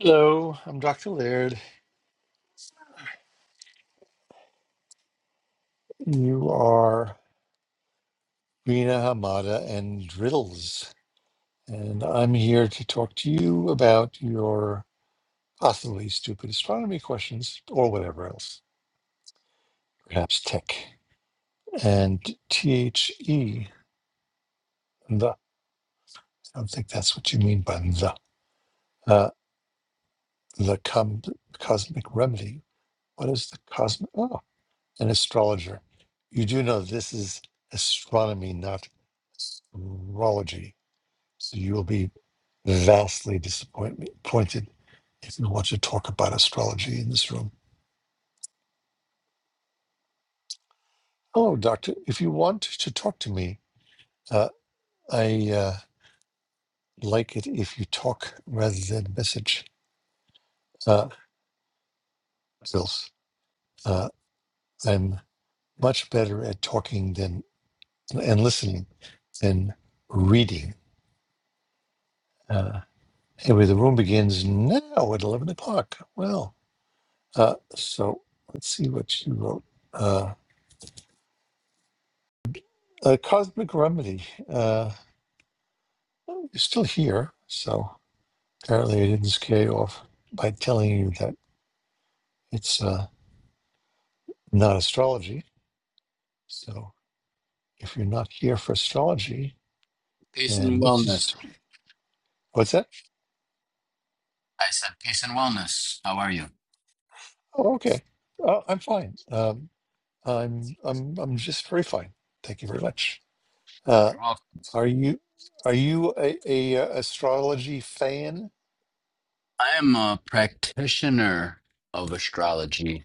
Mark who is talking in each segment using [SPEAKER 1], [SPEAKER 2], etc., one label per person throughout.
[SPEAKER 1] Hello, I'm Dr. Laird. You are Rina Hamada and Driddles, and I'm here to talk to you about your possibly stupid astronomy questions or whatever else, perhaps tech. And THE, the, I don't think that's what you mean by the, uh, the com- cosmic remedy. What is the cosmic? Oh, an astrologer. You do know this is astronomy, not astrology. So you will be vastly disappointment- disappointed if you want to talk about astrology in this room. Hello, Doctor. If you want to talk to me, uh, I uh, like it if you talk rather than message. Uh, Bills. Uh, I'm much better at talking than and listening than reading. Uh, anyway, the room begins now at 11 o'clock. Well, uh, so let's see what you wrote. Uh, a cosmic remedy. Uh, Oh, You're still here, so apparently I didn't scare you off by telling you that it's uh, not astrology. So if you're not here for astrology,
[SPEAKER 2] Peace and
[SPEAKER 1] and this
[SPEAKER 2] wellness.
[SPEAKER 1] is what's that?
[SPEAKER 2] I said peace and wellness. How are you? You're
[SPEAKER 1] Oh, okay. Oh, I'm fine. Um, I'm I'm I'm just very fine. Thank you very much. Uh,
[SPEAKER 2] welcome.
[SPEAKER 1] are you are you a, a uh, astrology fan?
[SPEAKER 2] I am a practitioner of astrology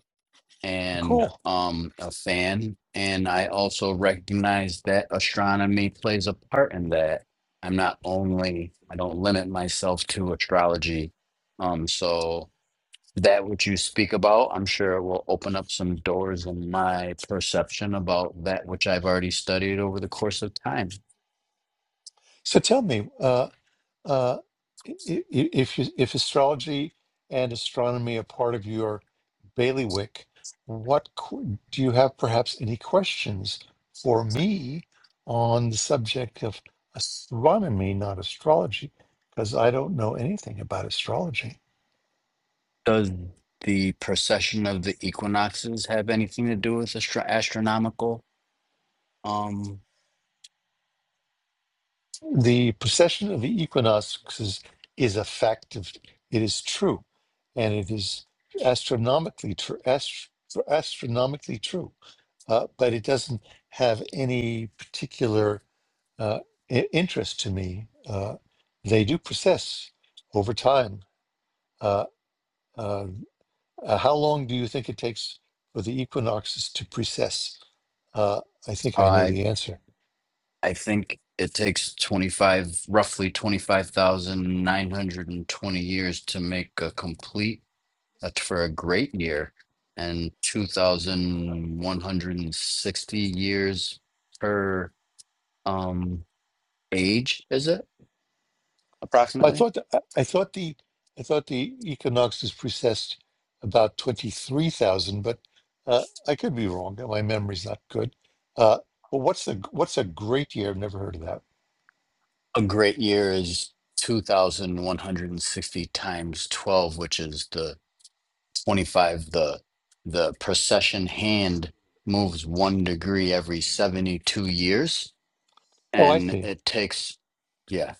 [SPEAKER 2] and
[SPEAKER 1] Cool.
[SPEAKER 2] um a fan and I also recognize that astronomy plays a part in that. I'm not only I don't limit myself to astrology. Um so that which you speak about, I'm sure it will open up some doors in my perception about that which I've already studied over the course of time.
[SPEAKER 1] So tell me. uh, uh, i- i- if you- if astrology and astronomy are part of your bailiwick, what qu- do you have? Perhaps any questions for me on the subject of astronomy, not astrology, because I don't know anything about astrology.
[SPEAKER 2] Does the precession of the equinoxes have anything to do with astro- astronomical? Um,
[SPEAKER 1] The precession of the equinoxes is a fact of it is true, and it is astronomically tr- ast- astronomically true uh, but it doesn't have any particular uh, I- interest to me. Uh, they do process over time. Uh, uh, uh, how long do you think it takes for the equinoxes to precess? Uh, I think I know
[SPEAKER 2] I
[SPEAKER 1] the answer.
[SPEAKER 2] I think it takes 25, roughly 25,920 years to make a complete uh, for a great year, and 2,160 years per um age, is it
[SPEAKER 1] I
[SPEAKER 2] approximately?
[SPEAKER 1] thought I I thought the I thought the equinoxes precessed about twenty three thousand, but uh, I could be wrong. My memory's not good. Uh, but what's a what's a great year? I've never heard of that.
[SPEAKER 2] A great year is 2,160 times 12, which is the 25 the the procession hand moves one degree every 72 years
[SPEAKER 1] Oh, I
[SPEAKER 2] and
[SPEAKER 1] see.
[SPEAKER 2] it takes yeah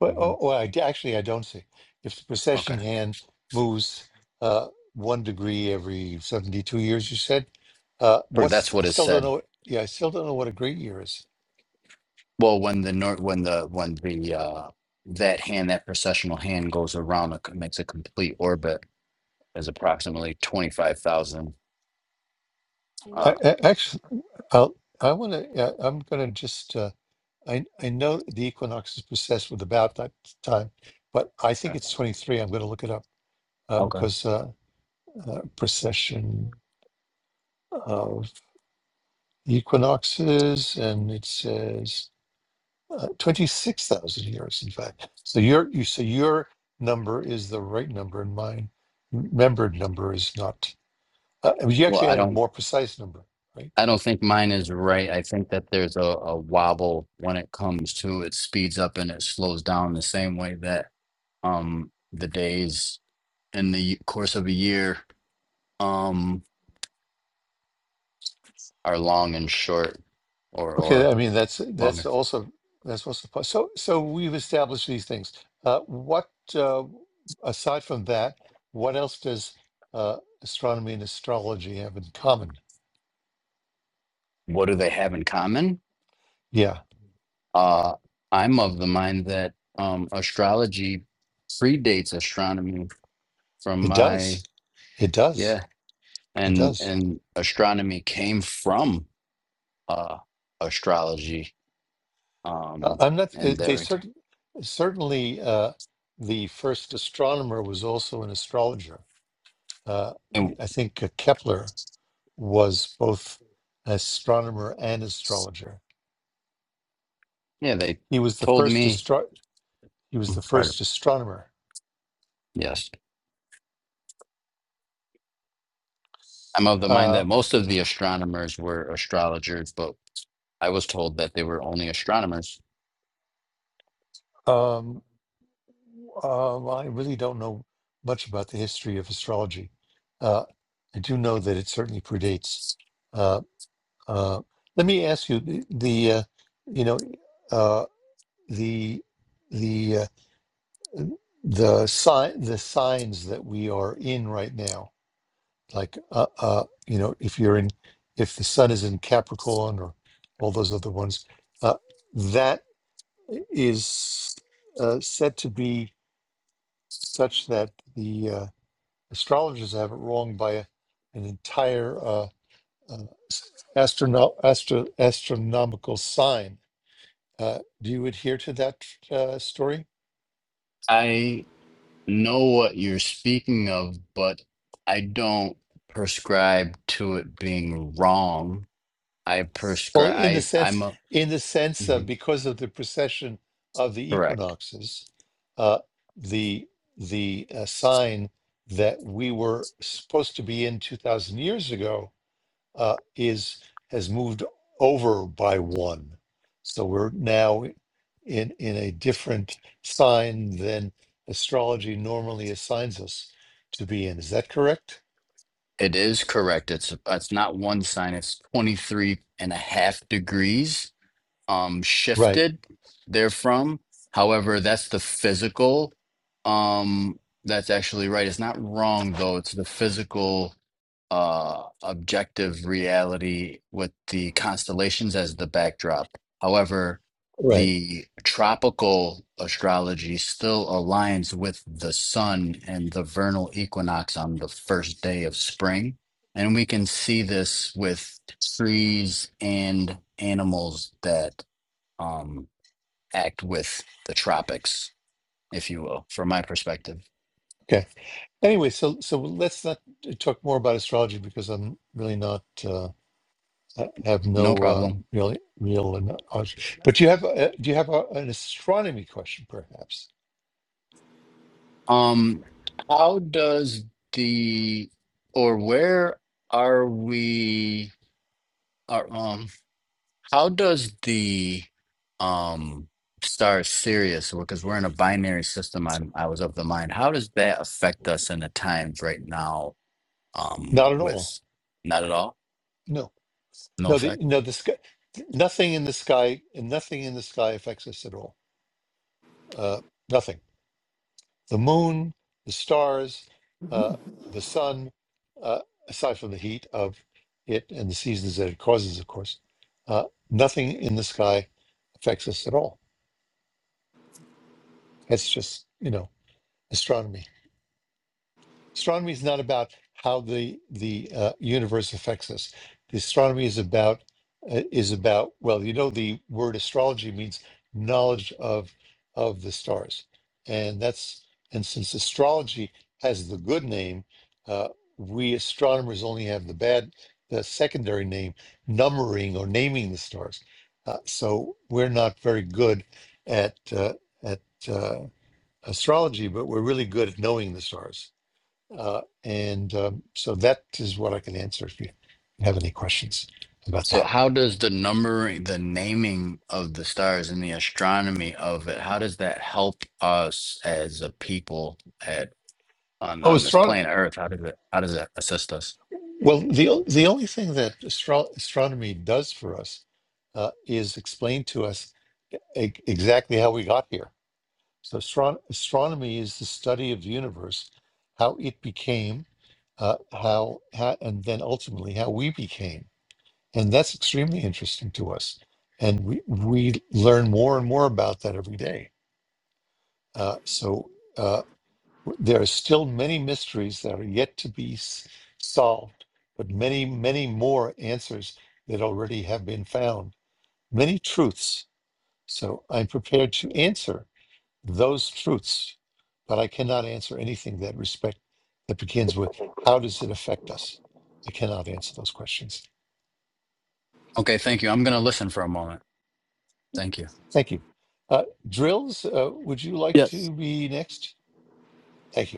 [SPEAKER 1] Well,
[SPEAKER 2] hmm
[SPEAKER 1] oh, well, I d actually, I don't see. If the
[SPEAKER 2] okay
[SPEAKER 1] precession hand moves uh, one degree every 72 years, you said, uh,
[SPEAKER 2] or that's
[SPEAKER 1] what's, I
[SPEAKER 2] what it
[SPEAKER 1] still don't
[SPEAKER 2] said
[SPEAKER 1] know. what- Yeah, I still don't know what a great year is.
[SPEAKER 2] well when the nor- when the when the uh that hand that processional hand goes around a, makes a complete orbit is approximately 25,000 uh
[SPEAKER 1] I, I actually, I'll, I want to, uh, I'm going to just, uh, I, I know the equinox is precessed with about that time, but I think it's 23. I'm going to look it up uh,
[SPEAKER 2] okay
[SPEAKER 1] because uh, uh, precession of equinoxes and it says uh, 26,000 years in fact so your you so your number is the right number and mine membered number is not uh, I mean, you
[SPEAKER 2] well
[SPEAKER 1] actually
[SPEAKER 2] i
[SPEAKER 1] had a
[SPEAKER 2] don't
[SPEAKER 1] more precise number right
[SPEAKER 2] I don't think mine is right. I think that there's a, a wobble when it comes to it speeds up and it slows down the same way that um the days in the course of a year um are long and short or
[SPEAKER 1] okay
[SPEAKER 2] or
[SPEAKER 1] i mean that's that's
[SPEAKER 2] longer.
[SPEAKER 1] also that's also po- so so we've established these things uh, what uh, aside from that what else does uh, astronomy and astrology have in common
[SPEAKER 2] What do they have in common?
[SPEAKER 1] yeah
[SPEAKER 2] Uh I'm of the mind that um astrology predates astronomy from
[SPEAKER 1] it does
[SPEAKER 2] my
[SPEAKER 1] it does
[SPEAKER 2] yeah
[SPEAKER 1] it
[SPEAKER 2] and
[SPEAKER 1] does
[SPEAKER 2] and astronomy came from uh astrology
[SPEAKER 1] Uh,
[SPEAKER 2] Um,
[SPEAKER 1] I'm not. uh,
[SPEAKER 2] and
[SPEAKER 1] They
[SPEAKER 2] they're
[SPEAKER 1] certain certainly uh, the first astronomer was also an astrologer. Uh,
[SPEAKER 2] and
[SPEAKER 1] I think uh, Kepler was both astronomer and astrologer.
[SPEAKER 2] yeah, they
[SPEAKER 1] He was the
[SPEAKER 2] told
[SPEAKER 1] first
[SPEAKER 2] me.
[SPEAKER 1] astro. He was the
[SPEAKER 2] Right.
[SPEAKER 1] first astronomer.
[SPEAKER 2] Yes, I'm of the mind
[SPEAKER 1] Uh,
[SPEAKER 2] that most of the astronomers were astrologers, but I was told that they were only astronomers.
[SPEAKER 1] um, um, I really don't know much about the history of astrology. Uh, I do know that it certainly predates. Uh, uh, let me ask you the, the uh, you know. Uh, the the uh, the sign the signs that we are in right now like uh, uh you know if you're in if the sun is in capricorn or all those other ones uh, that is uh, said to be such that the uh, astrologers have it wrong by a, an entire uh, uh, astrono- astro- astronomical sign uh, do you adhere to that uh, story
[SPEAKER 2] I know what you're speaking of, but I don't prescribe to it being wrong. I
[SPEAKER 1] Well,
[SPEAKER 2] prescribe.
[SPEAKER 1] in the
[SPEAKER 2] I
[SPEAKER 1] sense,
[SPEAKER 2] I'm a
[SPEAKER 1] in the sense of
[SPEAKER 2] Mhm.
[SPEAKER 1] because of the precession of the
[SPEAKER 2] correct.
[SPEAKER 1] equinoxes, uh, the the uh, sign that we were supposed to be in two thousand years ago uh, is has moved over by one, so we're now in in a different sign than astrology normally assigns us to be in. Is that correct?
[SPEAKER 2] It is correct. It's it's not one sign. It's 23 and a half degrees um
[SPEAKER 1] Right.
[SPEAKER 2] shifted therefrom. However, that's the physical. Um, that's actually right. It's not wrong though. It's the physical uh objective reality with the constellations as the backdrop. However,
[SPEAKER 1] Right.
[SPEAKER 2] the tropical astrology still aligns with the sun and the vernal equinox on the first day of spring. And we can see this with trees and animals that um, act with the tropics, if you will, from my perspective.
[SPEAKER 1] Okay. Anyway, so so let's not talk more about astrology because I'm really not uh, I have
[SPEAKER 2] No
[SPEAKER 1] no uh,
[SPEAKER 2] problem.
[SPEAKER 1] real real and knowledge. but you have uh, do you have a, an astronomy question perhaps?
[SPEAKER 2] Um, how does the or where are we? Are, um, how does the um star Sirius? Because we're in a binary system. I'm I was of the mind. How does that affect us in the times right now? Um,
[SPEAKER 1] Not at all.
[SPEAKER 2] with not at all.
[SPEAKER 1] No,
[SPEAKER 2] No
[SPEAKER 1] no, the
[SPEAKER 2] effect.
[SPEAKER 1] no the sky, nothing in the sky and nothing in the sky affects us at all. Uh, nothing. the moon, the stars, uh, the sun, uh, aside from the heat of it and the seasons that it causes, of course, uh, nothing in the sky affects us at all. It's just, you know, astronomy. astronomy is not about how the the uh, universe affects us. The astronomy is about uh, is about well, you know, the word astrology means knowledge of of the stars, and that's and since astrology has the good name, uh, we astronomers only have the bad, the secondary name, numbering or naming the stars. Uh, so we're not very good at uh, at uh, astrology, but we're really good at knowing the stars. Uh, and um, so that is what I can answer if you have any questions about
[SPEAKER 2] So
[SPEAKER 1] that.
[SPEAKER 2] how does the numbering, the naming of the stars and the astronomy of it, how does that help us as a people at on
[SPEAKER 1] Oh,
[SPEAKER 2] on this
[SPEAKER 1] astro-
[SPEAKER 2] planet Earth? How does it how does it assist us?
[SPEAKER 1] well, the, o- the only thing that astro- astronomy does for us uh, is explain to us e- e-, exactly how we got here. So, astron- astronomy is the study of the universe, how it became, uh, how, how, and then ultimately how we became. And that's extremely interesting to us. And we, we learn more and more about that every day. Uh, so uh, there are still many mysteries that are yet to be s- solved, but many, many more answers that already have been found, many truths. So I'm prepared to answer those truths, but I cannot answer anything that respect that begins with how does it affect us? I cannot answer those questions.
[SPEAKER 2] Okay, thank you. I'm gonna listen for a moment. Thank you.
[SPEAKER 1] Thank you. Uh, Drills, uh, would you like
[SPEAKER 3] Yes.
[SPEAKER 1] to be next? Thank you.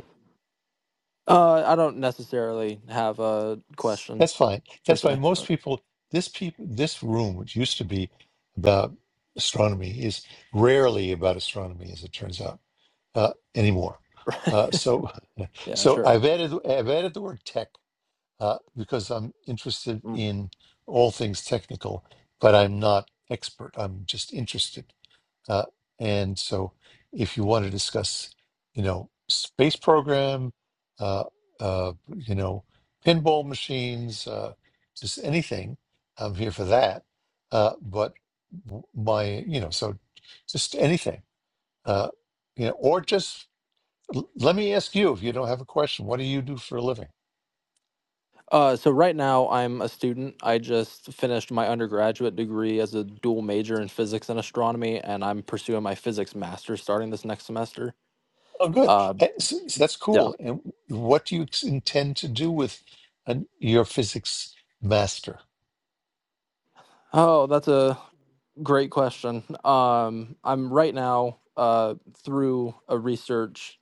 [SPEAKER 3] Uh, I don't necessarily have a question
[SPEAKER 1] That's fine.
[SPEAKER 3] per
[SPEAKER 1] That's why
[SPEAKER 3] se.
[SPEAKER 1] most people, this people, this room, which used to be about astronomy, is rarely about astronomy, as it turns out, uh, anymore. Uh, so,
[SPEAKER 3] yeah,
[SPEAKER 1] so
[SPEAKER 3] sure.
[SPEAKER 1] I've added I've added the word tech uh, because I'm interested
[SPEAKER 3] Mm.
[SPEAKER 1] in all things technical, but I'm not expert. I'm just interested. Uh, and so, if you want to discuss, you know, space program, uh, uh, you know, pinball machines, uh, just anything, I'm here for that. Uh, but w- my, you know, so just anything, uh, you know, or just l- let me ask you if you don't have a question, what do you do for a living?
[SPEAKER 3] Uh, so right now I'm a student. I just finished my undergraduate degree as a dual major in physics and astronomy, and I'm pursuing my physics master starting this next semester.
[SPEAKER 1] Oh, good.
[SPEAKER 3] Uh,
[SPEAKER 1] Eh, so- so That's
[SPEAKER 3] yeah.
[SPEAKER 1] cool. And what do you ex- intend to do with an, your physics master?
[SPEAKER 3] Oh, that's a great question. Um, I'm right now uh, through a research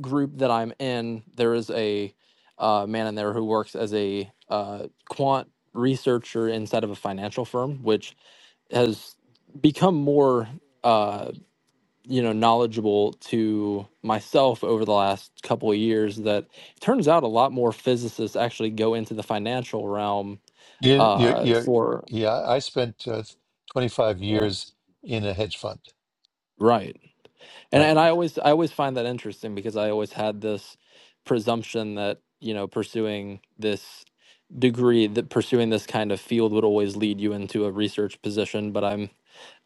[SPEAKER 3] group that I'm in, there is a uh, man in there who works as a uh, quant researcher inside of a financial firm, which has become more uh, you know knowledgeable to myself over the last couple of years. That it turns out a lot more physicists actually go into the financial realm
[SPEAKER 1] You, you,
[SPEAKER 3] uh,
[SPEAKER 1] you,
[SPEAKER 3] for
[SPEAKER 1] yeah, I spent uh, 25
[SPEAKER 3] yeah.
[SPEAKER 1] years in a hedge fund,
[SPEAKER 3] right And
[SPEAKER 1] right?
[SPEAKER 3] and I always I always find that interesting because I always had this presumption that, you know, pursuing this degree, that pursuing this kind of field would always lead you into a research position, but I'm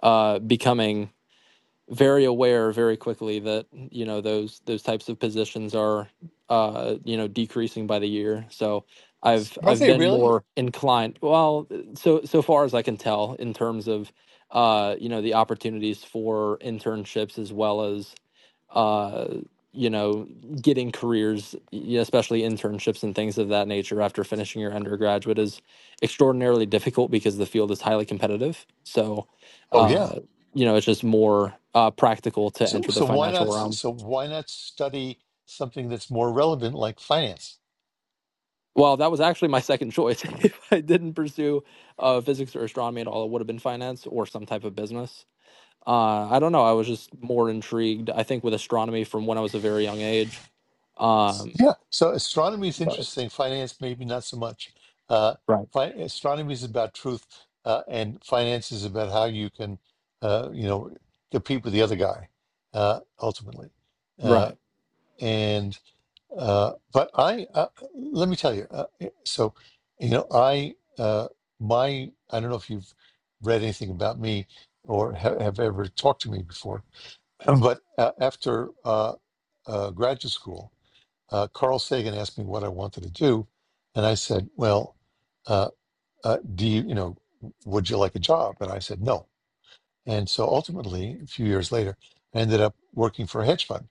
[SPEAKER 3] uh becoming very aware very quickly that, you know, those those types of positions are uh, you know, decreasing by the year. So I've
[SPEAKER 1] Are
[SPEAKER 3] I've
[SPEAKER 1] they
[SPEAKER 3] been
[SPEAKER 1] really?
[SPEAKER 3] more inclined, well, so so far as I can tell in terms of uh, you know, the opportunities for internships as well as uh, you know, getting careers, yeah, especially internships and things of that nature after finishing your undergraduate is extraordinarily difficult because the field is highly competitive. So,
[SPEAKER 1] Oh yeah.
[SPEAKER 3] uh, you know, it's just more uh, practical to
[SPEAKER 1] So,
[SPEAKER 3] enter the
[SPEAKER 1] so why not?
[SPEAKER 3] financial
[SPEAKER 1] s-
[SPEAKER 3] realm.
[SPEAKER 1] So why not study something that's more relevant, like finance?
[SPEAKER 3] Well, that was actually my second choice. if I didn't pursue uh, physics or astronomy at all, it would have been finance or some type of business. Uh, I don't know. I was just more intrigued, I think, with astronomy from when I was a very young age. Um,
[SPEAKER 1] Yeah. So astronomy is
[SPEAKER 3] but-
[SPEAKER 1] interesting. Finance, maybe not so much. Uh,
[SPEAKER 3] right.
[SPEAKER 1] fi- astronomy is about truth, uh, and finance is about how you can, uh, you know, compete with the other guy, uh, ultimately.
[SPEAKER 3] Right.
[SPEAKER 1] Uh, and Uh, but I uh, let me tell you. Uh, eh, so, you know, I uh, my I don't know if you've read anything about me or ha- have ever talked to me before, but uh, after uh, uh, graduate school, uh, Carl Sagan asked me what I wanted to do, and I said, "Well, uh, uh, do you you know would you like a job?" And I said, "No." And so ultimately, a few years later, I ended up working for a hedge fund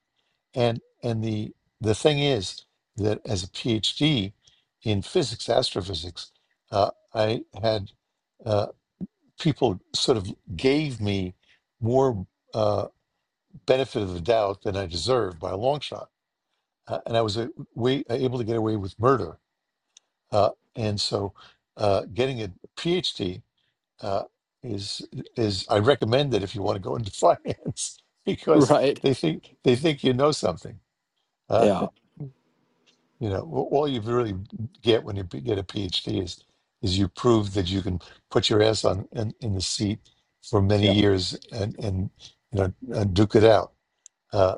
[SPEAKER 1] and and the the thing is that as a PhD in physics, astrophysics, uh, I had uh, people sort of gave me more uh, benefit of the doubt than I deserved by a long shot, uh, and I was a, way, able to get away with murder. Uh, and so, uh, getting a PhD uh, is is I recommend it if you want to go into finance because
[SPEAKER 3] Right.
[SPEAKER 1] they think they think you know something. Uh,
[SPEAKER 3] Yeah.
[SPEAKER 1] You know, a- all you really get when you p- get a PhD is is you prove that you can put your ass on in, in the seat for many
[SPEAKER 3] Yeah.
[SPEAKER 1] years and and you know and duke it out. Uh,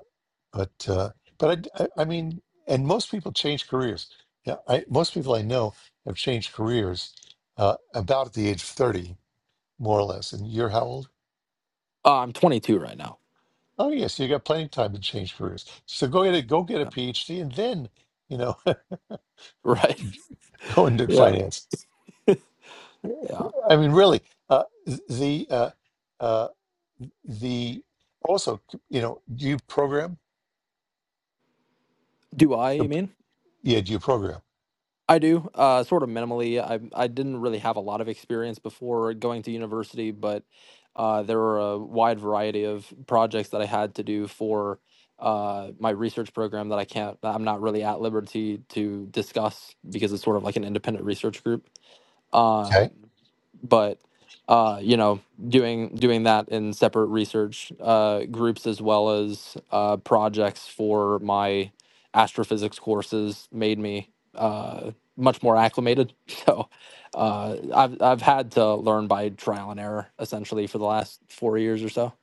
[SPEAKER 1] but uh, but I, I I mean, and most people change careers. Yeah, I, most people I know have changed careers uh, about at the age of thirty, more or less. And you're how old?
[SPEAKER 3] Uh, I'm 22 right now.
[SPEAKER 1] Oh yes, you got plenty of time to change careers. So go get a go get a
[SPEAKER 3] Yeah.
[SPEAKER 1] PhD, and then you know
[SPEAKER 3] Right.
[SPEAKER 1] go into
[SPEAKER 3] Yeah.
[SPEAKER 1] finance.
[SPEAKER 3] Yeah.
[SPEAKER 1] I mean, really, uh, the uh, uh, the also, you know, do you program?
[SPEAKER 3] Do I, you mean?
[SPEAKER 1] Yeah, do you program?
[SPEAKER 3] I do, uh, sort of minimally. I I didn't really have a lot of experience before going to university, but uh, there were a wide variety of projects that I had to do for uh, my research program that I can't, that I'm not really at liberty to discuss because it's sort of like an independent research group. Um
[SPEAKER 1] Okay.
[SPEAKER 3] but uh, you know, doing doing that in separate research uh, groups as well as uh, projects for my astrophysics courses made me uh, much more acclimated. So uh, I've I've had to learn by trial and error essentially for the last four years or so.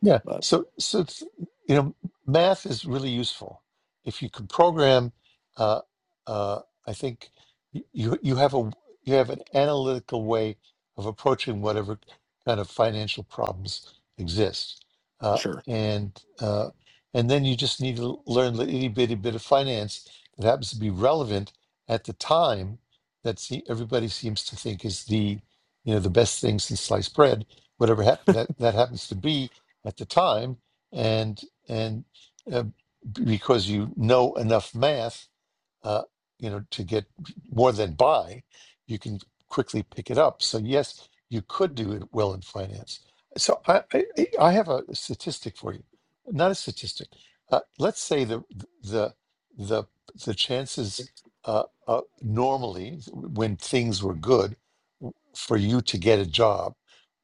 [SPEAKER 1] Yeah.
[SPEAKER 3] But
[SPEAKER 1] So, so it's, you know, math is really useful. If you can program, uh, uh, I think y- you you have a you have an analytical way of approaching whatever kind of financial problems exist, uh,
[SPEAKER 3] sure,
[SPEAKER 1] and uh, and then you just need to learn the itty bitty bit of finance that happens to be relevant at the time that see, everybody seems to think is the you know the best thing since sliced bread, whatever hap- that that happens to be at the time, and and uh, because you know enough math uh, you know, to get more than buy, you can quickly pick it up. So yes, you could do it well in finance. So I, I, I have a statistic for you, not a statistic. Uh, let's say the the the the chances uh, uh, normally when things were good for you to get a job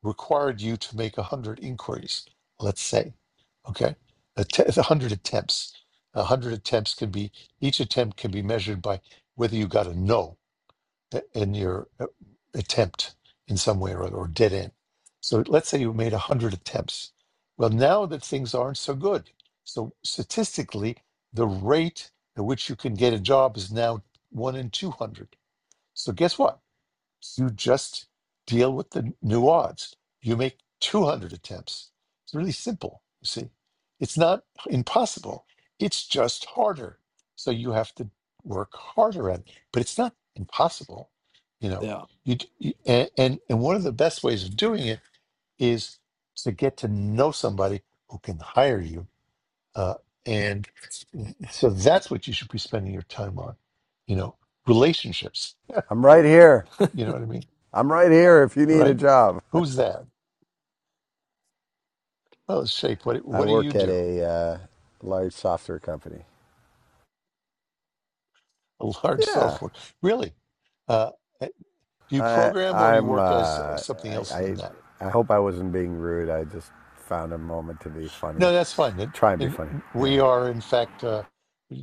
[SPEAKER 1] required you to make a hundred inquiries. Let's say, okay, a te- a hundred attempts. A hundred attempts could be each attempt can be measured by whether you got a no in your uh, attempt in some way or other, or dead end. So let's say you made 100 attempts. Well, now that things aren't so good, so statistically, the rate at which you can get a job is now 1 in 200. So guess what? you just deal with the new odds. You make 200 attempts. It's really simple, you see. It's not impossible, it's just harder. So you have to work harder at it, but it's not impossible, you know.
[SPEAKER 3] yeah,
[SPEAKER 1] You, you and, and and one of the best ways of doing it is to get to know somebody who can hire you, uh, and so that's what you should be spending your time on, you know, relationships.
[SPEAKER 4] I'm right here.
[SPEAKER 1] you know what I mean,
[SPEAKER 4] I'm right here if you need a
[SPEAKER 1] right?
[SPEAKER 4] job.
[SPEAKER 1] Who's that? Oh, it's Shape. What,
[SPEAKER 4] I
[SPEAKER 1] what do you
[SPEAKER 4] work at
[SPEAKER 1] do?
[SPEAKER 4] a uh, large software company.
[SPEAKER 1] A large
[SPEAKER 4] Yeah,
[SPEAKER 1] software. Really? Uh, eh, do you
[SPEAKER 4] I,
[SPEAKER 1] program or you
[SPEAKER 4] I'm. Uh,
[SPEAKER 1] work as uh, something
[SPEAKER 4] I,
[SPEAKER 1] else than
[SPEAKER 4] I
[SPEAKER 1] that?
[SPEAKER 4] I hope I wasn't being rude. I just found a moment to be funny.
[SPEAKER 1] No, that's fine. And,
[SPEAKER 4] Try and be
[SPEAKER 1] and
[SPEAKER 4] funny.
[SPEAKER 1] we
[SPEAKER 4] Yeah.
[SPEAKER 1] are, in fact, uh,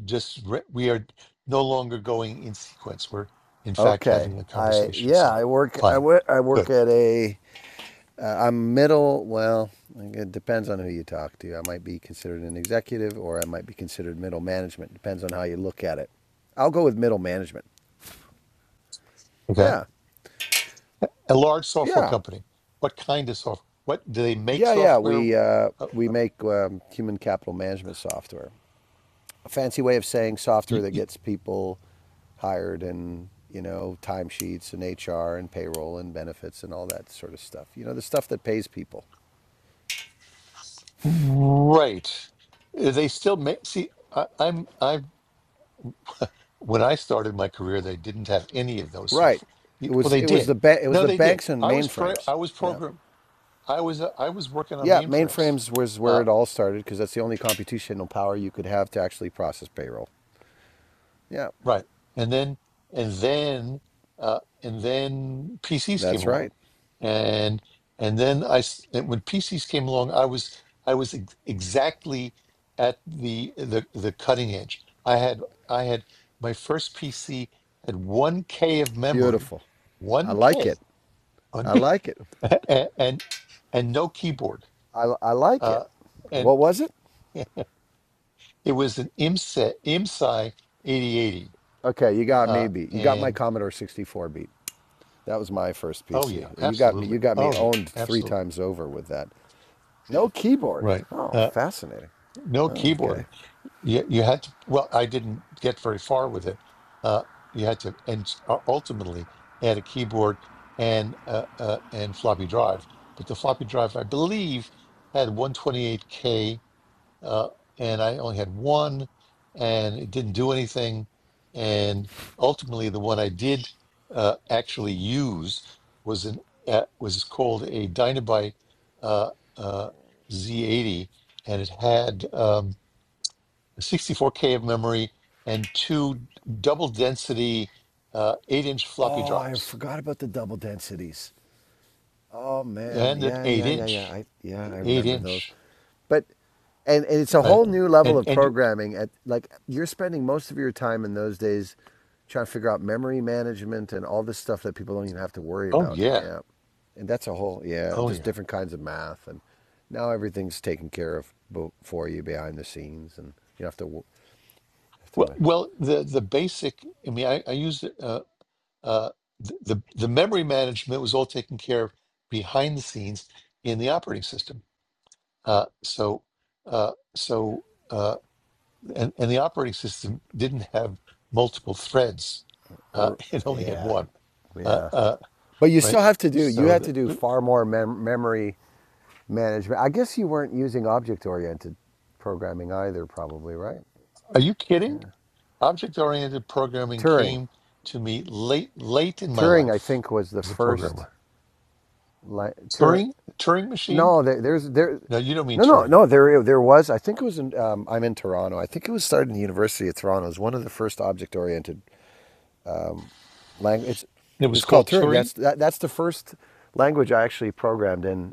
[SPEAKER 1] just re- we are no longer going in sequence. We're, in fact,
[SPEAKER 4] Okay.
[SPEAKER 1] having a
[SPEAKER 4] I
[SPEAKER 1] conversation.
[SPEAKER 4] yeah.
[SPEAKER 1] So,
[SPEAKER 4] I work. I
[SPEAKER 1] fine.
[SPEAKER 4] work I
[SPEAKER 1] Good.
[SPEAKER 4] work at a. Uh, I'm middle. Well, it depends on who you talk to. I might be considered an executive, or I might be considered middle management. Depends on how you look at it. I'll go with middle management.
[SPEAKER 1] Okay.
[SPEAKER 4] Yeah.
[SPEAKER 1] A large software
[SPEAKER 4] Yeah.
[SPEAKER 1] company. What kind of software? What do they make
[SPEAKER 4] Yeah, yeah.
[SPEAKER 1] software?
[SPEAKER 4] We uh,
[SPEAKER 1] Uh,
[SPEAKER 4] we make um, human capital management software. A fancy way of saying
[SPEAKER 1] y-
[SPEAKER 4] software that
[SPEAKER 1] y-
[SPEAKER 4] gets people hired and you know timesheets and HR and payroll and benefits and all that sort of stuff. You know the stuff that pays people.
[SPEAKER 1] right. They still make. See, I, I'm. I when I started my career, they didn't have any of those
[SPEAKER 4] Right.
[SPEAKER 1] software.
[SPEAKER 4] It
[SPEAKER 1] Well,
[SPEAKER 4] was
[SPEAKER 1] they
[SPEAKER 4] it was
[SPEAKER 1] did.
[SPEAKER 4] the ba- it was
[SPEAKER 1] No,
[SPEAKER 4] the
[SPEAKER 1] they did.
[SPEAKER 4] banks and
[SPEAKER 1] I was pro-
[SPEAKER 4] mainframes.
[SPEAKER 1] I was
[SPEAKER 4] Yeah.
[SPEAKER 1] program. I was uh, I was working on
[SPEAKER 4] Yeah,
[SPEAKER 1] mainframes,
[SPEAKER 4] mainframes was where
[SPEAKER 1] uh,
[SPEAKER 4] it all started because that's the only computational power you could have to actually process payroll. Yeah,
[SPEAKER 1] right? And then and then uh, and then PCs came
[SPEAKER 4] that's
[SPEAKER 1] along,
[SPEAKER 4] right.
[SPEAKER 1] and and then I s- and when PCs came along, I was I was ex- exactly at the the the cutting edge. I had I had my first PC had one K of memory,
[SPEAKER 4] Beautiful. I
[SPEAKER 1] one
[SPEAKER 4] like
[SPEAKER 1] K
[SPEAKER 4] it. I like it.
[SPEAKER 1] and and, and no keyboard.
[SPEAKER 4] I, I like
[SPEAKER 1] Uh,
[SPEAKER 4] it.
[SPEAKER 1] and
[SPEAKER 4] What was it?
[SPEAKER 1] it was an IMSA IMSI 8080.
[SPEAKER 4] Okay, you got me
[SPEAKER 1] Uh,
[SPEAKER 4] beat. You got my
[SPEAKER 1] and
[SPEAKER 4] Commodore 64 beat. That was my first
[SPEAKER 1] oh
[SPEAKER 4] PC.
[SPEAKER 1] yeah,
[SPEAKER 4] You got me.
[SPEAKER 1] absolutely.
[SPEAKER 4] You got me
[SPEAKER 1] Oh yeah,
[SPEAKER 4] owned three
[SPEAKER 1] absolutely.
[SPEAKER 4] times over with that. No keyboard.
[SPEAKER 1] Right.
[SPEAKER 4] Oh,
[SPEAKER 1] Uh,
[SPEAKER 4] fascinating.
[SPEAKER 1] no
[SPEAKER 4] Oh,
[SPEAKER 1] keyboard.
[SPEAKER 4] okay.
[SPEAKER 1] You you had to. Well, I didn't get very far with it. Uh, you had to, and u- ultimately add a keyboard and uh, uh, and floppy drive. But the floppy drive, I believe, had 128k uh, and I only had one, and it didn't do anything. And ultimately, the one I did uh, actually use was an uh, was called a Dynabyte uh, uh, Z80, and it had um, 64K of memory and two double density uh, eight inch floppy
[SPEAKER 4] Oh, I
[SPEAKER 1] drives,
[SPEAKER 4] forgot about the double densities. Oh man,
[SPEAKER 1] and an
[SPEAKER 4] yeah,
[SPEAKER 1] eight
[SPEAKER 4] yeah, yeah, yeah.
[SPEAKER 1] inch,
[SPEAKER 4] I yeah, I
[SPEAKER 1] eight
[SPEAKER 4] remember those.
[SPEAKER 1] inch,
[SPEAKER 4] But and, and it's a
[SPEAKER 1] right?
[SPEAKER 4] whole new level
[SPEAKER 1] And
[SPEAKER 4] of
[SPEAKER 1] and you,
[SPEAKER 4] programming at like you're spending most of your time in those days trying to figure out memory management and all this stuff that people don't even have to worry
[SPEAKER 1] oh
[SPEAKER 4] about.
[SPEAKER 1] yeah,
[SPEAKER 4] Yeah. And that's a whole yeah,
[SPEAKER 1] oh
[SPEAKER 4] just
[SPEAKER 1] yeah.
[SPEAKER 4] different kinds of math and now everything's taken care of bo- for you behind the scenes and you don't have to wo- have to
[SPEAKER 1] Well,
[SPEAKER 4] ma-
[SPEAKER 1] well, the the basic. I mean, I, I used uh, uh, th- the the memory management was all taken care of behind the scenes in the operating system. Uh, so, uh, so, uh, and and the operating system didn't have multiple threads. Uh, it only had
[SPEAKER 4] yeah.
[SPEAKER 1] one. Uh,
[SPEAKER 4] Yeah.
[SPEAKER 1] uh,
[SPEAKER 4] But you still
[SPEAKER 1] right.
[SPEAKER 4] have to do you
[SPEAKER 1] So,
[SPEAKER 4] have
[SPEAKER 1] the,
[SPEAKER 4] to do
[SPEAKER 1] but
[SPEAKER 4] far more mem- memory management. I guess you weren't using object oriented programming either, probably, right?
[SPEAKER 1] are you kidding? Object oriented programming
[SPEAKER 4] Turing.
[SPEAKER 1] came to me late late in my
[SPEAKER 4] Turing, I
[SPEAKER 1] life
[SPEAKER 4] think, was the
[SPEAKER 1] as a
[SPEAKER 4] first.
[SPEAKER 1] programmer.
[SPEAKER 4] Tur-
[SPEAKER 1] Turing Turing machine
[SPEAKER 4] no, there, there's there.
[SPEAKER 1] No, you don't mean
[SPEAKER 4] No, no,
[SPEAKER 1] Turing.
[SPEAKER 4] no. There, there was. I think it was. In, um, I'm in Toronto. I think it was started in the University of Toronto. It was one of the first object-oriented language. It's,
[SPEAKER 1] It was
[SPEAKER 4] it's called
[SPEAKER 1] called
[SPEAKER 4] Turing.
[SPEAKER 1] Turing.
[SPEAKER 4] That's that, that's the first language I actually programmed in.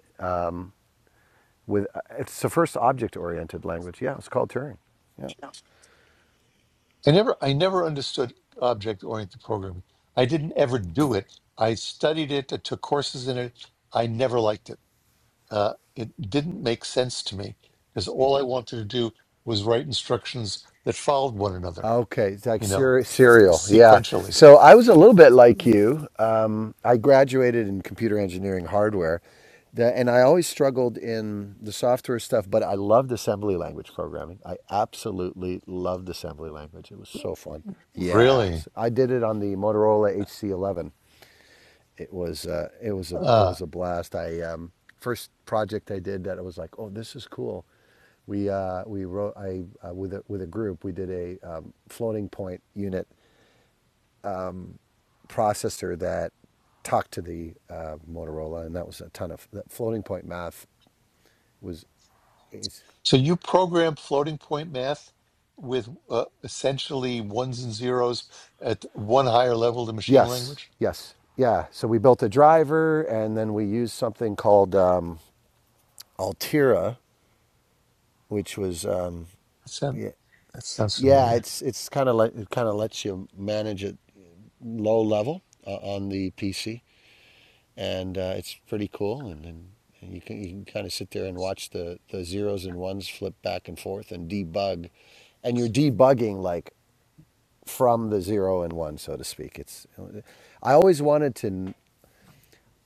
[SPEAKER 4] With it's the first object-oriented language. Yeah, it's called Turing. Yeah.
[SPEAKER 1] I never, I never understood object-oriented programming. I didn't ever do it. I studied it. I took courses in it. I never liked it. Uh, it didn't make sense to me because all I wanted to do was write instructions that followed one another.
[SPEAKER 4] Okay, it's like
[SPEAKER 1] You know,
[SPEAKER 4] cere- cereal. Yeah.
[SPEAKER 1] sequentially.
[SPEAKER 4] So I was a little bit like you. Um, I graduated in computer engineering hardware, the, and I always struggled in the software stuff, but I loved assembly language programming. I absolutely loved assembly language. It was so fun. Yeah.
[SPEAKER 1] Really?
[SPEAKER 4] so I did it on the Motorola HC11 it was uh, it was a it
[SPEAKER 1] Uh,
[SPEAKER 4] was a blast. I um, first project I did that I was like, oh, this is cool. We uh, we wrote I uh, with a, with a group we did a um, floating point unit processor that talked to the uh, Motorola, and that was a ton of that floating point math was is
[SPEAKER 1] so you program floating point math with uh, essentially ones and zeros at one higher level than machine
[SPEAKER 4] yes
[SPEAKER 1] language?
[SPEAKER 4] yes yeah. So we built a driver, and then we used something called um, Altira, which was um,
[SPEAKER 1] That sound, that sounds
[SPEAKER 4] Yeah,
[SPEAKER 1] familiar.
[SPEAKER 4] it's it's kind of like it kind of lets you manage it low level uh, on the PC, and uh, it's pretty cool. And, and, and you can you can kind of sit there and watch the the zeros and ones flip back and forth and debug, and you're debugging like from the zero and one, so to speak. It's uh, I always wanted to.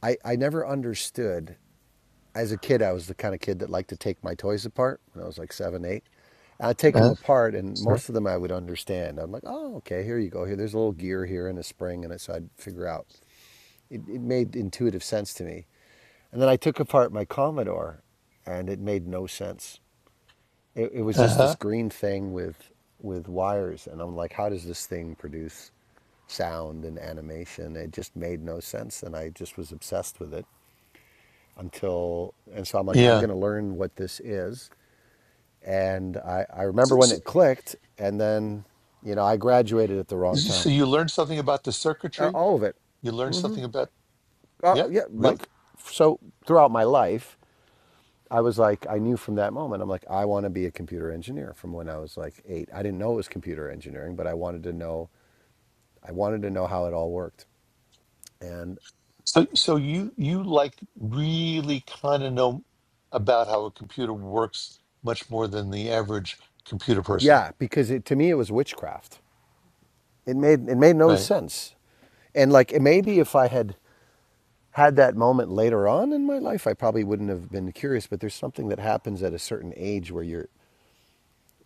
[SPEAKER 4] I I never understood as a kid, I was the kind of kid that liked to take my toys apart when I was like seven, eight. And I'd take them
[SPEAKER 1] Uh,
[SPEAKER 4] apart, and
[SPEAKER 1] sorry.
[SPEAKER 4] most of them I would understand. I'm like, oh, okay, here you go. Here, there's a little gear here and a spring in it. So I'd figure out. It, it made intuitive sense to me. And then I took apart my Commodore, and it made no sense. It, it was just this
[SPEAKER 1] Uh-huh.
[SPEAKER 4] green thing with with wires, and I'm like, how does this thing produce sound and animation? It just made no sense, and I just was obsessed with it until. And so I'm like, I'm
[SPEAKER 1] Yeah.
[SPEAKER 4] going to learn what this is And I, I remember
[SPEAKER 1] So,
[SPEAKER 4] when
[SPEAKER 1] so,
[SPEAKER 4] it clicked, and then, you know, I graduated at the wrong
[SPEAKER 1] so
[SPEAKER 4] time.
[SPEAKER 1] you learned something about the
[SPEAKER 4] Uh,
[SPEAKER 1] circuitry.
[SPEAKER 4] All of it.
[SPEAKER 1] You learned something about yeah,
[SPEAKER 4] Uh, yeah,
[SPEAKER 1] really.
[SPEAKER 4] like, so throughout my life, I was like, I knew from that moment, I'm like, I want to be a computer engineer from when I was like eight. I didn't know it was computer engineering, but I wanted to know, I wanted to know how it all worked. And
[SPEAKER 1] So so you you like really kind of know about how a computer works much more than the average computer person,
[SPEAKER 4] yeah, because it, to me, it was witchcraft. It made, it made no
[SPEAKER 1] right?
[SPEAKER 4] sense. And like, it maybe if I had, had that moment later on in my life, I probably wouldn't have been curious. But there's something that happens at a certain age where you're,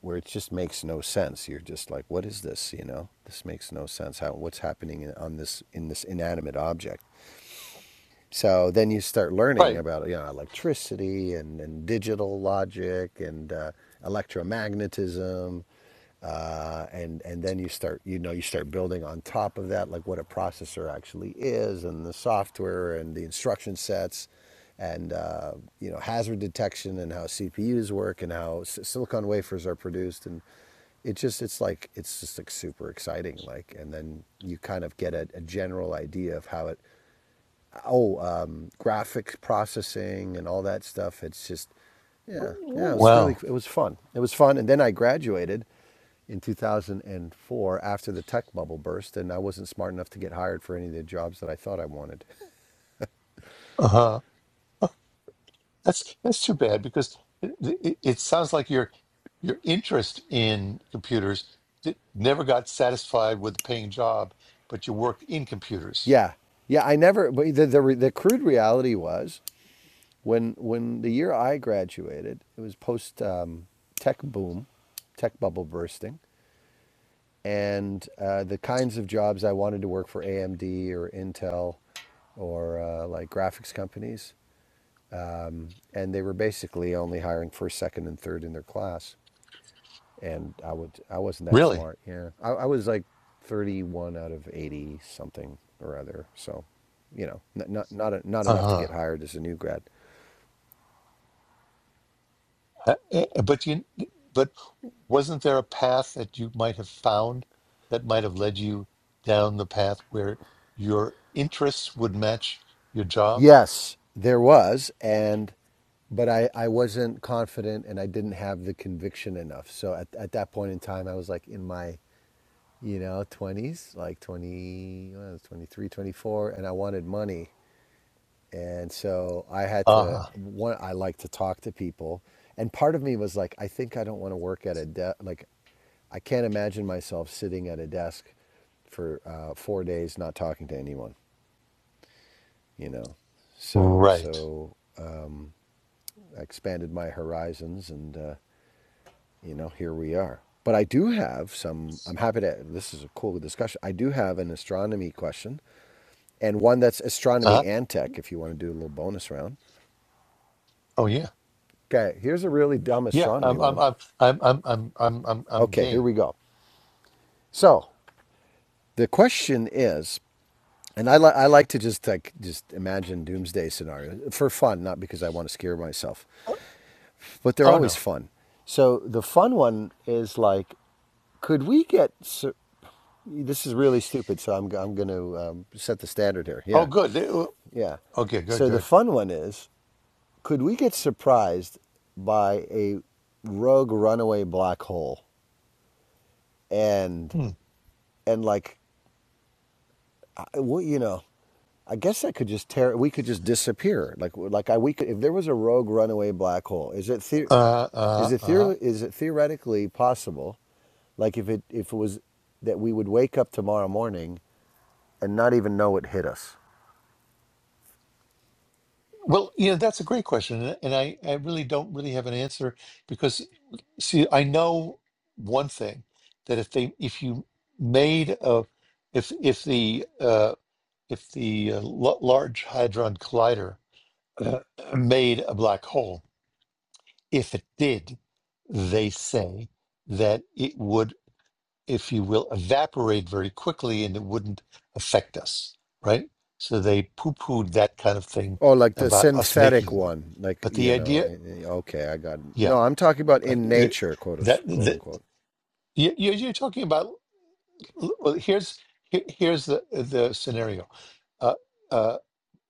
[SPEAKER 4] where it just makes no sense. You're just like, what is this? You know, this makes no sense. How what's happening on this in this inanimate object? So then you start learning
[SPEAKER 1] Right.
[SPEAKER 4] about you know electricity and, and digital logic and uh, electromagnetism, uh, and and then you start you know you start building on top of that like what a processor actually is and the software and the instruction sets, and uh, you know hazard detection and how CPUs work and how si-, silicon wafers are produced and it just it's like it's just like super exciting like and then you kind of get a, a general idea of how it oh, um, graphic processing and all that stuff. It's just, yeah, yeah, it's really,
[SPEAKER 1] Wow.
[SPEAKER 4] it was fun. It was fun. And then I graduated in 2004 after the tech bubble burst, and I wasn't smart enough to get hired for any of the jobs that I thought I wanted.
[SPEAKER 1] Uh huh. That's that's too bad because it, it, it sounds like your your interest in computers di- never got satisfied with a paying job, but you worked in computers.
[SPEAKER 4] Yeah, yeah, I never, but the, the, the crude reality was when, when the year I graduated, it was post um, tech boom, tech bubble bursting and uh, the kinds of jobs I wanted to work for AMD or Intel or uh, like graphics companies, and they were basically only hiring first, second, and third in their class. And I would I wasn't that
[SPEAKER 1] Really?
[SPEAKER 4] smart. Yeah, I, I was like thirty one out of eighty something or other. So, you know, not not not, a, not enough to
[SPEAKER 1] Uh-huh.
[SPEAKER 4] get hired as a new grad.
[SPEAKER 1] Uh, uh, But you but wasn't there a path that you might have found that might have led you down the path where your interests would match your job?
[SPEAKER 4] Yes, there was, and but I, I wasn't confident and I didn't have the conviction enough. So at, at that point in time, I was like in my you know, 20s, like 20, well, I was 23, twenty-four, and I wanted money. And so I had to,
[SPEAKER 1] Uh-huh.
[SPEAKER 4] one, I like to talk to people. And part of me was like, I think I don't want to work at a desk. Like, I can't imagine myself sitting at a desk for uh, four days not talking to anyone, you know. So,
[SPEAKER 1] Right.
[SPEAKER 4] so I expanded my horizons and, uh, you know, here we are. But I do have some, I'm happy to, this is a cool discussion. I do have an astronomy question and one that's astronomy
[SPEAKER 1] Uh-huh.
[SPEAKER 4] and tech if you want to do a little bonus round.
[SPEAKER 1] Oh yeah.
[SPEAKER 4] Okay, here's a really dumb
[SPEAKER 1] Yeah,
[SPEAKER 4] astronomy
[SPEAKER 1] I'm
[SPEAKER 4] one.
[SPEAKER 1] I'm I'm I'm I'm I'm I'm I'm
[SPEAKER 4] Okay,
[SPEAKER 1] game.
[SPEAKER 4] here we go. So the question is, and I, li- I like to just like just imagine doomsday scenarios for fun, not because I want to scare myself, but they're
[SPEAKER 1] Oh no.
[SPEAKER 4] always fun. So the fun one is like, could we get? sur- This is really stupid, so I'm I'm going to um, set the standard here.
[SPEAKER 1] Oh,
[SPEAKER 4] Yeah,
[SPEAKER 1] good. They- oh,
[SPEAKER 4] yeah.
[SPEAKER 1] Okay, good,
[SPEAKER 4] So the
[SPEAKER 1] good.
[SPEAKER 4] fun one is Could we get surprised by a rogue runaway black hole and
[SPEAKER 1] Hmm.
[SPEAKER 4] and like well, you know, I guess that could just tear we could just disappear. Like like I we could if there was a rogue runaway black hole, is it the,
[SPEAKER 1] Uh,
[SPEAKER 4] is
[SPEAKER 1] uh,
[SPEAKER 4] it
[SPEAKER 1] uh.
[SPEAKER 4] theor is it theoretically possible like if it if it was that we would wake up tomorrow morning and not even know it hit us?
[SPEAKER 1] Well, you know, that's a great question, and and I, I really don't really have an answer because, see, I know one thing that if they, if you made a, if if the uh, if the uh, L- Large Hadron Collider uh, made a black hole, if it did, they say that it would if you will, evaporate very quickly and it wouldn't affect us, right? So they poo pooed that kind of thing
[SPEAKER 4] Oh, like the
[SPEAKER 1] about us
[SPEAKER 4] synthetic
[SPEAKER 1] making one.
[SPEAKER 4] one, like
[SPEAKER 1] But the
[SPEAKER 4] you know.
[SPEAKER 1] idea,
[SPEAKER 4] Okay, I got. it.
[SPEAKER 1] yeah,
[SPEAKER 4] No, I'm talking about
[SPEAKER 1] but
[SPEAKER 4] in
[SPEAKER 1] it,
[SPEAKER 4] nature, quote,
[SPEAKER 1] that,
[SPEAKER 4] quote
[SPEAKER 1] that
[SPEAKER 4] unquote.
[SPEAKER 1] you, you- are talking about, well, here's, here- here's the, the scenario uh, uh,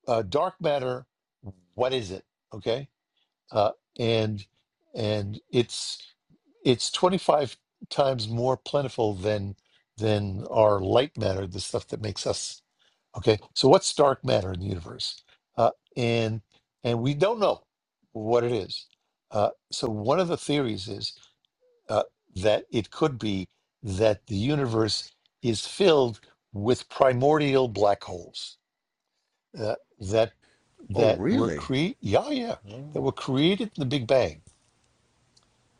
[SPEAKER 1] uh, dark matter, what is it? Okay. Uh, and, and it's, it's 25 times more plentiful than than our light matter, the stuff that makes us Okay, so what's dark matter in the universe? Uh, and and we don't know what it is. Uh, so one of the theories is uh, that it could be that the universe is filled with primordial black holes uh, that
[SPEAKER 4] Oh,
[SPEAKER 1] that were
[SPEAKER 4] really?
[SPEAKER 1] created. Yeah, yeah,
[SPEAKER 4] Oh.
[SPEAKER 1] that were created in the Big Bang,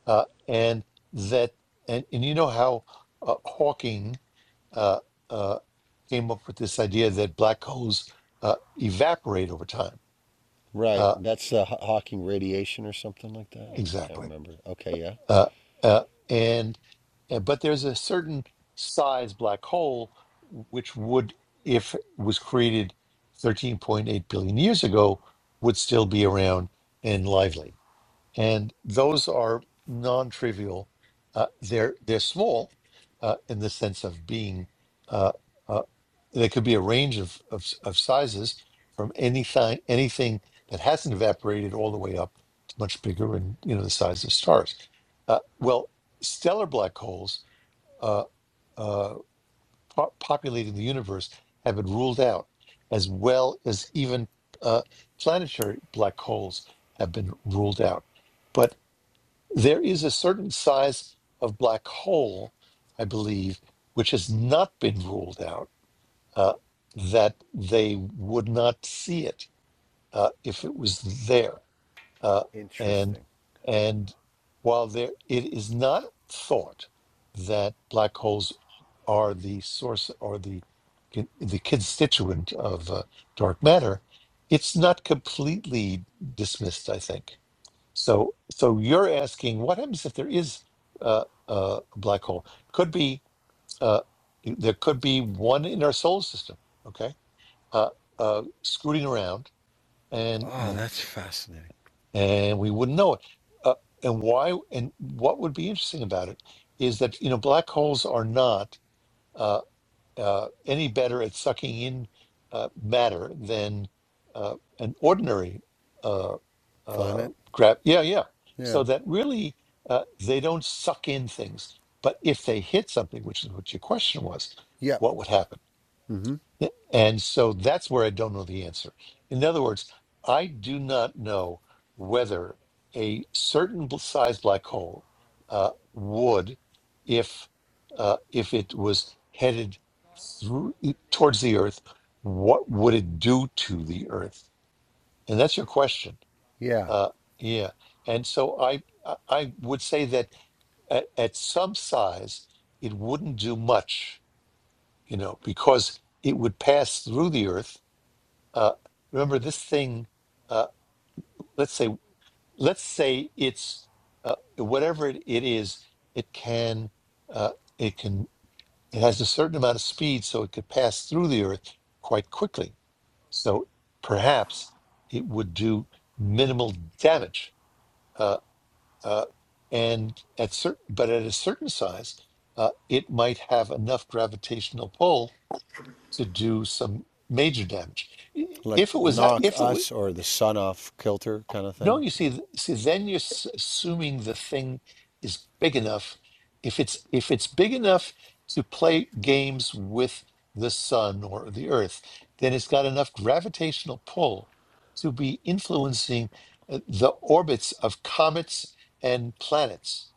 [SPEAKER 1] uh, and that and, and you know how uh, Hawking uh, uh, came up with this idea that black holes uh, evaporate over time
[SPEAKER 4] Right.
[SPEAKER 1] Uh,
[SPEAKER 4] That's the Hawking radiation or something like that. I can't
[SPEAKER 1] exactly.
[SPEAKER 4] remember. Okay, yeah.
[SPEAKER 1] Uh, uh, and uh, but there's a certain size black hole which would, if it was created 13.8 billion years ago, would still be around and lively. and those are non-trivial. Uh, they're they're small uh, in the sense of being. Uh, uh, they could be a range of of, of sizes from anything anything that hasn't evaporated all the way up to much bigger and you know the size of stars. Uh, well, stellar black holes uh, uh, po- populating the universe have been ruled out, as well as even uh, planetary black holes have been ruled out. But there is a certain size of black hole, I believe, which has not been ruled out, uh, that they would not see it uh, if it was there. Uh, and
[SPEAKER 4] Interesting.
[SPEAKER 1] and while there, it is not thought that black holes are the source or the the constituent of uh, dark matter. It's not completely dismissed, I think. So, so you're asking what happens if there is uh, uh, a black hole? Could be uh, there could be one in our solar system, okay, uh, uh, scooting around, and
[SPEAKER 4] Oh, that's fascinating.
[SPEAKER 1] and we wouldn't know it. Uh, and why? And what would be interesting about it is that you know black holes are not. Uh, uh, any better at sucking in uh, matter than uh, an ordinary uh, uh,
[SPEAKER 4] Planet?
[SPEAKER 1] crab. Yeah, yeah.
[SPEAKER 4] Yeah.
[SPEAKER 1] So that really uh, they don't suck in things. But if they hit something, which is what your question was,
[SPEAKER 4] Yep.
[SPEAKER 1] what would happen?
[SPEAKER 4] Mm-hmm.
[SPEAKER 1] And so that's where I don't know the answer. In other words, I do not know whether a certain bl- size black hole uh, would, if uh, if it was headed through, e, towards the Earth, what would it do to the Earth? And that's your question.
[SPEAKER 4] Yeah.
[SPEAKER 1] Uh, yeah. And so I I I would say that at, at some size, it wouldn't do much, you know, because it would pass through the Earth uh, remember this thing uh, let's say let's say it's uh, whatever it, it is it can uh, it can it has a certain amount of speed so it could pass through the earth quite quickly so perhaps it would do minimal damage uh, uh, and at certain but at a certain size uh, it might have enough gravitational pull to do some major damage
[SPEAKER 4] Like
[SPEAKER 1] if it was that
[SPEAKER 4] knock
[SPEAKER 1] if it wa-
[SPEAKER 4] us or the sun off kilter kind of
[SPEAKER 1] No,
[SPEAKER 4] thing.
[SPEAKER 1] you see, th- see, then you're s- assuming the thing is big enough. If it's if it's big enough to play games with the sun or the earth, then it's got enough gravitational pull to be influencing uh, the orbits of comets and planets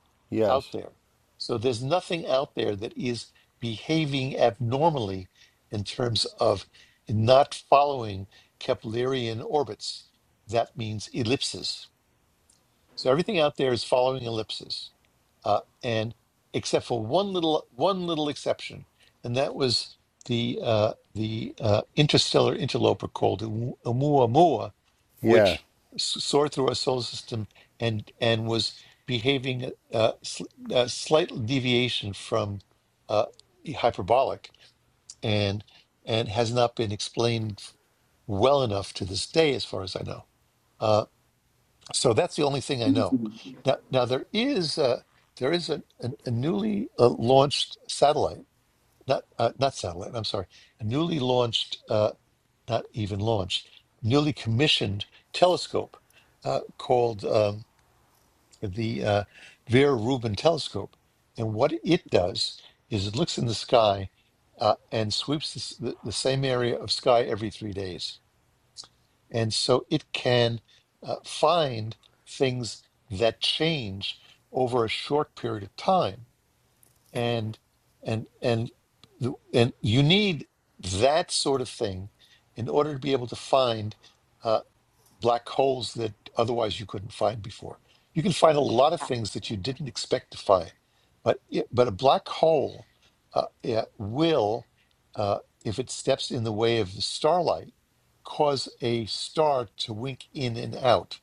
[SPEAKER 1] out
[SPEAKER 4] Yes.
[SPEAKER 1] there. So there's nothing out there that is behaving abnormally in terms of not following Keplerian orbits that means ellipses. So everything out there is following ellipses, uh, and except for one little one little exception, and that was the uh, the uh, interstellar interloper called Oumuamua,
[SPEAKER 4] Yeah.
[SPEAKER 1] which soared through our solar system and and was behaving uh, sl- uh, slight deviation from uh, hyperbolic and and has not been explained well enough to this day, as far as I know. Uh, so that's the only thing I know. Now, now there is a, there is a, a, a newly uh, launched satellite, not uh, not satellite. I'm sorry, a newly launched, uh, not even launched, newly commissioned telescope uh, called um, the uh, Vera Rubin Telescope, and what it does is it looks in the sky uh, and sweeps the, s- the, the same area of sky every three days. And so it can uh, find things that change over a short period of time. And and and the- and you need that sort of thing in order to be able to find. uh, black holes that otherwise you couldn't find before. You can find a lot of things that you didn't expect to find, but it, but a black hole uh, yeah, will, uh, if it steps in the way of the starlight, cause a star to wink in and out.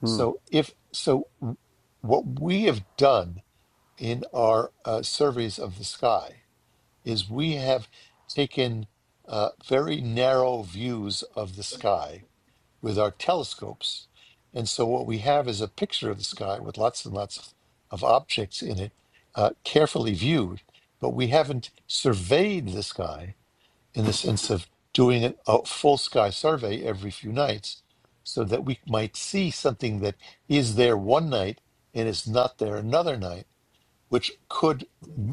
[SPEAKER 4] Hmm.
[SPEAKER 1] So if so, what we have done in our uh, surveys of the sky is we have taken uh, very narrow views of the sky with our telescopes. And so what we have is a picture of the sky with lots and lots of, of objects in it, uh, carefully viewed, but we haven't surveyed the sky in the sense of doing a, a full sky survey every few nights so that we might see something that is there one night and is not there another night which could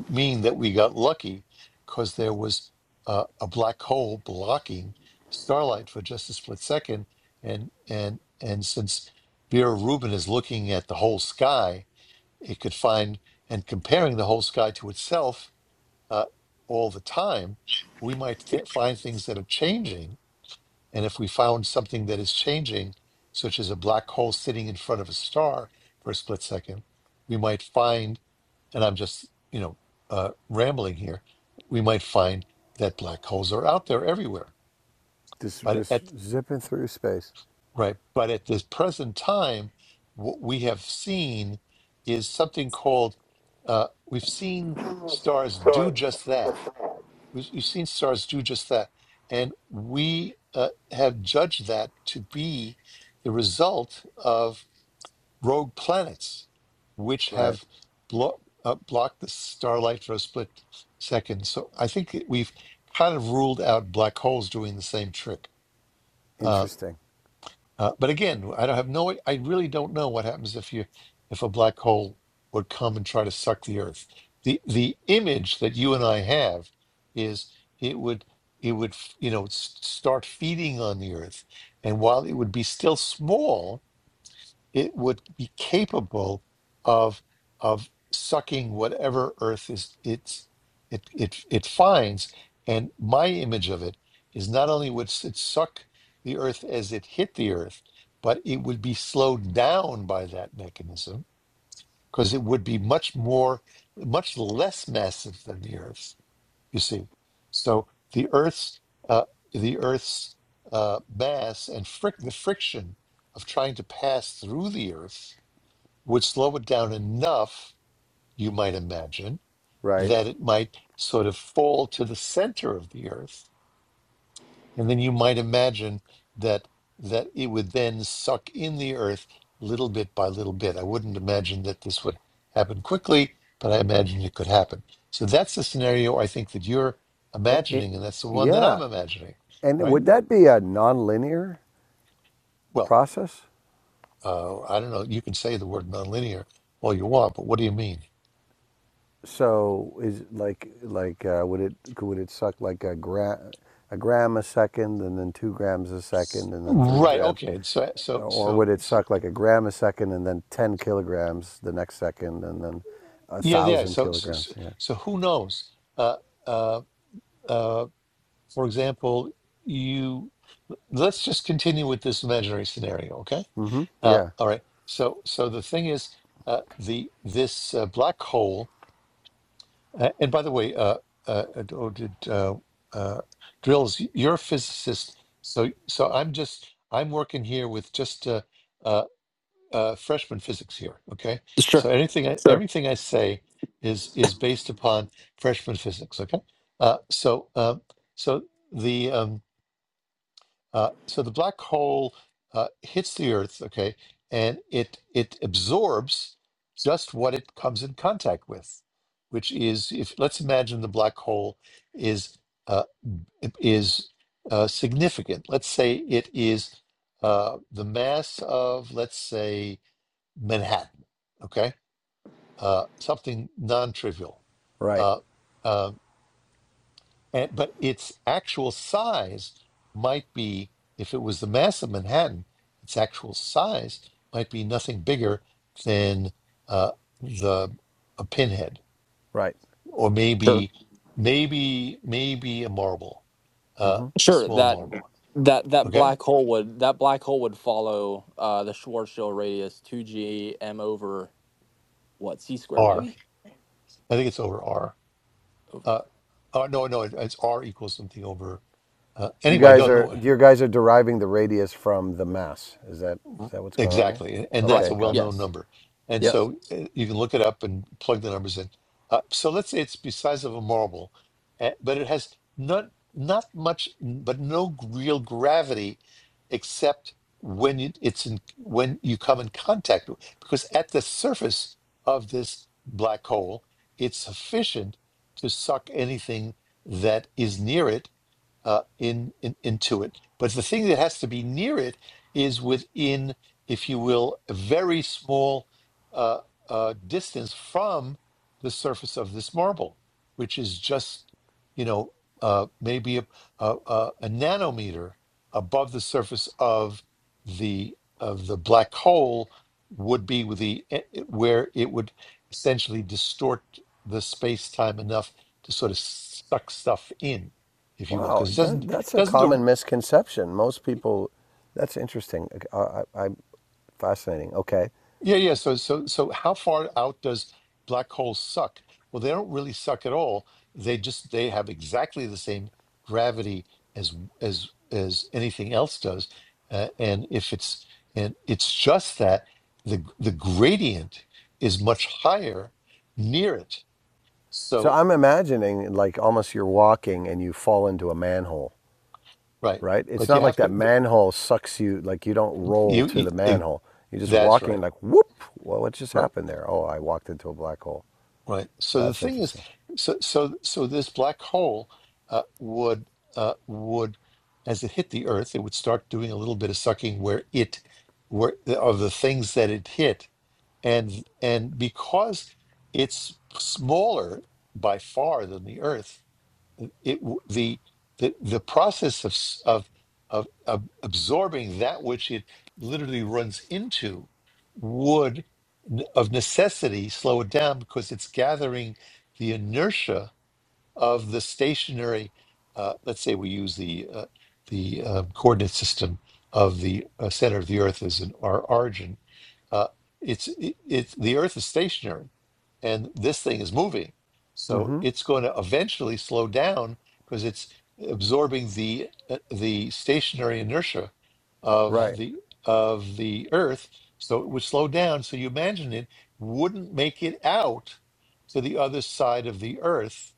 [SPEAKER 1] mean that we got lucky because there was uh, a black hole blocking starlight for just a split second. And and and since Vera Rubin is looking at the whole sky, it could find and comparing the whole sky to itself uh, all the time. We might th- find things that are changing and if we found something that is changing, such as a black hole sitting in front of a star for a split second, we might find, and I'm just, you know, uh, rambling here, we might find that black holes are out there everywhere.
[SPEAKER 4] Just
[SPEAKER 1] But
[SPEAKER 4] just
[SPEAKER 1] at
[SPEAKER 4] zipping through space.
[SPEAKER 1] right, but at this present time, what we have seen is something called uh, we've seen stars do just that we- You've seen stars do just that. And we uh, have judged that to be the result of rogue planets, which
[SPEAKER 4] Right.
[SPEAKER 1] have blo- uh, blocked the starlight for a split second. So I think that we've kind of ruled out black holes doing the same trick. Uh,
[SPEAKER 4] Interesting.
[SPEAKER 1] uh, but again, I don't have no. I really don't know what happens if you, if a black hole would come and try to suck the Earth. the The image that you and I have is it would it would you know s- start feeding on the Earth, and while it would be still small, it would be capable of of sucking whatever earth is it's it it it finds and my image of it is not only would it suck the earth as it hit the earth but it would be slowed down by that mechanism because it would be much more much less massive than the earth you see so the earth's uh, the earth's uh, mass and fric- the friction of trying to pass through the earth would slow it down enough, you might imagine,
[SPEAKER 4] Right.
[SPEAKER 1] that it might sort of fall to the center of the earth. And then you might imagine that that it would then suck in the earth little bit by little bit. I wouldn't imagine that this would happen quickly, but I imagine it could happen. So that's the scenario I think that you're
[SPEAKER 4] It, it,
[SPEAKER 1] imagining, and that's the one that I'm
[SPEAKER 4] yeah.
[SPEAKER 1] imagining,
[SPEAKER 4] And
[SPEAKER 1] right?
[SPEAKER 4] would that be a nonlinear
[SPEAKER 1] Well,
[SPEAKER 4] process?
[SPEAKER 1] uh, I don't know. You can say the word nonlinear all you want, but what do you mean?
[SPEAKER 4] So is like like uh, would it would it suck like a gram a gram a second and then two grams a second and then three
[SPEAKER 1] Right.
[SPEAKER 4] grams,
[SPEAKER 1] Okay. So so
[SPEAKER 4] or would
[SPEAKER 1] so
[SPEAKER 4] it
[SPEAKER 1] so
[SPEAKER 4] suck like a gram a second and then ten kilograms the next second and then a
[SPEAKER 1] Yeah, yeah.
[SPEAKER 4] thousand
[SPEAKER 1] So, so,
[SPEAKER 4] kilograms?
[SPEAKER 1] so
[SPEAKER 4] Yeah.
[SPEAKER 1] so who knows? Uh, uh, uh, for example, you let's just continue with this imaginary scenario, okay?
[SPEAKER 4] Mm-hmm.
[SPEAKER 1] Uh,
[SPEAKER 4] Yeah.
[SPEAKER 1] all right. So, so the thing is, uh, the this uh, black hole. Uh, and by the way, uh, uh, uh, oh, did uh, uh, Drills? y- You're a physicist, so so I'm just I'm working here with just uh, uh, uh, freshman physics here. Okay,
[SPEAKER 3] sure,
[SPEAKER 1] so anything, I,
[SPEAKER 3] sure,
[SPEAKER 1] everything I say is is based upon freshman physics. Okay, uh, so um, so the um, uh, so the black hole uh, hits the Earth. Okay, and it it absorbs just what it comes in contact with, which is if let's imagine the black hole is uh, is uh, significant. Let's say it is uh, the mass of let's say Manhattan. Okay, uh, something non-trivial,
[SPEAKER 4] Right.
[SPEAKER 1] uh, uh, and, but its actual size might be, if it was the mass of Manhattan, its actual size might be nothing bigger than uh, the a pinhead,
[SPEAKER 4] Right.
[SPEAKER 1] or
[SPEAKER 3] sure,
[SPEAKER 1] maybe, maybe, maybe a marble, uh,
[SPEAKER 4] Mm-hmm.
[SPEAKER 3] sure.
[SPEAKER 1] small
[SPEAKER 3] That
[SPEAKER 1] marble.
[SPEAKER 3] that that
[SPEAKER 1] Okay,
[SPEAKER 3] black hole would that black hole would follow uh, the Schwarzschild radius two g m over what c squared
[SPEAKER 1] R.
[SPEAKER 3] maybe
[SPEAKER 1] I think it's over R.
[SPEAKER 3] over
[SPEAKER 1] Uh, uh, no, no, it- it's R equals something over. Uh,
[SPEAKER 4] You
[SPEAKER 1] anyway, I
[SPEAKER 4] guys
[SPEAKER 1] don't
[SPEAKER 4] are
[SPEAKER 1] know.
[SPEAKER 4] your guys are deriving the radius from the mass. Is that is
[SPEAKER 1] R-
[SPEAKER 4] that what's going on there?
[SPEAKER 1] Exactly. And that's a
[SPEAKER 4] Okay,
[SPEAKER 3] right
[SPEAKER 4] got it.
[SPEAKER 1] well-known
[SPEAKER 3] yes
[SPEAKER 1] number. And
[SPEAKER 4] Yep.
[SPEAKER 3] yes
[SPEAKER 1] so uh, you can look it up and plug the numbers in. Uh, so let's say it's the size of a marble, uh, but it has not not much, but no g- real gravity, except when you, it's in, when you come in contact with, because at the surface of this black hole, it's sufficient to suck anything that is near it uh, in, in into it. But the thing that has to be near it is within, if you will, a very small uh, uh, distance from the surface of this marble, which is just, you know, uh, maybe a, a, a, a nanometer above the surface of the of the black hole would be with the eh, eh, where it would essentially distort the space time enough to sort of suck stuff in if you will,
[SPEAKER 4] Wow,
[SPEAKER 1] because it doesn't
[SPEAKER 4] that, that's a
[SPEAKER 1] doesn't a,
[SPEAKER 4] common misconception. Most people. That's interesting. I, I, Fascinating. Okay.
[SPEAKER 1] yeah yeah. So so so how far out does black holes suck? Well, they don't really suck at all. They just they have exactly the same gravity as as as anything else does, uh, and if it's and it's just that the the gradient is much higher near it.
[SPEAKER 4] So
[SPEAKER 1] So
[SPEAKER 4] I'm imagining like almost you're walking and you fall into a manhole,
[SPEAKER 1] right,
[SPEAKER 4] right? It's
[SPEAKER 1] but you
[SPEAKER 4] not like
[SPEAKER 1] have
[SPEAKER 4] that
[SPEAKER 1] to
[SPEAKER 4] manhole sucks you, like you don't roll
[SPEAKER 1] you,
[SPEAKER 4] to
[SPEAKER 1] you
[SPEAKER 4] the
[SPEAKER 1] eh,
[SPEAKER 4] manhole. You're just
[SPEAKER 1] that's
[SPEAKER 4] walking
[SPEAKER 1] right
[SPEAKER 4] like whoop. Well, what just
[SPEAKER 1] right.
[SPEAKER 4] happened there? Oh, I walked into a black hole.
[SPEAKER 1] Right. So the
[SPEAKER 4] That's
[SPEAKER 1] thing is,
[SPEAKER 4] interesting.
[SPEAKER 1] so so so this black hole uh, would uh, would, as it hit the Earth, it would start doing a little bit of sucking where it, where of the things that it hit, and and because it's smaller by far than the Earth, it the the the process of s- of of, of absorbing that which it literally runs into would n- of necessity slow it down because it's gathering the inertia of the stationary, uh, let's say we use the uh, the uh, coordinate system of the uh, center of the Earth as an our origin. Uh, it's it, it's the Earth is stationary, and this thing is moving, so
[SPEAKER 4] hmm
[SPEAKER 1] it's going to eventually slow down because it's absorbing the uh, the stationary inertia of
[SPEAKER 4] Right.
[SPEAKER 1] the of the Earth. So it would slow down. So you imagine it wouldn't make it out to the other side of the Earth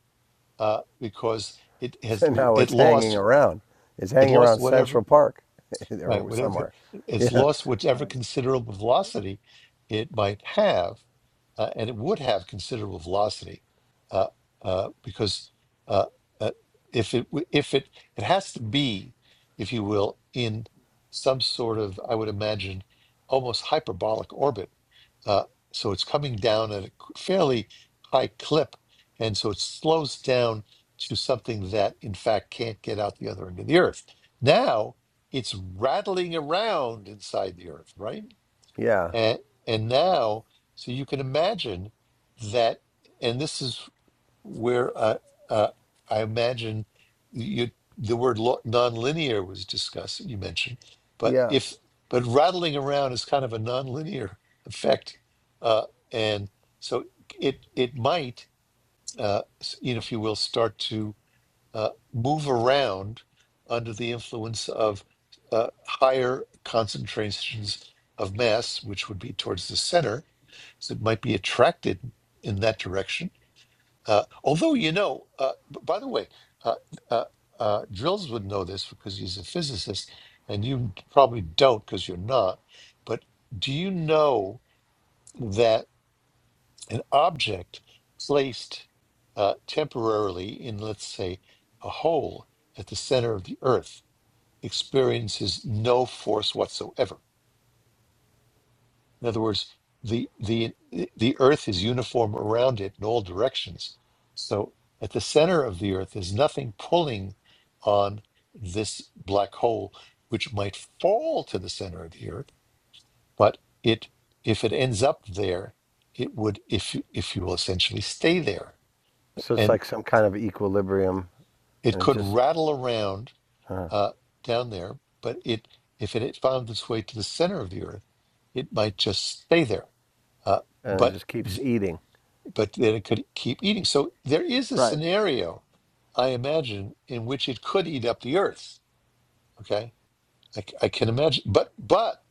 [SPEAKER 1] uh, because it has
[SPEAKER 4] So now
[SPEAKER 1] it
[SPEAKER 4] it's hanging
[SPEAKER 1] lost
[SPEAKER 4] around. It's
[SPEAKER 1] it
[SPEAKER 4] hanging
[SPEAKER 1] lost
[SPEAKER 4] around
[SPEAKER 1] whatever
[SPEAKER 4] Central Park
[SPEAKER 1] right?
[SPEAKER 4] or
[SPEAKER 1] Whatever
[SPEAKER 4] somewhere.
[SPEAKER 1] it's
[SPEAKER 4] Yeah.
[SPEAKER 1] lost, whichever
[SPEAKER 3] Right.
[SPEAKER 1] considerable velocity it might have, uh, and it would have considerable velocity uh, uh, because uh, uh, if it w- if it it has to be, if you will, in some sort of I would imagine almost hyperbolic orbit. Uh, so it's coming down at a fairly high clip, and so it slows down to something that in fact can't get out the other end of the Earth. Now it's rattling around inside the earth, right?
[SPEAKER 4] Yeah.
[SPEAKER 1] And and now, so you can imagine that, and this is where uh, uh, I imagine you the word lo- nonlinear was discussed. You mentioned, but
[SPEAKER 4] Yeah.
[SPEAKER 1] if but rattling around is kind of a nonlinear effect, uh, and so it it might, uh, s- you know, if you will, start to uh, move around under the influence of uh, higher concentrations of mass, which would be towards the center, so it might be attracted in that direction. Uh, although, you know, uh, b- by the way, uh, uh, uh, Drills would know this because he's a physicist, and you probably don't because you're not. But do you know that? an object placed uh, temporarily in, let's say, a hole at the center of the Earth experiences no force whatsoever. In other words, the the the Earth is uniform around it in all directions. So at the center of the Earth, there's nothing pulling on this black hole, which might fall to the center of the Earth, but it if it ends up there, it would if you- if you will essentially stay there
[SPEAKER 4] So it's
[SPEAKER 1] and.
[SPEAKER 4] like some kind of equilibrium
[SPEAKER 1] it
[SPEAKER 4] and it
[SPEAKER 1] could
[SPEAKER 4] just,
[SPEAKER 1] rattle around
[SPEAKER 4] huh,
[SPEAKER 1] uh, down there, but it if it had found its way to the center of the Earth, it might just stay there. Uh,
[SPEAKER 4] and it
[SPEAKER 1] but
[SPEAKER 4] just keeps
[SPEAKER 1] th-
[SPEAKER 4] eating.
[SPEAKER 1] but then it could keep eating. So there is a
[SPEAKER 3] right
[SPEAKER 1] scenario, I imagine, in which it could eat up the Earth. Okay, I, c- I can imagine. But but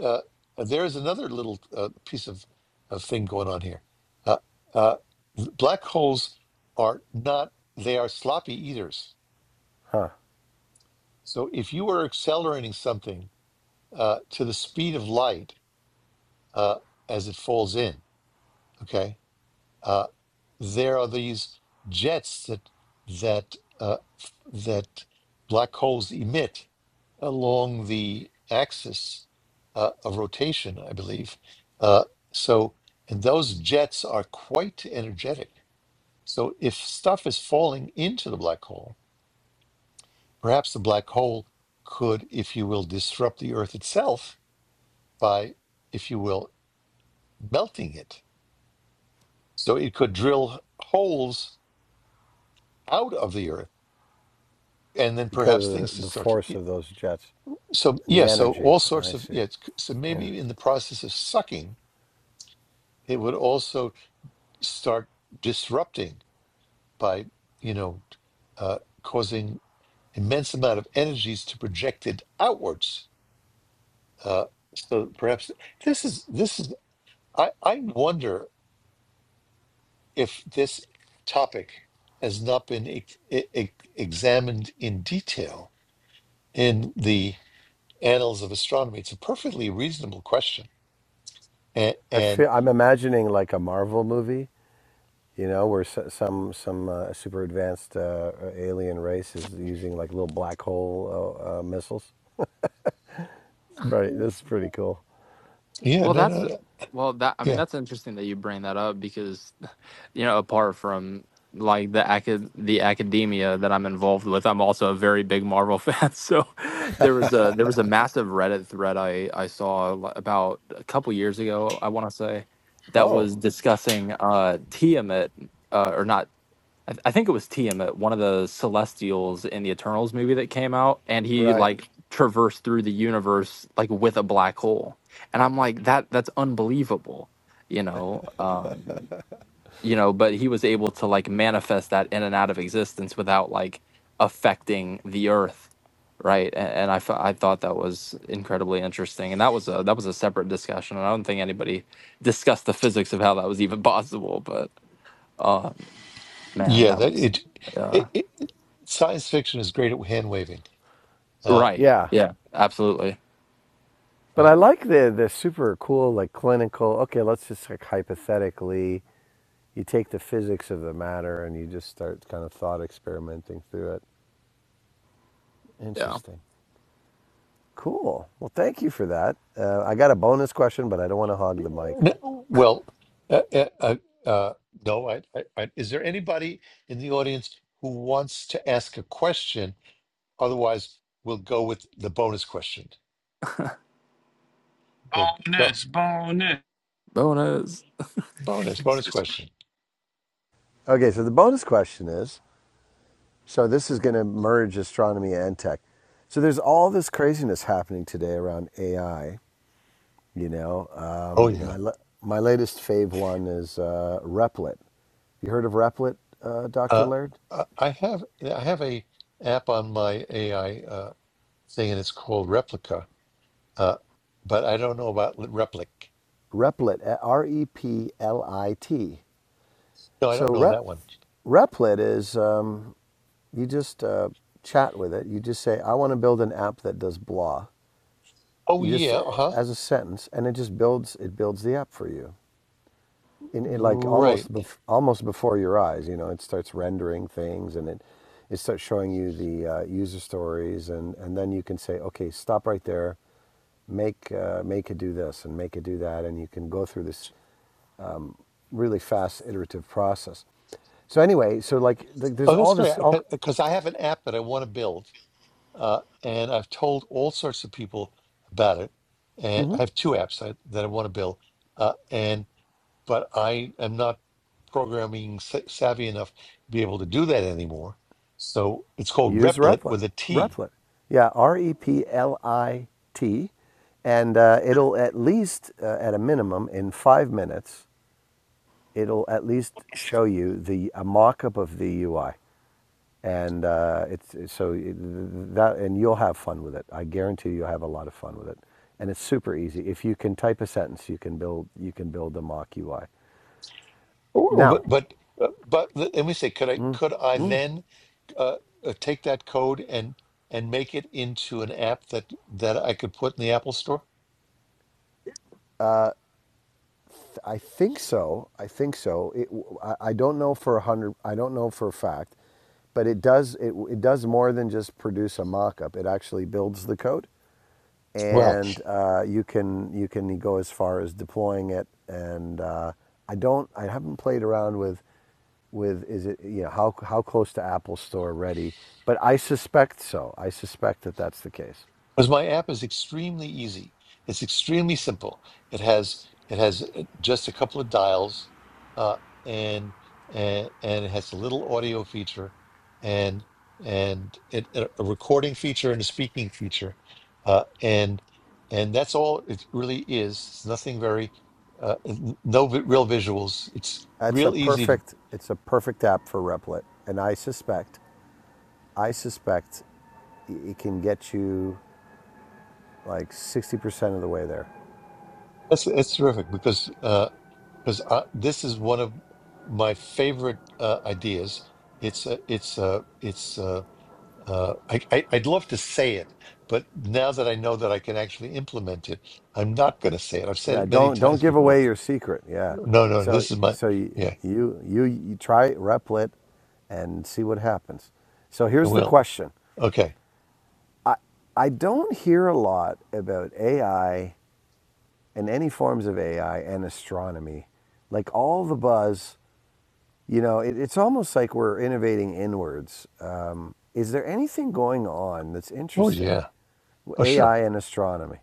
[SPEAKER 1] uh, there is another little uh, piece of, of thing going on here. Uh, uh, black holes are not; they are sloppy eaters
[SPEAKER 4] Huh.
[SPEAKER 1] So if you are accelerating something uh, to the speed of light uh, as it falls in, okay, uh, there are these jets that that uh, that black holes emit along the axis uh, of rotation, I believe. Uh, so and those jets are quite energetic. So if stuff is falling into the black hole, perhaps the black hole could, if you will, disrupt the Earth itself by, if you will, melting it. So it could drill holes out of the earth and then
[SPEAKER 4] because
[SPEAKER 1] perhaps
[SPEAKER 4] of the,
[SPEAKER 1] things could
[SPEAKER 4] the
[SPEAKER 1] start.
[SPEAKER 4] force of those jets
[SPEAKER 1] So,
[SPEAKER 4] and
[SPEAKER 1] yeah,
[SPEAKER 4] the
[SPEAKER 1] so
[SPEAKER 4] energy.
[SPEAKER 1] all sorts
[SPEAKER 4] I
[SPEAKER 1] of,
[SPEAKER 4] see.
[SPEAKER 1] yeah, it's, so
[SPEAKER 4] Yeah,
[SPEAKER 1] maybe in the process of sucking, it would also start disrupting by, you know, uh, causing immense amount of energies to project it outwards. Uh, so perhaps this is, this is, I, I wonder if this topic has not been ex- e- e- examined in detail in the annals of astronomy, it's a perfectly reasonable question. And,
[SPEAKER 4] I
[SPEAKER 1] and
[SPEAKER 4] feel I'm imagining like a Marvel movie, you know, where s- some some uh, super advanced uh, alien race is using like little black hole uh, uh, missiles. It's pretty. This is pretty cool.
[SPEAKER 1] yeah,
[SPEAKER 3] Well,
[SPEAKER 1] no,
[SPEAKER 3] that's
[SPEAKER 1] no, no,
[SPEAKER 3] well that I mean
[SPEAKER 1] yeah,
[SPEAKER 3] that's interesting that you bring that up because you know apart from like the acad- the academia that I'm involved with, I'm also a very big Marvel fan. So there was a there was a massive Reddit thread I I saw li- about a couple years ago, I want to say, that
[SPEAKER 4] Oh,
[SPEAKER 3] was discussing uh Tiamat uh or not I, th- I think it was Tiamat, one of the Celestials in the Eternals movie that came out, and he
[SPEAKER 4] right.
[SPEAKER 3] like traversed through the universe like with a black hole, and I'm like that that's unbelievable, you know, um, you know, but he was able to like manifest that in and out of existence without like affecting the Earth, right? And, and I f- I thought that was incredibly interesting, and that was a that was a separate discussion, and I don't think anybody discussed the physics of how that was even possible, but. Um, Man,
[SPEAKER 1] yeah.
[SPEAKER 3] that
[SPEAKER 1] That
[SPEAKER 3] was
[SPEAKER 1] it,
[SPEAKER 3] uh
[SPEAKER 1] it, it science fiction is great at hand waving. Uh,
[SPEAKER 3] right.
[SPEAKER 4] Yeah,
[SPEAKER 3] Yeah, absolutely.
[SPEAKER 4] but
[SPEAKER 1] uh,
[SPEAKER 4] I like the the super cool like clinical. Okay, let's just like hypothetically, you take the physics of the matter and you just start kind of thought experimenting through it.
[SPEAKER 3] Yeah.
[SPEAKER 4] Interesting. Cool. Well, thank you for that. Uh, I got a bonus question, but I don't want to hog the mic.
[SPEAKER 1] no, well, uh, uh, uh, uh, no. I, I, I, is there anybody in the audience who wants to ask a question? Otherwise, we'll go with the bonus question. Okay, go.
[SPEAKER 5] Bonus, bonus.
[SPEAKER 3] Bonus.
[SPEAKER 1] Bonus, bonus question.
[SPEAKER 4] Okay, so the bonus question is so this is going to merge astronomy and tech. So there's all this craziness happening today around AI. You know,
[SPEAKER 1] Oh
[SPEAKER 4] um, my,
[SPEAKER 1] yeah.
[SPEAKER 4] la- my latest fave one is uh, Replit. You heard of Replit, uh, Dr.
[SPEAKER 1] Uh,
[SPEAKER 4] Laird?
[SPEAKER 1] I I have I have a app on my AI uh, thing, and it's called Replica. Uh, but I don't know about li- Replic.
[SPEAKER 4] Replit, R E P L I T.
[SPEAKER 1] No, I
[SPEAKER 4] So
[SPEAKER 1] don't know
[SPEAKER 4] Re-
[SPEAKER 1] that one.
[SPEAKER 4] Replit is um, You just uh, chat with it. You just say, "I want to build an app that does blah."
[SPEAKER 1] Oh
[SPEAKER 4] You just
[SPEAKER 1] yeah,
[SPEAKER 4] uh,
[SPEAKER 1] huh?
[SPEAKER 4] as a sentence, and it just builds. It builds the app for you, in, in like
[SPEAKER 1] Right.
[SPEAKER 4] almost bef- almost before your eyes. You know, it starts rendering things, and it it starts showing you the uh, user stories, and and then you can say, "Okay, stop right there." make uh, make it do this and make it do that, and you can go through this really fast iterative process. So anyway, so like, like there's
[SPEAKER 1] Oh, that's
[SPEAKER 4] all
[SPEAKER 1] great.
[SPEAKER 4] this all
[SPEAKER 1] Because I have an app that I want to build, uh, and I've told all sorts of people about it. And I have two apps I, that I want to build, uh, and but I am not programming sa- savvy enough to be able to do that anymore. So it's called
[SPEAKER 4] Use
[SPEAKER 1] Replit
[SPEAKER 4] Replit.
[SPEAKER 1] with a T.
[SPEAKER 4] Replit. Yeah, R E P L I T. And uh, it'll at least, uh, at a minimum, in five minutes, it'll at least show you the a mock-up of the UI. And uh, it's so it- that, and you'll have fun with it. I guarantee you'll have a lot of fun with it. And it's super easy. If you can type a sentence, you can build you can build a mock UI.
[SPEAKER 1] Oh, But
[SPEAKER 4] Now,
[SPEAKER 1] but uh, but let let me say, could I could I then uh, uh, take that code and and make it into an app that that I could put in the Apple Store?
[SPEAKER 4] I think so. I think so. It, I, don't know for a hundred. I don't know for a fact, but it does. It, it does more than just produce a mock-up. It actually builds the code,
[SPEAKER 1] Well.
[SPEAKER 4] and uh, you can you can go as far as deploying it. And uh, I don't. I haven't played around with with is it you know how how close to Apple Store ready? But I suspect so. I suspect that that's the case.
[SPEAKER 1] because my app is extremely easy. It's extremely simple. It has it has uh, just a couple of dials, uh, and and and it has a little audio feature, and and it, a recording feature and a speaking feature, uh, and and that's all it really is. It's nothing very, uh, no vi- real visuals. It's
[SPEAKER 4] That's a
[SPEAKER 1] real easy to.
[SPEAKER 4] perfect. It's a perfect app for Replit, and I suspect. I suspect it can get you like 60% of the way there.
[SPEAKER 1] That's that's terrific because uh, because uh, this is one of my favorite uh, ideas. It's a, it's a, it's a, uh, I, I, I'd love to say it, but now that I know that I can actually implement it, I'm not going to say it. I've said
[SPEAKER 4] Yeah,
[SPEAKER 1] it many
[SPEAKER 4] don't don't
[SPEAKER 1] times
[SPEAKER 4] give
[SPEAKER 1] before.
[SPEAKER 4] away your secret. Yeah.
[SPEAKER 1] No, no, no,
[SPEAKER 4] So
[SPEAKER 1] this is my,
[SPEAKER 4] so you
[SPEAKER 1] yeah,
[SPEAKER 4] you you, you try Replit and see what happens. So
[SPEAKER 1] I
[SPEAKER 4] here's the
[SPEAKER 1] will.
[SPEAKER 4] question.
[SPEAKER 1] Okay.
[SPEAKER 4] I don't hear a lot about AI and any forms of AI and astronomy. Like all the buzz, you know, it, it's almost like we're innovating inwards. Um, is there anything going on that's
[SPEAKER 1] Oh
[SPEAKER 4] interesting?
[SPEAKER 1] yeah. Oh sure,
[SPEAKER 4] AI and astronomy.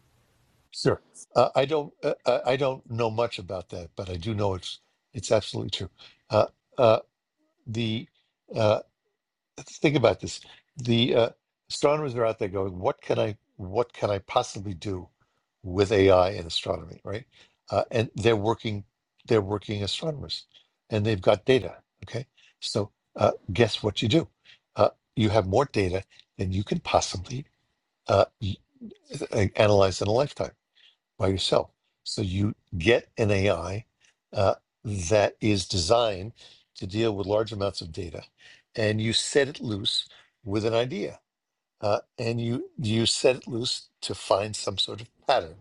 [SPEAKER 1] sure. Uh, I don't, uh, I I don't know much about that, but I do know it's, it's absolutely true. Uh, uh, the, uh, think about this. The uh, astronomers are out there going, "What can I? What can I possibly do with AI in astronomy?" Right? Uh, and they're working. They're working astronomers, and they've got data. Okay, so uh, guess what you do? Uh, you have more data than you can possibly uh, y- analyze in a lifetime by yourself. So you get an AI uh, that is designed to deal with large amounts of data, and you set it loose with an idea, uh, and you you set it loose to find some sort of pattern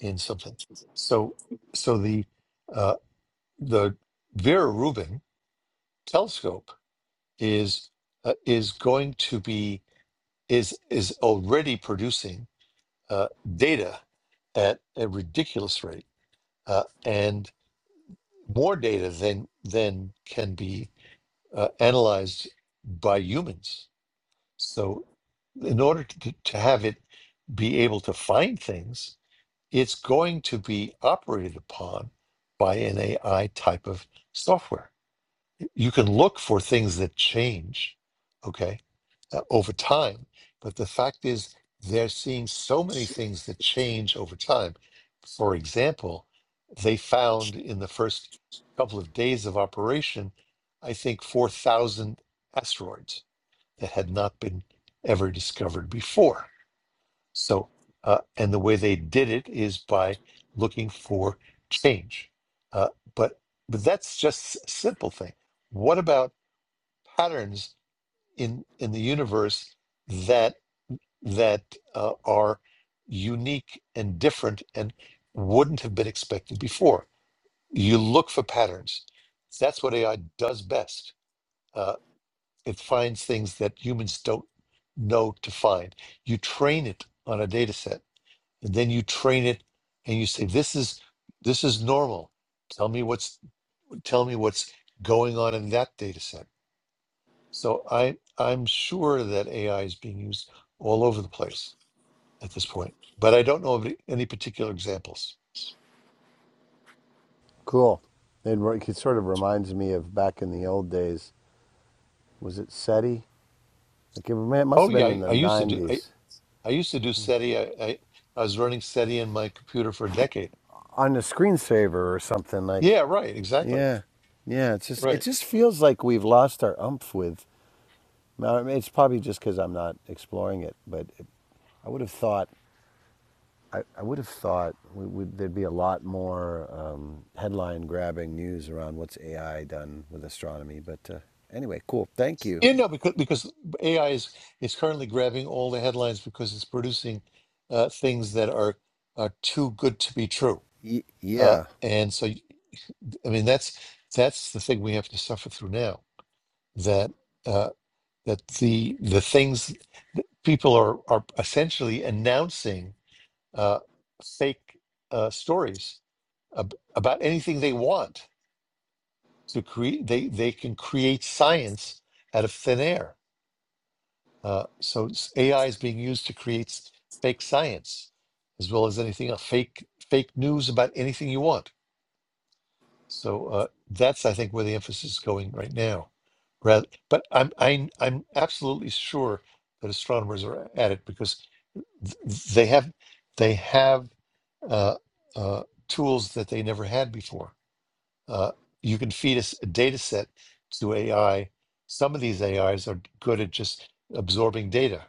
[SPEAKER 1] in something. So so the uh, the Vera Rubin telescope is uh, is going to be is is already producing uh, data at a ridiculous rate, uh, and more data than than can be uh, analyzed by humans. So, in order to, to have it be able to find things, it's going to be operated upon by an AI type of software. You can look for things that change, okay, uh, over time. But the fact is, they're seeing so many things that change over time. For example, they found in the first couple of days of operation, I think 4,000 asteroids that had not been ever discovered before. So, uh, and the way they did it is by looking for change. Uh, but but that's just a simple thing. What about patterns in in the universe? that that uh, are unique and different and wouldn't have been expected before. You look for patterns. That's what AI does best. Uh, it finds things that humans don't know to find. You train it on a data set, and then you train it, and you say, "This is this is normal. Tell me what's tell me what's going on in that data set." So I I'm sure that AI is being used all over the place at this point, but I don't know of any any particular examples.
[SPEAKER 4] Cool. It, it sort of reminds me of back in the old days. Was it SETI? Like it, it must
[SPEAKER 1] Oh
[SPEAKER 4] have
[SPEAKER 1] yeah,
[SPEAKER 4] been in
[SPEAKER 1] I,
[SPEAKER 4] the
[SPEAKER 1] I used to do I,
[SPEAKER 4] '90s
[SPEAKER 1] I used to do SETI. I, I I was running SETI in my computer for a decade.
[SPEAKER 4] on a screensaver or something.
[SPEAKER 1] Yeah,
[SPEAKER 4] Like
[SPEAKER 1] right, exactly,
[SPEAKER 4] yeah, yeah. It's just it
[SPEAKER 1] right.
[SPEAKER 4] just feels like we've lost our umph with. I mean, It's probably just because I'm not exploring it, but it, I would have thought I, I would have thought we, would there'd be a lot more um, headline grabbing news around what's AI done with astronomy. But uh, anyway, cool. Thank you.
[SPEAKER 1] Yeah, no, because because AI is is currently grabbing all the headlines because it's producing uh, things that are are too good to be true,
[SPEAKER 4] Y-
[SPEAKER 1] uh,
[SPEAKER 4] yeah.
[SPEAKER 1] and so y- I mean that's that's the thing we have to suffer through now that uh, that the the things people are are essentially announcing uh, fake uh, stories ab- about anything they want to create. They they can create science out of thin air. Uh, so it's- AI is being used to create s- fake science, as well as anything else, fake fake news about anything you want. So uh, that's I think where the emphasis is going right now. Rather, but I'm I'm I'm absolutely sure that astronomers are at it because They have they have uh, uh, tools that they never had before. Uh, you can feed us a data set to AI. Some of these AIs are good at just absorbing data,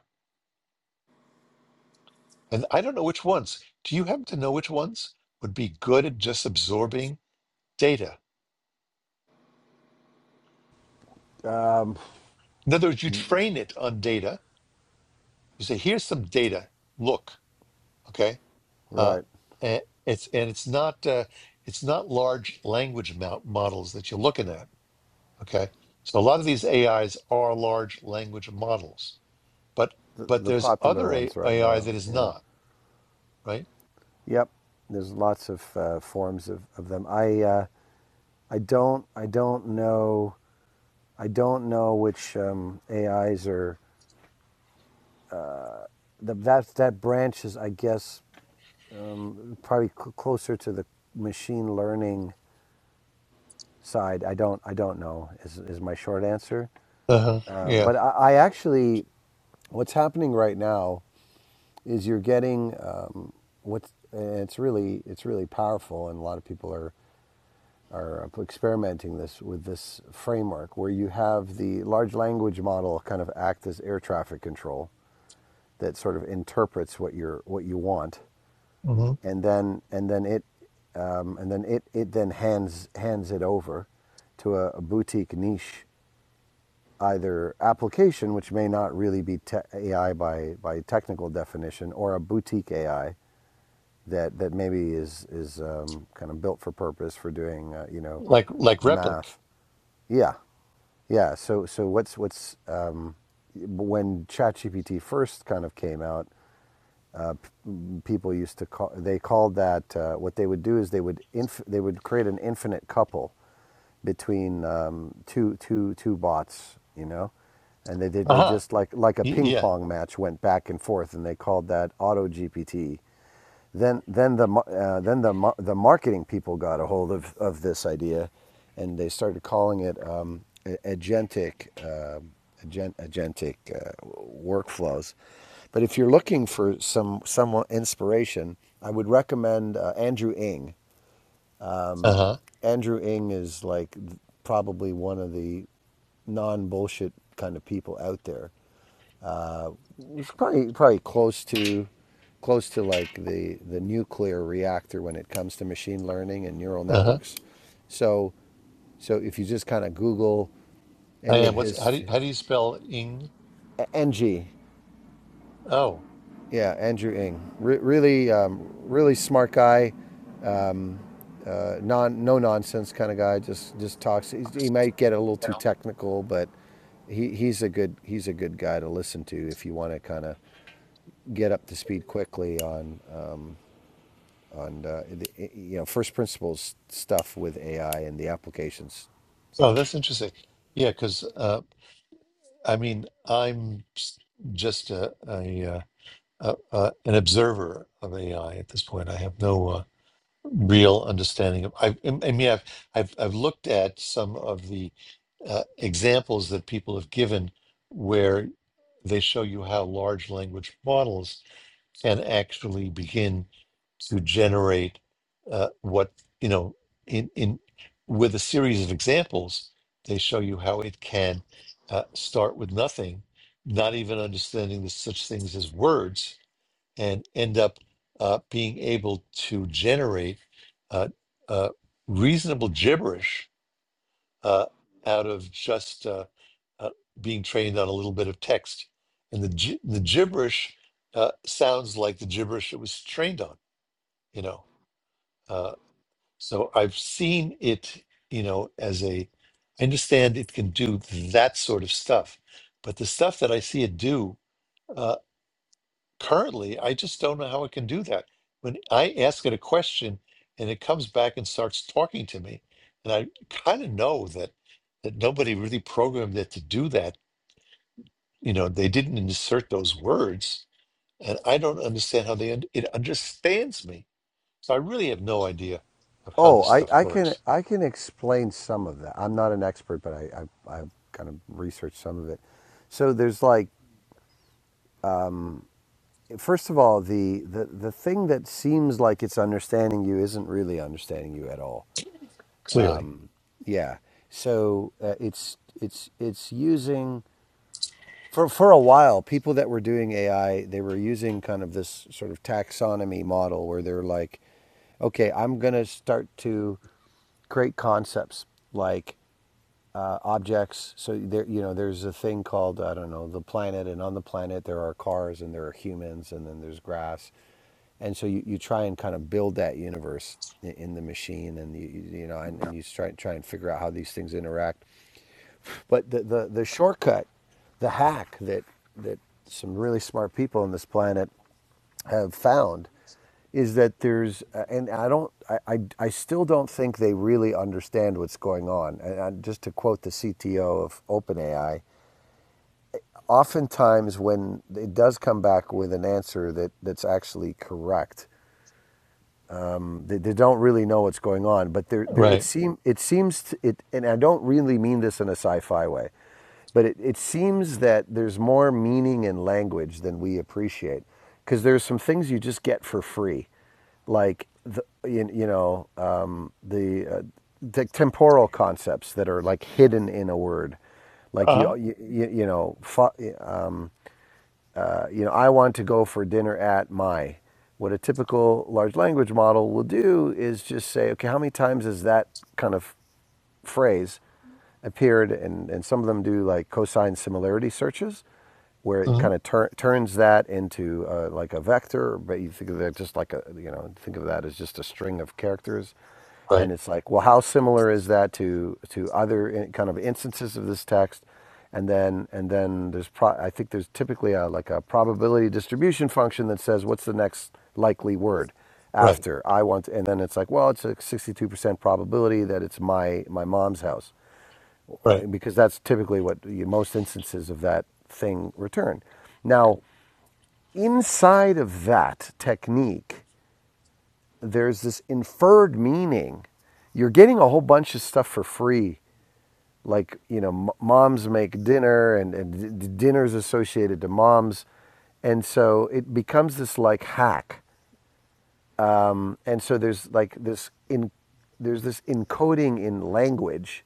[SPEAKER 1] and I don't know which ones. Do you happen to know which ones would be good at just absorbing data?
[SPEAKER 4] Um,
[SPEAKER 1] In other words, you train it on data. You say, "Here's some data. Look, okay." Uh,
[SPEAKER 4] right.
[SPEAKER 1] and it's and it's not uh, it's not large language mo- models that you're looking at Okay. So a lot of these AIs are large language models, but
[SPEAKER 4] the,
[SPEAKER 1] but
[SPEAKER 4] the
[SPEAKER 1] there's
[SPEAKER 4] popular
[SPEAKER 1] other A-
[SPEAKER 4] ones right
[SPEAKER 1] AI
[SPEAKER 4] now.
[SPEAKER 1] that is
[SPEAKER 4] Yeah.
[SPEAKER 1] not, right?
[SPEAKER 4] Yep. There's lots of uh, forms of, of them. I uh, I don't I don't know I don't know which um, AIs are the, that that branch is I guess probably cl- closer to the machine learning side. I don't I don't know is is my short answer.
[SPEAKER 1] Uh-huh.
[SPEAKER 4] Um,
[SPEAKER 1] Yeah.
[SPEAKER 4] but I, I actually what's happening right now is you're getting um, what's and it's really it's really powerful and a lot of people are are experimenting this with this framework where you have the large language model kind of act as air traffic control that sort of interprets what you're what you want,
[SPEAKER 1] hmm
[SPEAKER 4] and then and then it um, and then it, it then hands hands it over to a, a boutique niche either application which may not really be te- AI by by technical definition or a boutique AI that that maybe is is um, kind of built for purpose for doing uh, you know
[SPEAKER 1] Like like Replic.
[SPEAKER 4] math Yeah, yeah. So so what's what's um, when ChatGPT first kind of came out, people used to call they called that uh, what they would do is they would inf- they would create an infinite couple between um, two two two bots, you know, and they did they
[SPEAKER 1] Uh-huh.
[SPEAKER 4] just like like a
[SPEAKER 1] Y-
[SPEAKER 4] ping
[SPEAKER 1] yeah.
[SPEAKER 4] pong match went back and forth, and they called that auto GPT then then the uh, then the the marketing people got a hold of of this idea, and they started calling it um, agentic um agent, agentic uh, workflows. But if you're looking for some some inspiration, I would recommend uh, Andrew Ng.
[SPEAKER 1] Uh-huh.
[SPEAKER 4] Andrew Ng is like probably one of the non bullshit kind of people out there It was probably probably close to close to like the the nuclear reactor when it comes to machine learning and neural
[SPEAKER 1] Uh-huh.
[SPEAKER 4] networks. So so if you just kind of Google any of
[SPEAKER 1] And what's
[SPEAKER 4] his
[SPEAKER 1] how do you,
[SPEAKER 4] t-
[SPEAKER 1] how do you spell ing?
[SPEAKER 4] NG,
[SPEAKER 1] Oh.
[SPEAKER 4] yeah, Andrew Ng, Re- really um, really smart guy, uh, non no nonsense kind of guy. Just just talks. He's, he might get a little
[SPEAKER 3] Yeah.
[SPEAKER 4] too technical, but he, he's a good he's a good guy to listen to if you want to kind of get up to speed quickly on on uh, the, you know first principles stuff with AI and the applications.
[SPEAKER 1] Oh, that's interesting. Yeah, because uh, I mean, I'm s- just a, a, uh, a, a an observer of AI at this point. I have no. uh, real understanding of I, I mean I've, I've I've looked at some of the uh, examples that people have given where they show you how large language models can actually begin to generate uh, what you know in in with a series of examples they show you how it can uh, start with nothing not even understanding the such things as words and end up uh, being able to generate uh, uh, reasonable gibberish uh, out of just uh, uh, being trained on a little bit of text. And the gi- the gibberish uh, sounds like the gibberish it was trained on, you know. Uh, so I've seen it, you know, as a. I understand it can do that sort of stuff, but the stuff that I see it do. uh, currently, I just don't know how it can do that. When I ask it a question and it comes back and starts talking to me, and I kind of know that that nobody really programmed it to do that. You know, they didn't insert those words, and I don't understand how they un- it understands me. So I really have no idea of how
[SPEAKER 4] Oh,
[SPEAKER 1] this
[SPEAKER 4] I,
[SPEAKER 1] stuff
[SPEAKER 4] I can
[SPEAKER 1] works.
[SPEAKER 4] I can explain some of that. I'm not an expert, but I, I I've kind of researched some of it. So there's like first of all the, the the thing that seems like it's understanding you isn't really understanding you at all.
[SPEAKER 1] Clearly,
[SPEAKER 4] Yeah. So uh, it's it's it's using for for a while, people that were doing AI, they were using kind of this sort of taxonomy model where they're like, okay, I'm gonna start to create concepts like uh, objects. So there, you know, there's a thing called I don't know the planet, and on the planet there are cars and there are humans, and then there's grass, and so you, you try and kind of build that universe in the machine, and you you you know, and, and you try try and figure out how these things interact. But the, the, the shortcut, the hack that, that some really smart people on this planet have found is that there's, uh, and I don't, I, I, I still don't think they really understand what's going on. And I, just to quote the CTO of OpenAI, oftentimes when it does come back with an answer that, that's actually correct, um, they, they don't really know what's going on. But there, there it
[SPEAKER 1] right?
[SPEAKER 4] seem it seems it, and I don't really mean this in a sci-fi way, but it, it seems that there's more meaning in language than we appreciate, because there's some things you just get for free, like the you, you know um, the uh, the temporal concepts that are like hidden in a word, like you
[SPEAKER 1] Uh
[SPEAKER 4] you you, you know fa- uh, you know, I want to go for dinner at my. What a typical large language model will do is just say, okay, how many times has that kind of phrase appeared? And, and some of them do like cosine similarity searches where it
[SPEAKER 1] huh.
[SPEAKER 4] kind of tur- turns that into uh, like a vector, but you think of that just like a, you know, think of that as just a string of characters and
[SPEAKER 1] Right.
[SPEAKER 4] it's like, well, how similar is that to to other kind of instances of this text? And then and then there's pro, I think there's typically a like a probability distribution function that says what's the next likely word
[SPEAKER 1] Right.
[SPEAKER 4] after I want, and then it's like, well, it's a 62% probability that it's my my mom's house Well,
[SPEAKER 1] Right.
[SPEAKER 4] because that's typically what you, most instances of that thing return. Now, inside of that technique there's this inferred meaning. You're getting a whole bunch of stuff for free, like you know, moms make dinner, and, and dinner's associated to moms, and so it becomes this like hack. And so there's like this in there's this encoding in language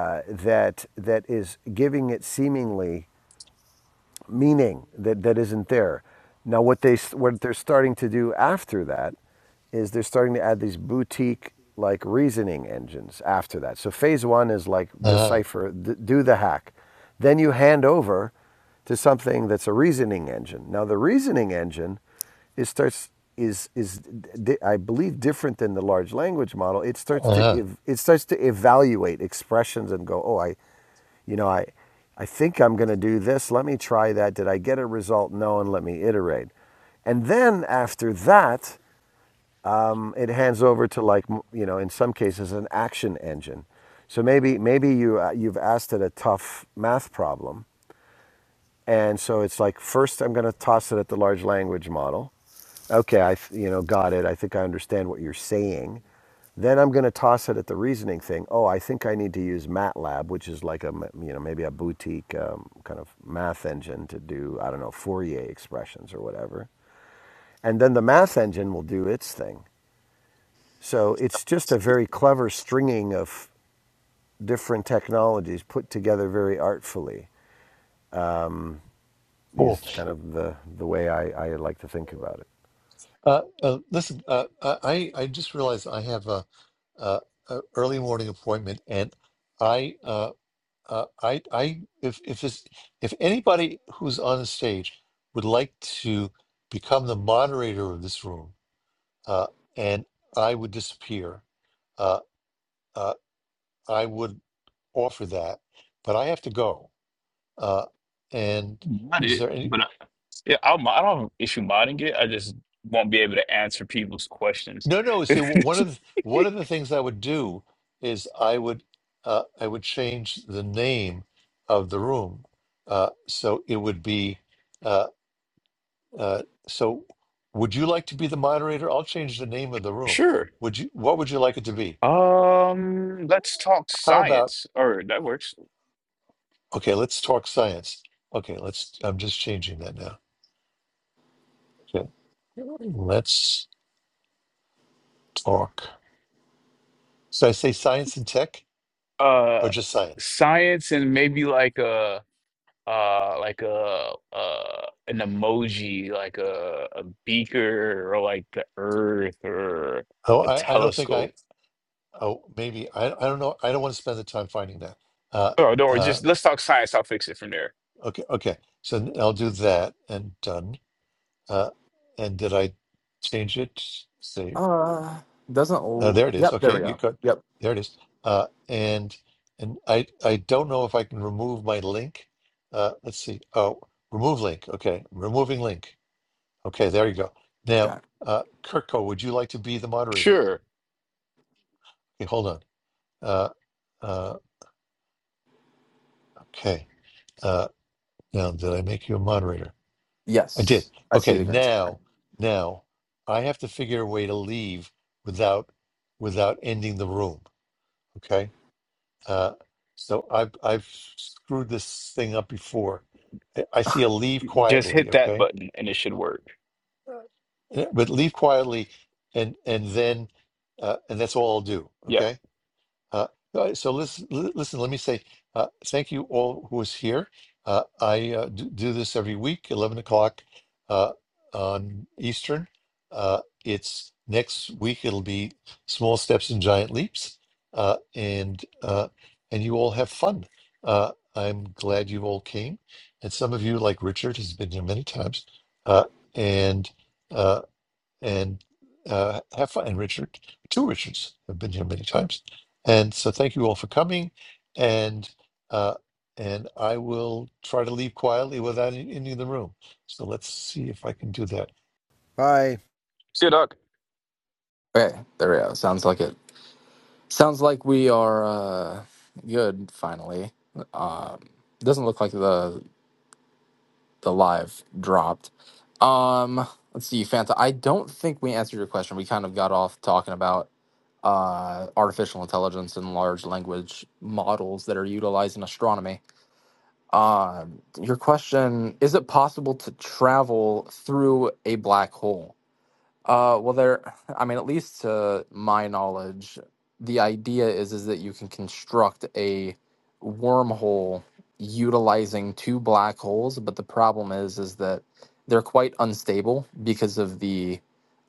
[SPEAKER 4] uh, that that is giving it seemingly meaning that, that isn't there. Now, what they what they're starting to do after that is they're starting to add these boutique like reasoning engines after that. So phase one is like
[SPEAKER 1] Uh
[SPEAKER 4] decipher, d- do the hack. Then you hand over to something that's a reasoning engine. Now, the reasoning engine is starts is is di- I believe different than the large language model. It
[SPEAKER 1] huh.
[SPEAKER 4] starts
[SPEAKER 1] Uh
[SPEAKER 4] to
[SPEAKER 1] huh.
[SPEAKER 4] ev- it starts to evaluate expressions and go, oh, I you know, I, I think I'm going to do this. Let me try that. Did I get a result? No, and let me iterate. And then after that, um, it hands over to like you know, in some cases, an action engine. So maybe maybe you uh, you've asked it a tough math problem, and so it's like first I'm going to toss it at the large language model. Okay, I you know got it. I think I understand what you're saying. Then I'm going to toss it at the reasoning thing. Oh, I think I need to use MATLAB, which is like a you know maybe a boutique um, kind of math engine to do I don't know Fourier expressions or whatever. And then the math engine will do its thing. So it's just a very clever stringing of different technologies put together very artfully Um,
[SPEAKER 1] Cool.
[SPEAKER 4] is kind of the, the way I, I like to think about it.
[SPEAKER 1] Uh, uh, listen, uh, I I I just realized I have a uh, uh, early morning appointment, and I, uh, uh, I, I, if if this, if anybody who's on the stage would like to become the moderator of this room, uh, and I would disappear, uh, uh, I would offer that, but I have to go. Uh, and
[SPEAKER 5] Mod
[SPEAKER 1] is
[SPEAKER 5] it,
[SPEAKER 1] there any?
[SPEAKER 5] but I, yeah, I, will I don't have an issue modding it. I just won't be able to answer people's questions.
[SPEAKER 1] No, no. So one of the,
[SPEAKER 5] Nah,
[SPEAKER 1] one of the things I would do is I would uh, I would change the name of the room, uh, so it would be. Uh, uh, so, would you like to be the moderator? I'll change the name of the room.
[SPEAKER 5] Sure.
[SPEAKER 1] Would you? What would you like it to be?
[SPEAKER 5] Um, let's talk
[SPEAKER 1] How about?
[SPEAKER 5] science, or that works.
[SPEAKER 1] Okay, let's talk science. Okay, let's. I'm just changing that now. Okay, let's talk. So I say science and tech, or
[SPEAKER 5] Uh,
[SPEAKER 1] just science.
[SPEAKER 5] science and maybe like uh uh like a uh an emoji like a, a beaker or like the earth or
[SPEAKER 1] Oh,
[SPEAKER 5] a
[SPEAKER 1] I, I don't think I.
[SPEAKER 5] telescope
[SPEAKER 1] Oh, maybe I, I don't know. I don't want to spend the time finding that. Uh,
[SPEAKER 5] or no, or
[SPEAKER 1] uh,
[SPEAKER 5] just let's talk science i'll fix it from there
[SPEAKER 1] okay, okay. So n- I'll do that and done. Uh, and did I change it? Save.
[SPEAKER 3] Uh doesn't
[SPEAKER 1] Uh,
[SPEAKER 3] l-
[SPEAKER 1] there it is.
[SPEAKER 3] Yep, there
[SPEAKER 1] Okay,
[SPEAKER 3] we
[SPEAKER 1] you
[SPEAKER 3] go.
[SPEAKER 1] got.
[SPEAKER 3] Yep.
[SPEAKER 1] There it is. Uh, and and I I don't know if I can remove my link. Uh, let's see. Oh, remove link. Okay, removing link. Okay, there you go. Now,
[SPEAKER 3] Got it.
[SPEAKER 1] uh, Kirko, would you like to be the moderator?
[SPEAKER 5] sure
[SPEAKER 1] Okay, hold on. Uh, uh, okay. Uh, now, did I make you a moderator? I did.
[SPEAKER 3] Yes. I see
[SPEAKER 1] Okay,
[SPEAKER 3] the green screen.
[SPEAKER 1] now, now I have to figure a way to leave without without ending the room. Okay, uh, so I've I've screwed this thing up before. I I see a leave
[SPEAKER 5] just
[SPEAKER 1] quietly.
[SPEAKER 5] hit that
[SPEAKER 1] Okay,
[SPEAKER 5] button and it should work
[SPEAKER 1] Uh, but leave quietly, and and then uh, and that's all I'll do.
[SPEAKER 5] yeah
[SPEAKER 1] Okay. Uh, uh, so listen, li- listen, let me say uh, thank you all who is here. Uh, I uh, do, do this every week, 11 o'clock uh, on Eastern. Uh, it's next week, it'll be Small Steps and Giant Leaps. Uh, and uh, and you all have fun. Uh, I'm glad you all came. And some of you, like Richard, has been here many times. Uh, and uh, and uh, have fun. And Richard, two Richards have been here many times, and so thank you all for coming. And uh, and I will try to leave quietly without any any in the room. So let's see if I can do that.
[SPEAKER 4] Bye.
[SPEAKER 5] see doc
[SPEAKER 3] Okay, there we go. Sounds like it. Sounds like we are uh good finally. Um doesn't look like the the live dropped. Um let's see, Fanta. I don't think we answered your question. We kind of got off talking about uh, artificial intelligence and large language models that are utilized in astronomy. Uh, your question is it possible to travel through a black hole? Uh, well, there, I mean, at least to my knowledge, the idea is is that you can construct a wormhole utilizing two black holes, but the problem is is that they're quite unstable because of the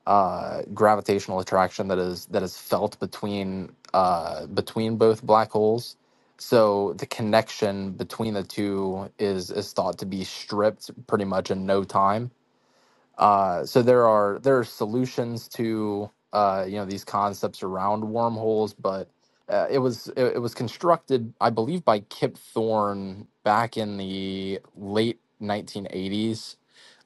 [SPEAKER 3] uh, gravitational attraction that is that is felt between uh, between both black holes. So the connection between the two is is thought to be stripped pretty much in no time. Uh, so there are there are solutions to uh, you know these concepts around wormholes, but uh, it was it, it was constructed, I believe, by Kip Thorne back in the late 1980s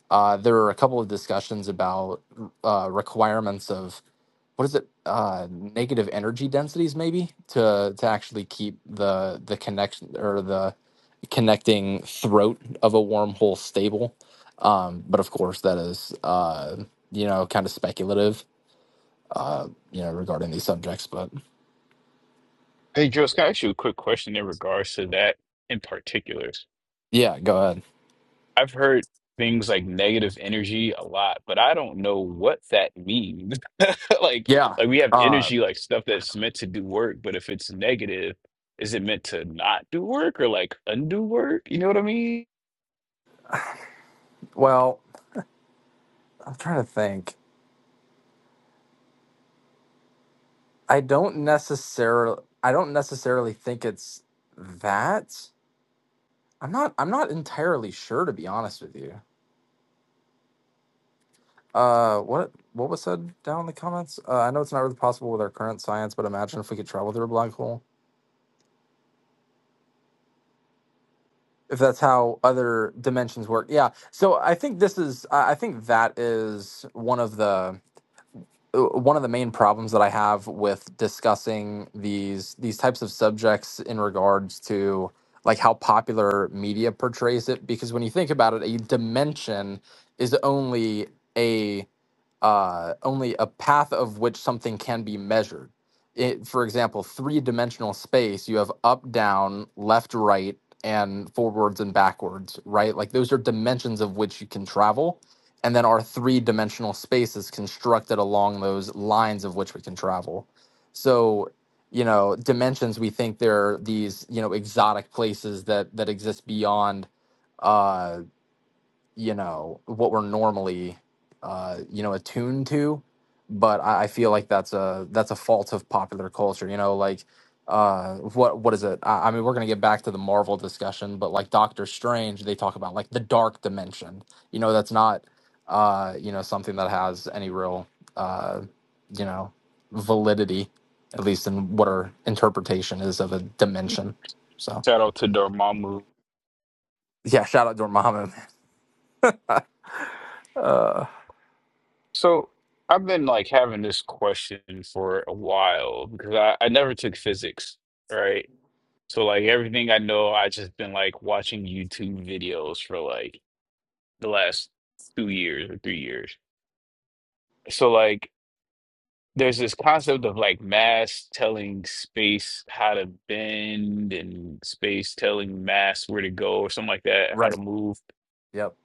[SPEAKER 3] uh, there were a couple of discussions about uh, requirements of what is it, uh, negative energy densities, maybe to to actually keep the the connection or the connecting throat of a wormhole stable. Um, but of course, that is uh, you know kind of speculative, uh, you know, regarding these subjects. But
[SPEAKER 5] hey Jules, can i ask you a quick question in regards to that in particular
[SPEAKER 3] yeah, go ahead.
[SPEAKER 5] I've heard things like negative energy a lot, but I don't know what that means. Like,
[SPEAKER 3] Yeah.
[SPEAKER 5] like we have
[SPEAKER 3] Uh,
[SPEAKER 5] energy, like stuff that's meant to do work, but if it's negative, is it meant to not do work or like undo work? You know what I mean?
[SPEAKER 3] well, I'm trying to think. I don't necessarily. I don't necessarily think it's that. I'm not. I'm not entirely sure, to be honest with you. Uh, what what was said down in the comments? Uh, I know it's not really possible with our current science, but imagine if we could travel through a black hole. If that's how other dimensions work, yeah. So I think this is. I I think that is one of the uh, one of the main problems that I have with discussing these these types of subjects in regards to like how popular media portrays it. Because when you think about it, a dimension is only a uh, only a path of which something can be measured. It, for example, three dimensional space, you have up, down, left, right, and forwards and backwards, right? Like those are dimensions of which you can travel. And then our three dimensional space is constructed along those lines of which we can travel. So, you know, dimensions, we think they're these, you know, exotic places that that exist beyond uh, you know what we're normally uh you know attuned to but I, I feel like that's a that's a fault of popular culture you know like uh what what is it I, I mean we're gonna get back to the marvel discussion but like doctor strange they talk about like the dark dimension you know that's not uh you know something that has any real uh you know validity at least in what our interpretation is of a dimension so
[SPEAKER 5] Shout out to Dormammu.
[SPEAKER 3] yeah shout out to muhammad uh
[SPEAKER 5] So I've been like having this question for a while because I, I never took physics, right? So like everything I know, I just been like watching YouTube videos for like the last two years or three years. So like there's this concept of like mass telling space how to bend and space telling mass where to go or something like that, how to
[SPEAKER 3] right
[SPEAKER 5] move.
[SPEAKER 3] yep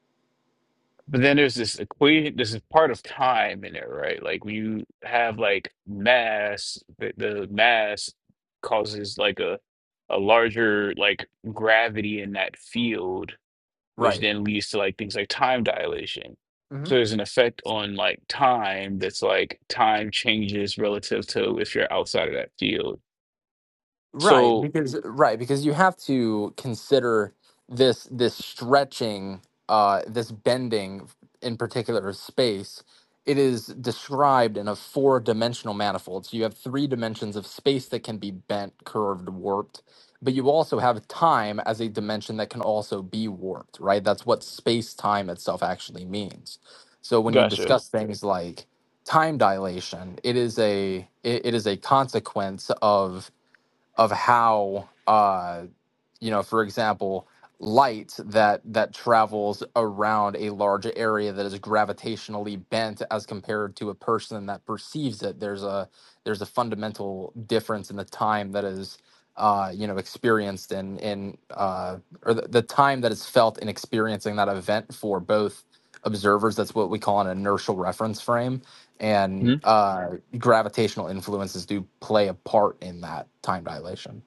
[SPEAKER 5] But then there's this equation, there's this part of time in there, right? Like when you have like mass, the, the mass causes like a a larger like gravity in that field which
[SPEAKER 3] right
[SPEAKER 5] then leads to like things like time dilation.
[SPEAKER 3] Mhm.
[SPEAKER 5] So there's an effect on like time that's like time changes relative to if you're outside of that field.
[SPEAKER 3] Right,
[SPEAKER 5] So
[SPEAKER 3] because right, because you have to consider this this stretching, uh, this bending in particular of space. It is described in a four-dimensional manifold. So you have three dimensions of space that can be bent, curved, warped, but you also have time as a dimension that can also be warped, right? That's what space-time itself actually means. So when you
[SPEAKER 5] gotcha.
[SPEAKER 3] discuss things like time dilation, it is a it it is a consequence of of how uh, you know for example light that that travels around a large area that is gravitationally bent as compared to a person that perceives it there's a there's a fundamental difference in the time that is uh you know experienced in in uh or the, the time that is felt in experiencing that event for both observers that's what we call an inertial reference frame and
[SPEAKER 5] Mhm.
[SPEAKER 3] uh gravitational influences do play a part in that time dilation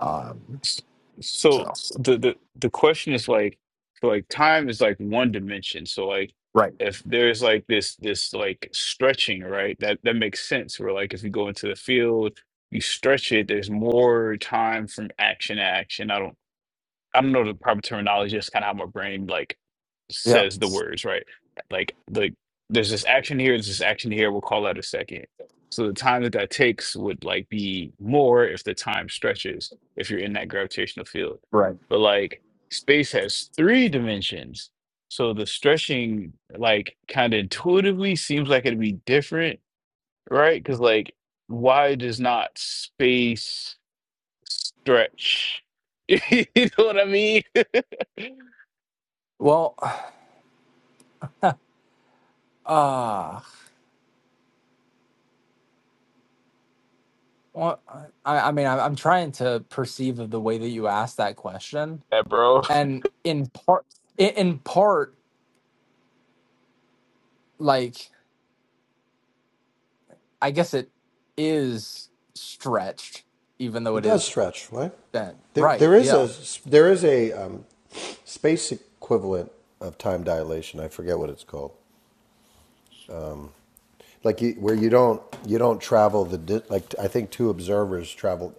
[SPEAKER 3] um
[SPEAKER 5] S- So
[SPEAKER 3] so
[SPEAKER 5] the the the question is like so like time is like one dimension. So like
[SPEAKER 3] Right.
[SPEAKER 5] if there's like this this like stretching, right? That that makes sense. Where like if you go into the field, you stretch it, there's more time from action to action. I don't I don't know the proper terminology, just kind of how my brain like
[SPEAKER 3] Yeah.
[SPEAKER 5] says the words, right? Like like there's this action here, there's this action here, we'll call that a second. So the time that that takes would like be more if the time stretches, if you're in that gravitational field.
[SPEAKER 3] Right.
[SPEAKER 5] But like space has three dimensions. So the stretching like kind of intuitively seems like it'd be different, right? Because like why does not space stretch? you know what I mean? Yeah,
[SPEAKER 3] Well, uh, well, I, I mean, I, I'm trying to perceive of the way that you asked that question,
[SPEAKER 5] bro.
[SPEAKER 3] and in part, in, in part, like I guess it is stretched, even though
[SPEAKER 4] It
[SPEAKER 3] it is
[SPEAKER 4] does stretch, right?
[SPEAKER 3] bent.
[SPEAKER 4] There, there
[SPEAKER 3] Right?
[SPEAKER 4] is
[SPEAKER 3] Yeah.
[SPEAKER 4] a there is a um, space equivalent of time dilation. I forget what it's called. Like you, where you don't you don't travel the di- like I think two observers travel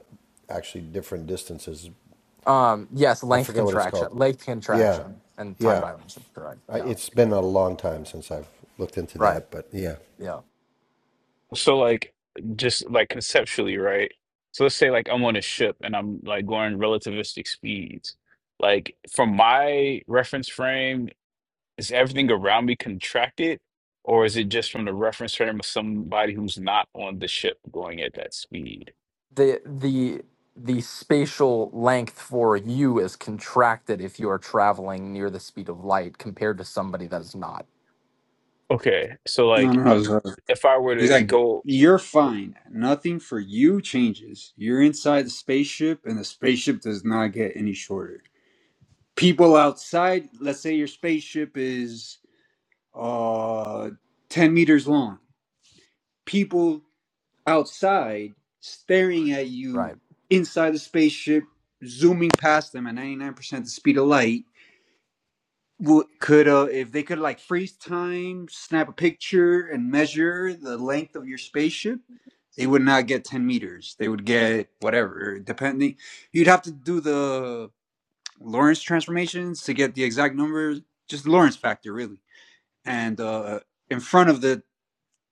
[SPEAKER 4] actually different distances.
[SPEAKER 3] Um. Yes.
[SPEAKER 4] I
[SPEAKER 3] Length
[SPEAKER 4] forget what it's
[SPEAKER 3] contraction.
[SPEAKER 4] called.
[SPEAKER 3] Length
[SPEAKER 4] Yeah,
[SPEAKER 3] contraction and time
[SPEAKER 4] yeah.
[SPEAKER 3] dilation. Correct.
[SPEAKER 4] I,
[SPEAKER 3] Yeah.
[SPEAKER 4] it's been a long time since I've looked into
[SPEAKER 3] Right.
[SPEAKER 4] that, but yeah.
[SPEAKER 3] Yeah.
[SPEAKER 5] So like just like conceptually, right? So let's say like I'm on a ship and I'm like going relativistic speeds. Like from my reference frame, is everything around me contracted, or is it just from the reference frame of somebody who's not on the ship going at that speed?
[SPEAKER 3] the the the spatial length for you is contracted if you are traveling near the speed of light compared to somebody that is not
[SPEAKER 5] Okay, so
[SPEAKER 6] No,
[SPEAKER 5] like
[SPEAKER 6] no, no. Zara.
[SPEAKER 5] if I were
[SPEAKER 6] He's
[SPEAKER 5] to
[SPEAKER 6] like,
[SPEAKER 5] go,
[SPEAKER 6] you're fine. Nothing for you changes. You're inside the spaceship, and the spaceship does not get any shorter. People outside, let's say your spaceship is uh, 10 meters long. People outside staring at you
[SPEAKER 3] right
[SPEAKER 6] inside the spaceship, zooming past them at 99% the speed of light would could uh, if they could like freeze time, snap a picture, and measure the length of your spaceship, they would not get ten meters. They would get whatever, depending. You'd have to do the Lorentz transformations to get the exact number, just the Lorentz factor, really. And uh, in front of the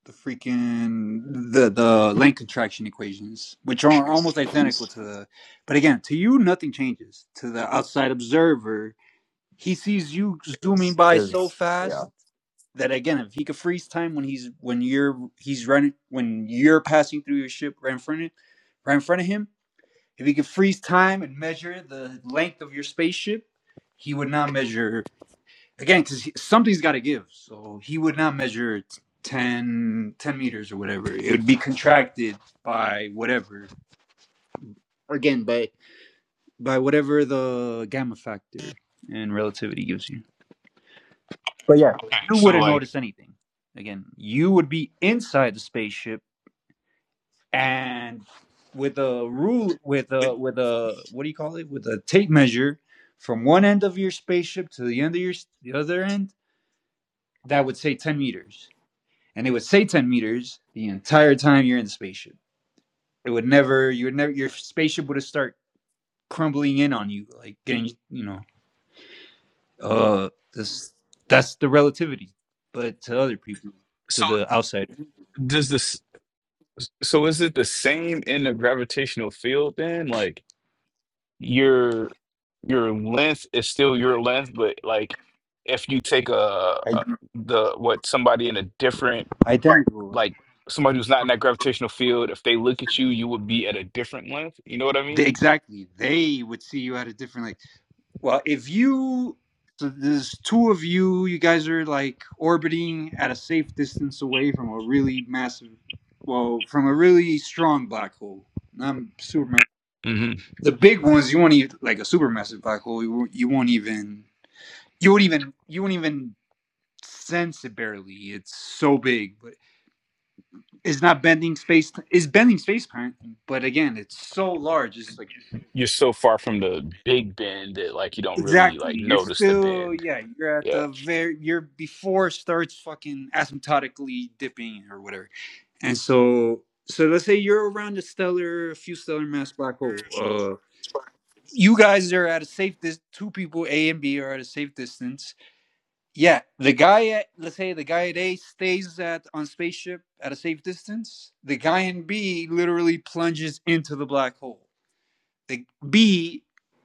[SPEAKER 6] the freaking the the length contraction equations, which are almost identical to the. But again, to you, nothing changes. To the outside observer, he sees you zooming by so
[SPEAKER 3] is yeah
[SPEAKER 6] fast that again, if he could freeze time when he's when you're he's running when you're passing through your ship right in front of right in front of him, if he could freeze time and measure the length of your spaceship, he would not measure again because something's got to give. So he would not measure. 10 10 meters or whatever it would be contracted by whatever again by by whatever the gamma factor in relativity gives you Yeah.
[SPEAKER 5] okay,
[SPEAKER 6] You
[SPEAKER 5] so
[SPEAKER 6] wouldn't
[SPEAKER 5] like
[SPEAKER 6] notice anything. Again, you would be inside the spaceship and with a rule with a with a what do you call it? With a tape measure from one end of your spaceship to the end of your the other end, that would say 10 meters. And it would say 10 meters the entire time you're in the spaceship. It would never you would never your spaceship would start crumbling in on you like getting you know uh this that's the relativity but to other people to
[SPEAKER 5] so
[SPEAKER 6] the outsider
[SPEAKER 5] does this so is it the same in the gravitational field then? Like your your length is still your length, but like if you take a,
[SPEAKER 6] I
[SPEAKER 5] a the what somebody in a different
[SPEAKER 6] I Right. thank God.
[SPEAKER 5] like somebody who's not in that gravitational field, if they look at you, you would be at a different length. You know what I
[SPEAKER 6] They,
[SPEAKER 5] mean?
[SPEAKER 6] exactly. They would see you at a different like. Well, if you so there's two of you, you guys are like orbiting at a safe distance away from a really massive, well, from a really strong black hole. I'm Superman.
[SPEAKER 5] hmm
[SPEAKER 6] The big ones, you won't even like a supermassive black hole. You won't, you won't even you won't even you won't even sense it barely. It's so big, but it's not bending space. It's bending space time, but again, it's so large. It's like
[SPEAKER 5] You're so far from the big bend that like you don't really
[SPEAKER 6] Exactly.
[SPEAKER 5] like
[SPEAKER 6] You're
[SPEAKER 5] notice the
[SPEAKER 6] still
[SPEAKER 5] bend.
[SPEAKER 6] yeah, you're at
[SPEAKER 5] Yeah.
[SPEAKER 6] the very you're before it starts fucking asymptotically dipping or whatever. And so so let's say you're around a stellar a few stellar mass black hole. Uh you guys are at a safe distance. two people A and B are at a safe distance. Yeah. The guy at let's say the guy at A stays at on spaceship at a safe distance. The guy in B literally plunges into the black hole. Like B,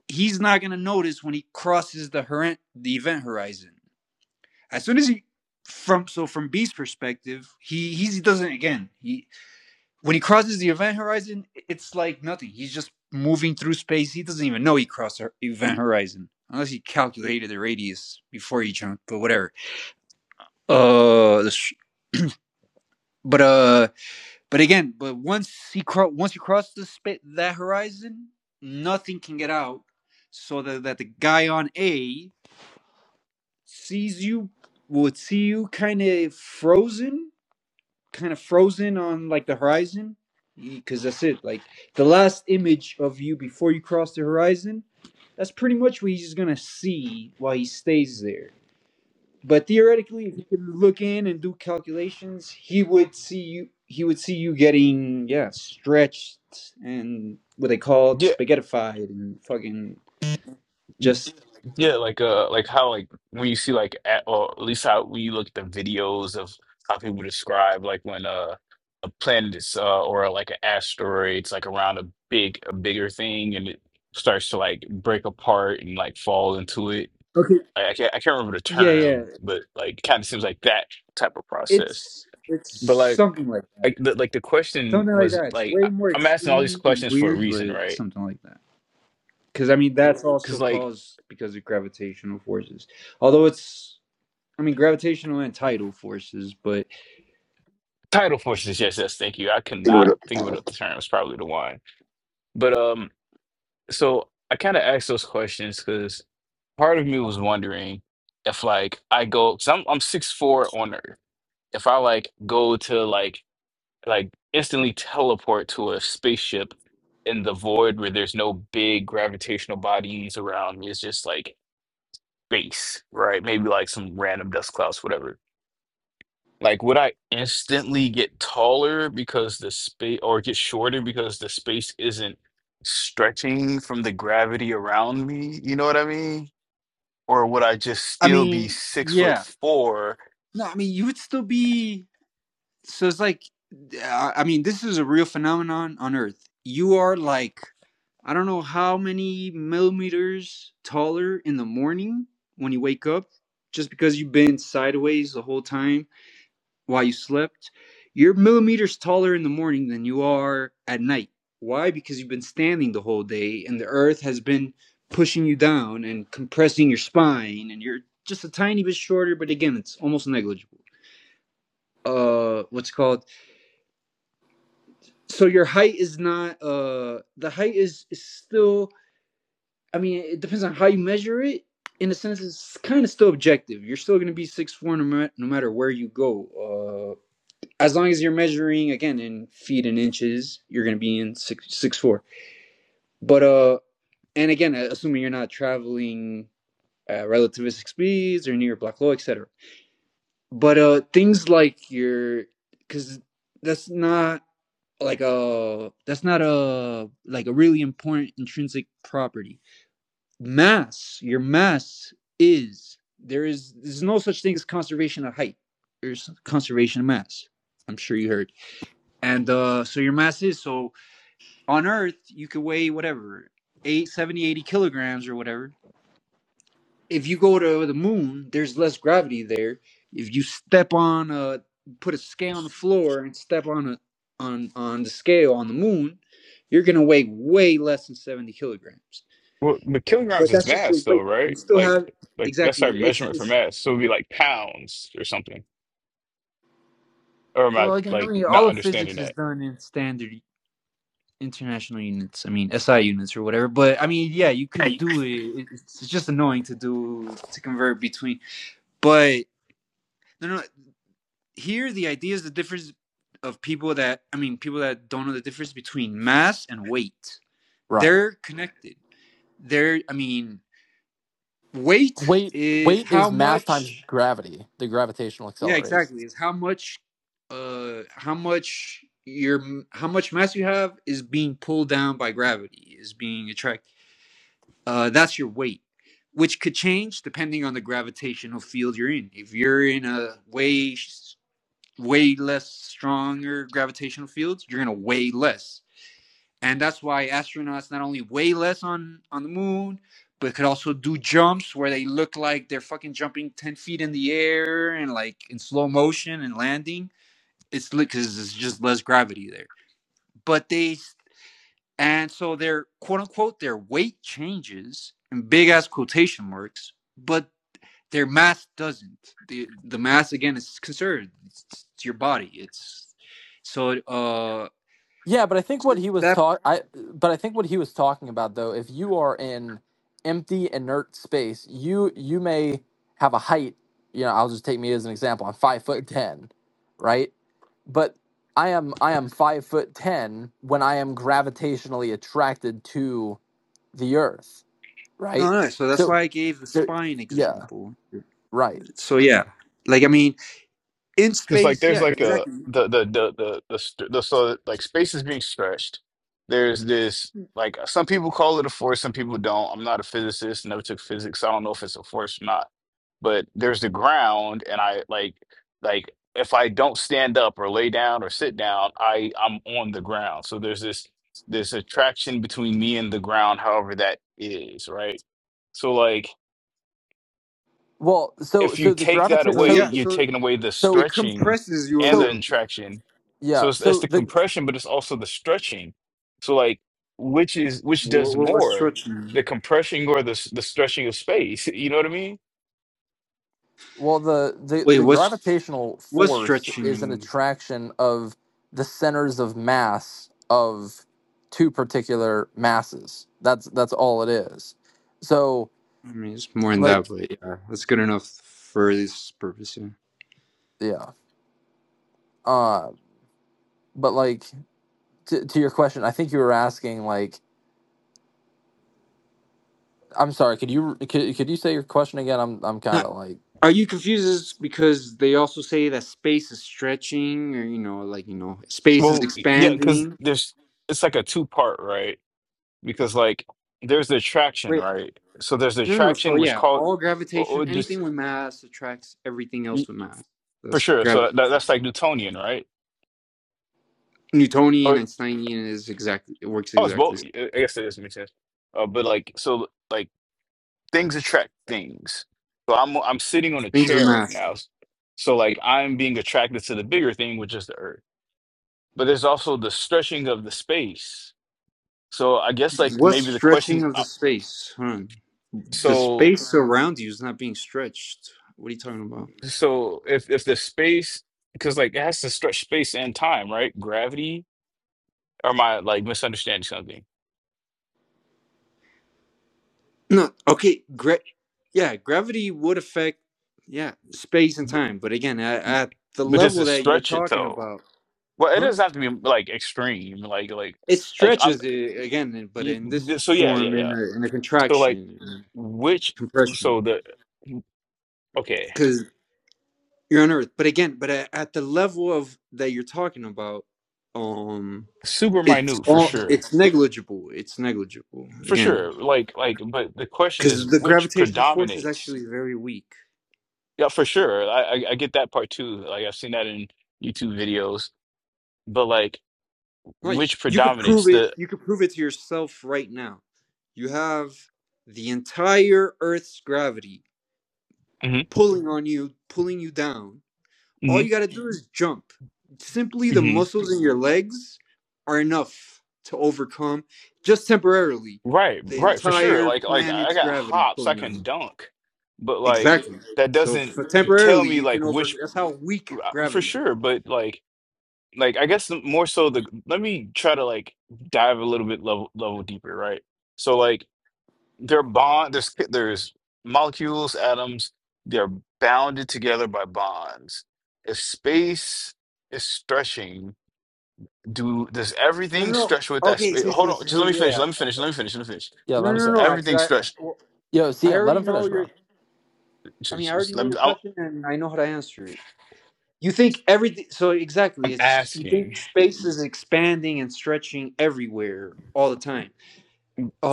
[SPEAKER 6] he's not gonna notice when he crosses the hor- the event horizon. As soon as he from so from B's perspective, he he doesn't again. He when he crosses the event horizon, it's like nothing. He's just moving through space. He doesn't even know he crossed the event horizon unless he calculated the radius before he jumped. But whatever. Uh, but uh, But again, but once he cro- once you cross the spa- that horizon, nothing can get out. So that, that the guy on A sees you would see you kind of frozen, kind of frozen on like the horizon, because that's it. Like the last image of you before you cross the horizon, that's pretty much what he's gonna see while he stays there. But theoretically, if you could look in and do calculations, he would see you. He would see you getting yeah stretched and what they call
[SPEAKER 5] Yeah.
[SPEAKER 6] spaghettified and fucking just
[SPEAKER 5] Yeah, like uh, like how like when you see like at, or at least how when you look at the videos of how people describe like when uh, a planet is uh, or like an asteroid's like around a big a bigger thing and it starts to like break apart and like fall into it.
[SPEAKER 6] okay.
[SPEAKER 5] I, I can't I can't remember the
[SPEAKER 6] Yeah, yeah.
[SPEAKER 5] term, but like kind of seems like that type of process.
[SPEAKER 6] It's it's
[SPEAKER 5] But like
[SPEAKER 6] something like that.
[SPEAKER 5] I, the, like the question
[SPEAKER 6] Something like
[SPEAKER 5] was
[SPEAKER 6] that. It's
[SPEAKER 5] like
[SPEAKER 6] way
[SPEAKER 5] I-
[SPEAKER 6] more
[SPEAKER 5] I'm asking all these
[SPEAKER 6] extreme and
[SPEAKER 5] questions for a
[SPEAKER 6] weird,
[SPEAKER 5] reason,
[SPEAKER 6] but
[SPEAKER 5] right?
[SPEAKER 6] something like that. Because I mean, that's also
[SPEAKER 5] Because like.
[SPEAKER 6] caused because of gravitational forces. Although it's, I mean, gravitational and tidal forces, but
[SPEAKER 5] Tidal forces, yes, yes, thank you. I could not think of it at the term. It's probably the one. But um, so I kind of asked those questions because part of me was wondering if like I go, cause I'm I'm six four on Earth. If I like go to like like instantly teleport to a spaceship in the void where there's no big gravitational bodies around me, it's just like space, right? Maybe like some random dust clouds, whatever Like, would I instantly get taller because the space, or get shorter because the space isn't stretching from the gravity around me? You know what I mean? Or would I just
[SPEAKER 6] I
[SPEAKER 5] still be
[SPEAKER 6] mean,
[SPEAKER 5] six foot
[SPEAKER 6] yeah.
[SPEAKER 5] four?
[SPEAKER 6] No, I mean, you would still be so it's like I mean, this is a real phenomenon on Earth. You are like I don't know how many millimeters taller in the morning when you wake up, just because you've been sideways the whole time while you slept. You're millimeters taller in the morning than you are at night. Why? Because you've been standing the whole day and the earth has been pushing you down and compressing your spine and you're just a tiny bit shorter, but again, it's almost negligible. Uh what's it called so your height is not uh the height is, is still I mean it depends on how you measure it. In a sense, it's kind of still objective. You're still going to be six foot four no, ma- no matter where you go. Uh, as long as you're measuring again in feet and inches, you're going to be in six six four. But uh, and again, assuming you're not traveling at relativistic speeds or near black hole, etc. But uh, things like your because that's not like a that's not a like a really important intrinsic property mass your mass is there is there's no such thing as conservation of height there's conservation of mass i'm sure you heard and uh so your mass is so on earth you could weigh whatever 8 70 80 kilograms or whatever if you go to the moon, there's less gravity there. If you step on a put a scale on the floor and step on a on on the scale on the moon, you're gonna weigh way less than seventy kilograms.
[SPEAKER 5] Well, but
[SPEAKER 6] But
[SPEAKER 5] kilograms is
[SPEAKER 6] that's just your
[SPEAKER 5] mass, though,
[SPEAKER 6] weight. You
[SPEAKER 5] right?
[SPEAKER 6] still
[SPEAKER 5] Like,
[SPEAKER 6] have
[SPEAKER 5] like that's
[SPEAKER 6] exactly.
[SPEAKER 5] our
[SPEAKER 6] It's
[SPEAKER 5] measurement for
[SPEAKER 6] it's
[SPEAKER 5] mass. So it'd be like pounds or something. Or am I
[SPEAKER 6] well again. I
[SPEAKER 5] like
[SPEAKER 6] mean, all
[SPEAKER 5] not
[SPEAKER 6] of physics
[SPEAKER 5] understanding
[SPEAKER 6] is done in standard international units. I mean, SI units or whatever. But I mean, yeah, you could do it. It's it's just annoying to do to convert between, but. No, no. here the idea is the difference of people that I mean people that don't know the difference between mass and weight.
[SPEAKER 3] right
[SPEAKER 6] They're connected. They're I mean weight
[SPEAKER 3] weight
[SPEAKER 6] is
[SPEAKER 3] weight
[SPEAKER 6] how
[SPEAKER 3] is mass times
[SPEAKER 6] much
[SPEAKER 3] gravity the gravitational
[SPEAKER 6] yeah
[SPEAKER 3] acceleration
[SPEAKER 6] exactly is how much uh how much your how much mass you have is being pulled down by gravity is being attracted uh that's your weight which could change depending on the gravitational field you're in if you're in a way way less stronger gravitational fields, you're going to weigh less. And that's why astronauts not only weigh less on, on the moon, but could also do jumps where they look like they're fucking jumping 10 feet in the air and like in slow motion and landing. It's because it's just less gravity there. But they, and so their quote unquote, their weight changes in big ass quotation marks, but their mass doesn't. The the mass again is conserved. It's, it's your body. It's so uh
[SPEAKER 3] yeah but i think what he was
[SPEAKER 6] that
[SPEAKER 3] talk i but i think what he was talking about though if you are in empty inert space you you may have a height you know i'll just take me as an example i'm five foot ten right but I am I am five foot ten when I am gravitationally attracted to the Earth,
[SPEAKER 6] no
[SPEAKER 3] right?
[SPEAKER 6] no. So that's
[SPEAKER 3] So
[SPEAKER 6] why I gave the
[SPEAKER 3] so
[SPEAKER 6] spine
[SPEAKER 3] yeah,
[SPEAKER 6] example.
[SPEAKER 3] right.
[SPEAKER 6] So yeah, like I mean, in
[SPEAKER 5] because like
[SPEAKER 6] space,
[SPEAKER 5] there's
[SPEAKER 6] yeah,
[SPEAKER 5] like a
[SPEAKER 6] exactly.
[SPEAKER 5] the the the the the, st- the so like space is being stretched. There's this like some people call it a force, some people don't. I'm not a physicist, never took physics. so I don't know if it's a force or not. But there's the ground, and I like like if I don't stand up or lay down or sit down, I I'm on the ground. So there's this this attraction between me and the ground, however that is, right? So like
[SPEAKER 3] Well, so
[SPEAKER 5] if you
[SPEAKER 3] so the
[SPEAKER 5] take that
[SPEAKER 3] gravita
[SPEAKER 6] So
[SPEAKER 5] away,
[SPEAKER 3] so
[SPEAKER 6] yeah,
[SPEAKER 5] you're
[SPEAKER 6] so
[SPEAKER 5] taking away the
[SPEAKER 3] so
[SPEAKER 6] it
[SPEAKER 5] stretching
[SPEAKER 6] compresses you a
[SPEAKER 5] and the
[SPEAKER 3] so
[SPEAKER 6] little bit.
[SPEAKER 5] contraction.
[SPEAKER 3] yeah,
[SPEAKER 5] So it's it's
[SPEAKER 3] so
[SPEAKER 5] the
[SPEAKER 3] the
[SPEAKER 5] compression, but it's also the stretching. So like, which is which
[SPEAKER 6] What,
[SPEAKER 5] does
[SPEAKER 6] what, what's
[SPEAKER 5] more, the
[SPEAKER 6] stretching?
[SPEAKER 5] compression or the s- the stretching of space? You know what I mean?
[SPEAKER 3] well the the
[SPEAKER 6] Wait,
[SPEAKER 3] the
[SPEAKER 6] what's
[SPEAKER 3] gravitational
[SPEAKER 6] what's
[SPEAKER 3] force is an
[SPEAKER 6] stretching?
[SPEAKER 3] attraction of the centers of mass of two particular masses. That's that's all it is. So
[SPEAKER 6] I mean, it's more in that,
[SPEAKER 3] like
[SPEAKER 6] but yeah, that's good enough for this purpose.
[SPEAKER 3] yeah. Uh but like to, to your question, I think you were asking like I'm sorry, could you could, could you say your question again? I'm I'm
[SPEAKER 6] Yeah.
[SPEAKER 3] kind of like
[SPEAKER 6] Are you confused because they also say that space is stretching or you know like you know space is
[SPEAKER 5] Well, yeah, because
[SPEAKER 6] expanding?
[SPEAKER 5] there's it's like a two part, right? Because like there's the attraction,
[SPEAKER 6] Wait,
[SPEAKER 5] right? So there's the
[SPEAKER 6] no no, so
[SPEAKER 5] attraction which
[SPEAKER 6] yeah,
[SPEAKER 5] called
[SPEAKER 6] all
[SPEAKER 5] or,
[SPEAKER 6] gravitation,
[SPEAKER 5] or
[SPEAKER 6] anything
[SPEAKER 5] just
[SPEAKER 6] with mass attracts everything else
[SPEAKER 5] y-
[SPEAKER 6] with mass.
[SPEAKER 5] for
[SPEAKER 6] That's
[SPEAKER 5] sure. So
[SPEAKER 6] gravity.
[SPEAKER 5] that, that- that's like Newtonian, right?
[SPEAKER 6] Newtonian,
[SPEAKER 5] Or
[SPEAKER 6] Einsteinian is exactly it works
[SPEAKER 5] oh, it's
[SPEAKER 6] exactly.
[SPEAKER 5] both. I I guess it doesn't make sense. Uh, but like so like. things attract things. So I'm I'm sitting on a
[SPEAKER 6] Things with
[SPEAKER 5] chair right
[SPEAKER 6] mass.
[SPEAKER 5] now. So like I'm being attracted to the bigger thing, which is the earth. But there's also the stretching of the space. So I guess like
[SPEAKER 6] What's
[SPEAKER 5] maybe the
[SPEAKER 6] stretching
[SPEAKER 5] question
[SPEAKER 6] of the
[SPEAKER 5] uh,
[SPEAKER 6] space? Huh? The
[SPEAKER 5] so
[SPEAKER 6] space around you is not being stretched. What are you talking about?
[SPEAKER 5] so if if the space because like it has to stretch space and time, right? Gravity or am I like misunderstanding something?
[SPEAKER 6] No, okay, great. Yeah, gravity would affect, yeah, space and
[SPEAKER 5] But,
[SPEAKER 6] time. But again, at, at the
[SPEAKER 5] but does
[SPEAKER 6] level
[SPEAKER 5] it
[SPEAKER 6] that you're
[SPEAKER 5] stretch it
[SPEAKER 6] talking
[SPEAKER 5] though?
[SPEAKER 6] about,
[SPEAKER 5] Well, it
[SPEAKER 6] huh?
[SPEAKER 5] doesn't have to be like extreme, like like
[SPEAKER 6] It
[SPEAKER 5] like I'm
[SPEAKER 6] stretches it, again, uh, but
[SPEAKER 5] y-
[SPEAKER 6] in this
[SPEAKER 5] y- so yeah, yeah,
[SPEAKER 6] form, in
[SPEAKER 5] yeah.
[SPEAKER 6] a, in a
[SPEAKER 5] So like
[SPEAKER 6] contraction, in a
[SPEAKER 5] Which
[SPEAKER 6] compression,
[SPEAKER 5] so the okay,
[SPEAKER 6] because you're on Earth. But again, but at, at the level of that you're talking about, um,
[SPEAKER 5] super
[SPEAKER 6] it's
[SPEAKER 5] minute for
[SPEAKER 6] all
[SPEAKER 5] sure.
[SPEAKER 6] it's negligible. It's negligible
[SPEAKER 5] For
[SPEAKER 6] again,
[SPEAKER 5] sure. Like like but the question is
[SPEAKER 6] because the
[SPEAKER 5] which
[SPEAKER 6] gravitational force is
[SPEAKER 5] predominates?
[SPEAKER 6] actually very weak.
[SPEAKER 5] Yeah, for sure. I I, I get that part too. Like I've seen that in YouTube videos. But like
[SPEAKER 6] Right, you,
[SPEAKER 5] which
[SPEAKER 6] you could prove
[SPEAKER 5] predominates?
[SPEAKER 6] it.
[SPEAKER 5] The
[SPEAKER 6] You could prove it to yourself right now. You have the entire Earth's gravity
[SPEAKER 5] Mhm,
[SPEAKER 6] pulling on you, pulling you down. All you
[SPEAKER 5] mhm,
[SPEAKER 6] got to do is jump. Simply the
[SPEAKER 5] mhm.
[SPEAKER 6] muscles in your legs are enough to overcome, just temporarily,
[SPEAKER 5] Right,
[SPEAKER 6] the
[SPEAKER 5] right, for sure.
[SPEAKER 6] entire
[SPEAKER 5] Like like I
[SPEAKER 6] planet's
[SPEAKER 5] got
[SPEAKER 6] gravity
[SPEAKER 5] hops, I
[SPEAKER 6] pulling on you.
[SPEAKER 5] can dunk. But like
[SPEAKER 6] Exactly.
[SPEAKER 5] that
[SPEAKER 6] So
[SPEAKER 5] doesn't
[SPEAKER 6] for
[SPEAKER 5] tell
[SPEAKER 6] temporarily,
[SPEAKER 5] me
[SPEAKER 6] you can
[SPEAKER 5] like
[SPEAKER 6] over.
[SPEAKER 5] which
[SPEAKER 6] That's how weak
[SPEAKER 5] uh, for
[SPEAKER 6] gravity. Is.
[SPEAKER 5] sure, but like like I guess the- more so the let me try to like dive a little bit level level deeper, right? So like they're bond there's c- there's molecules, atoms, they're bounded together by bonds. If space is stretching, do does
[SPEAKER 6] No, no,
[SPEAKER 5] everything
[SPEAKER 6] no.
[SPEAKER 5] stretch with that
[SPEAKER 6] Okay,
[SPEAKER 5] space?
[SPEAKER 6] so,
[SPEAKER 5] Hold
[SPEAKER 6] so-
[SPEAKER 5] on,
[SPEAKER 6] so- so,
[SPEAKER 5] just let me finish.
[SPEAKER 6] yeah. I got you, I got
[SPEAKER 5] Let me finish.
[SPEAKER 6] you.
[SPEAKER 5] Let me finish. Let me finish.
[SPEAKER 3] yeah,
[SPEAKER 6] No,
[SPEAKER 3] let him
[SPEAKER 6] no,
[SPEAKER 5] Does
[SPEAKER 6] no. I,
[SPEAKER 3] finish.
[SPEAKER 6] 'cause
[SPEAKER 5] everything
[SPEAKER 6] I,
[SPEAKER 5] stretch?
[SPEAKER 6] I-
[SPEAKER 3] Yo,
[SPEAKER 6] I
[SPEAKER 3] CM, let
[SPEAKER 6] already
[SPEAKER 3] him
[SPEAKER 6] know
[SPEAKER 3] finish,
[SPEAKER 6] your.
[SPEAKER 3] bro.
[SPEAKER 6] I mean, I
[SPEAKER 5] just-
[SPEAKER 6] already
[SPEAKER 5] just
[SPEAKER 6] know
[SPEAKER 5] Let me,
[SPEAKER 6] your
[SPEAKER 5] I'm,
[SPEAKER 6] question, and I know how to answer it. You think everything. So exactly,
[SPEAKER 5] I'm
[SPEAKER 6] it's you
[SPEAKER 5] asking
[SPEAKER 6] think space is expanding and stretching everywhere all the time.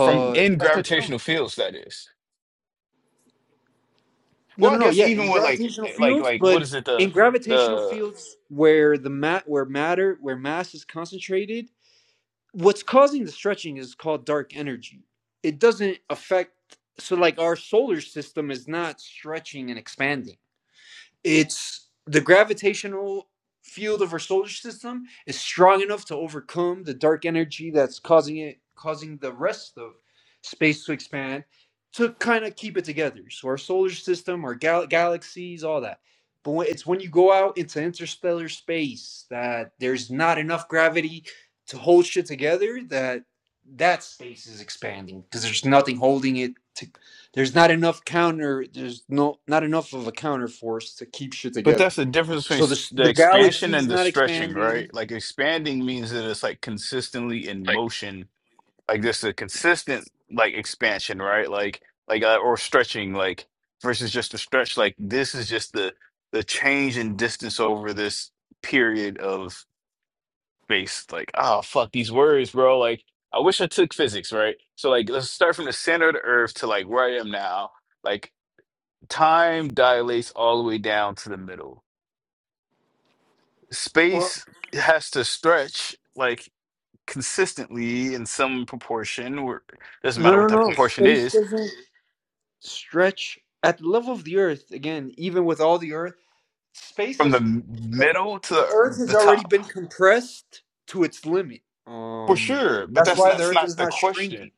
[SPEAKER 5] from in
[SPEAKER 6] that's not true.
[SPEAKER 5] gravitational fields that is.
[SPEAKER 6] No,
[SPEAKER 5] Well,
[SPEAKER 6] no,
[SPEAKER 5] I
[SPEAKER 6] no.
[SPEAKER 5] guess
[SPEAKER 6] Yeah, in
[SPEAKER 5] even with like
[SPEAKER 6] gravitational
[SPEAKER 5] eh, like
[SPEAKER 6] fields,
[SPEAKER 5] like what
[SPEAKER 6] but
[SPEAKER 5] is it
[SPEAKER 6] in
[SPEAKER 5] the
[SPEAKER 6] gravitational
[SPEAKER 5] the
[SPEAKER 6] fields where the mat where matter where mass is concentrated, what's causing the stretching is called dark energy. It doesn't affect. So, like our solar system is not stretching and expanding It's the gravitational field of our solar system is strong enough to overcome the dark energy that's causing it causing the rest of space to expand to kind of keep it together. So our solar system, our gal- galaxies, all that. But when, it's when you go out into interstellar space that there's not enough gravity to hold shit together that that space is expanding because there's nothing holding it to, there's not enough counter there's no not enough of a counter force to keep shit
[SPEAKER 5] But
[SPEAKER 6] together
[SPEAKER 5] that's the difference between
[SPEAKER 6] so the
[SPEAKER 5] s-
[SPEAKER 6] s-
[SPEAKER 5] the
[SPEAKER 6] the
[SPEAKER 5] expansion
[SPEAKER 6] galaxy's
[SPEAKER 5] and the
[SPEAKER 6] not
[SPEAKER 5] stretching,
[SPEAKER 6] expanding
[SPEAKER 5] right? Like expanding means that it's like consistently in
[SPEAKER 6] Like,
[SPEAKER 5] motion, like this a consistent like expansion, right? Like like uh, or stretching, like versus just a stretch. Like this is just the the change in distance over this period of space. Like oh fuck these words, bro. Like I wish I took physics, right? So like let's start from the center of the earth to like where I am now. Like time dilates all the way down to the middle
[SPEAKER 6] well
[SPEAKER 5] space has to stretch like consistently in some proportion where doesn't
[SPEAKER 6] no
[SPEAKER 5] matter
[SPEAKER 6] no
[SPEAKER 5] what that
[SPEAKER 6] no
[SPEAKER 5] proportion
[SPEAKER 6] space
[SPEAKER 5] is
[SPEAKER 6] doesn't stretch at the level of the earth again even with all the earth space
[SPEAKER 5] from the
[SPEAKER 6] has
[SPEAKER 5] m-
[SPEAKER 6] the,
[SPEAKER 5] middle to
[SPEAKER 6] the
[SPEAKER 5] the,
[SPEAKER 6] earth has
[SPEAKER 5] the
[SPEAKER 6] already
[SPEAKER 5] top
[SPEAKER 6] been compressed to its limit
[SPEAKER 5] for
[SPEAKER 6] um
[SPEAKER 5] sure but
[SPEAKER 6] that's
[SPEAKER 5] that's
[SPEAKER 6] why the
[SPEAKER 5] that's
[SPEAKER 6] earth
[SPEAKER 5] not
[SPEAKER 6] is
[SPEAKER 5] the
[SPEAKER 6] not shrinking
[SPEAKER 5] question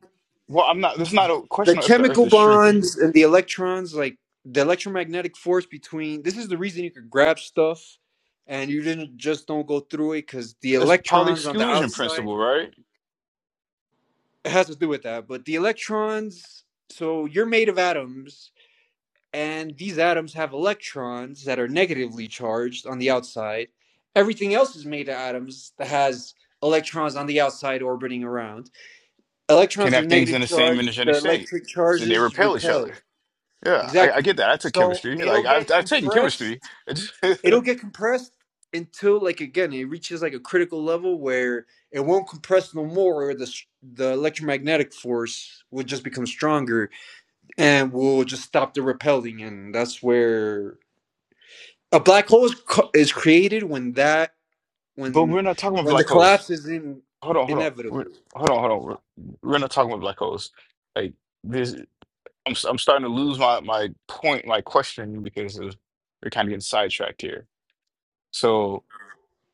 [SPEAKER 5] well i'm not that's not a
[SPEAKER 6] the
[SPEAKER 5] question of if the earth
[SPEAKER 6] chemical
[SPEAKER 5] is shrinking
[SPEAKER 6] bonds and the electrons, like the electromagnetic force between. This is the reason you could grab stuff, and you didn't just don't go through it because the
[SPEAKER 5] that's Pauli
[SPEAKER 6] electrons on the
[SPEAKER 5] exclusion
[SPEAKER 6] outside
[SPEAKER 5] principle right
[SPEAKER 6] it has to do with that. But the electrons, so you're made of atoms, and these atoms have electrons that are negatively charged on the outside. Everything else is made of atoms that has electrons on the outside orbiting around.
[SPEAKER 5] can
[SPEAKER 6] Electrons are
[SPEAKER 5] have things
[SPEAKER 6] negative
[SPEAKER 5] in the same
[SPEAKER 6] charged.
[SPEAKER 5] energetic
[SPEAKER 6] The
[SPEAKER 5] state
[SPEAKER 6] electric
[SPEAKER 5] so they
[SPEAKER 6] charges
[SPEAKER 5] repel each
[SPEAKER 6] repel.
[SPEAKER 5] other yeah i, I
[SPEAKER 6] Exactly.
[SPEAKER 5] get that i took
[SPEAKER 6] So
[SPEAKER 5] chemistry like
[SPEAKER 6] it'll
[SPEAKER 5] i've,
[SPEAKER 6] get
[SPEAKER 5] I've taken chemistry
[SPEAKER 6] compressed. It'll
[SPEAKER 5] but
[SPEAKER 6] get compressed until like again it reaches like a critical level where it won't compress no more or the the electromagnetic force will just become stronger and will just stop the repelling and that's where a black hole is, co- is created when that when
[SPEAKER 5] we're not talking about
[SPEAKER 6] when the
[SPEAKER 5] black holes
[SPEAKER 6] collapse is in,
[SPEAKER 5] hold on, hold on, we're,
[SPEAKER 6] inevitable
[SPEAKER 5] hold on, hold on. We're, we're not talking about black holes. Like this, I'm s- I'm starting to lose my my point, my question because of, we're kind of getting sidetracked here. So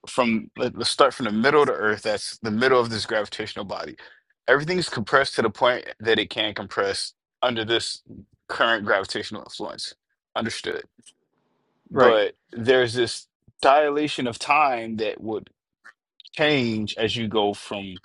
[SPEAKER 5] from let, let's start from the middle of the Earth. That's the middle of this gravitational body. Everything's compressed to the point that it can compress under this current gravitational influence. Understood.
[SPEAKER 6] right
[SPEAKER 5] But there's this dilation of time that would change as you go from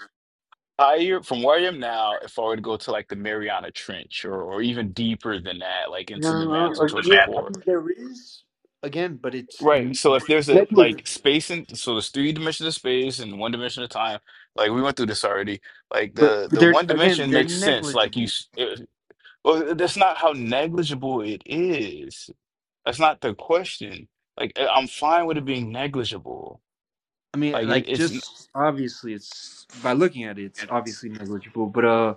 [SPEAKER 5] higher from where I am now, if I were to go to like the Mariana Trench or or even deeper than that, like into
[SPEAKER 6] no,
[SPEAKER 5] the
[SPEAKER 6] no, no.
[SPEAKER 5] mantle
[SPEAKER 6] or-
[SPEAKER 5] towards the
[SPEAKER 6] yeah, I mean,
[SPEAKER 5] core.
[SPEAKER 6] there is again but it's
[SPEAKER 5] Right.
[SPEAKER 6] n-
[SPEAKER 5] So if there's a
[SPEAKER 6] negligible.
[SPEAKER 5] like space and so there's three dimensions of space and one dimension of time. Like we went through this already. Like
[SPEAKER 6] but
[SPEAKER 5] the
[SPEAKER 6] but
[SPEAKER 5] the
[SPEAKER 6] they're
[SPEAKER 5] one
[SPEAKER 6] again
[SPEAKER 5] dimension
[SPEAKER 6] they're
[SPEAKER 5] makes sense. Like you,
[SPEAKER 6] negligible
[SPEAKER 5] s- it, well, that's not how negligible it is. That's not the question. Like I- I'm fine with it being negligible.
[SPEAKER 6] i mean
[SPEAKER 5] Like it,
[SPEAKER 6] like
[SPEAKER 5] it's n-
[SPEAKER 6] just obviously it's by looking at it it's obviously negligible but uh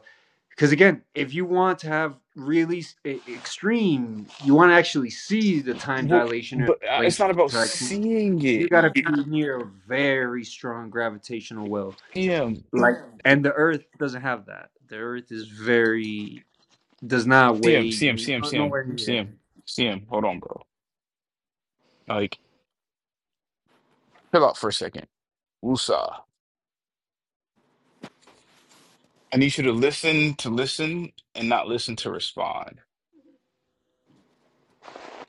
[SPEAKER 6] because again if you want to have really e- extreme you want to actually see the time
[SPEAKER 5] well,
[SPEAKER 6] dilation or
[SPEAKER 5] but uh, it's
[SPEAKER 6] length
[SPEAKER 5] not about
[SPEAKER 6] contraction
[SPEAKER 5] seeing
[SPEAKER 6] you
[SPEAKER 5] it.
[SPEAKER 6] got to be near a very strong gravitational well
[SPEAKER 5] Yeah.
[SPEAKER 6] like and the earth doesn't have that the earth is very does not
[SPEAKER 5] See him,
[SPEAKER 6] weigh
[SPEAKER 5] see him,
[SPEAKER 6] n-
[SPEAKER 5] see him, see him,
[SPEAKER 6] nowhere near
[SPEAKER 5] see him,
[SPEAKER 6] anything.
[SPEAKER 5] see him. Hold on, bro. Like, chill out for a second. Wusa. I need you to listen to listen and not listen to respond.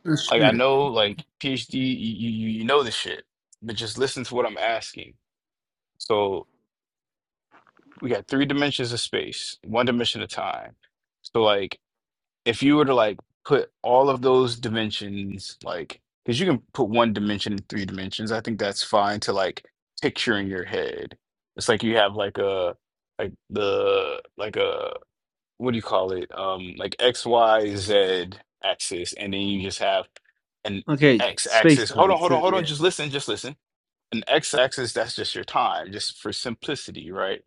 [SPEAKER 6] Uh,
[SPEAKER 5] Like, I
[SPEAKER 6] sure
[SPEAKER 5] know, like, PhD, you, you, you know this shit, but just listen to what I'm asking. So, we got three dimensions of space, one dimension of time. So, like, if you were to like put all of those dimensions like because you can put one dimension in three dimensions i think that's fine to like picture in your head it's like you have like a like the like a what do you call it um like x y z axis and then you just have an
[SPEAKER 6] okay
[SPEAKER 5] x
[SPEAKER 6] space
[SPEAKER 5] axis hold
[SPEAKER 6] time
[SPEAKER 5] on hold on
[SPEAKER 6] sure
[SPEAKER 5] hold on
[SPEAKER 6] Yeah.
[SPEAKER 5] just listen just listen an x axis that's just your time just for simplicity right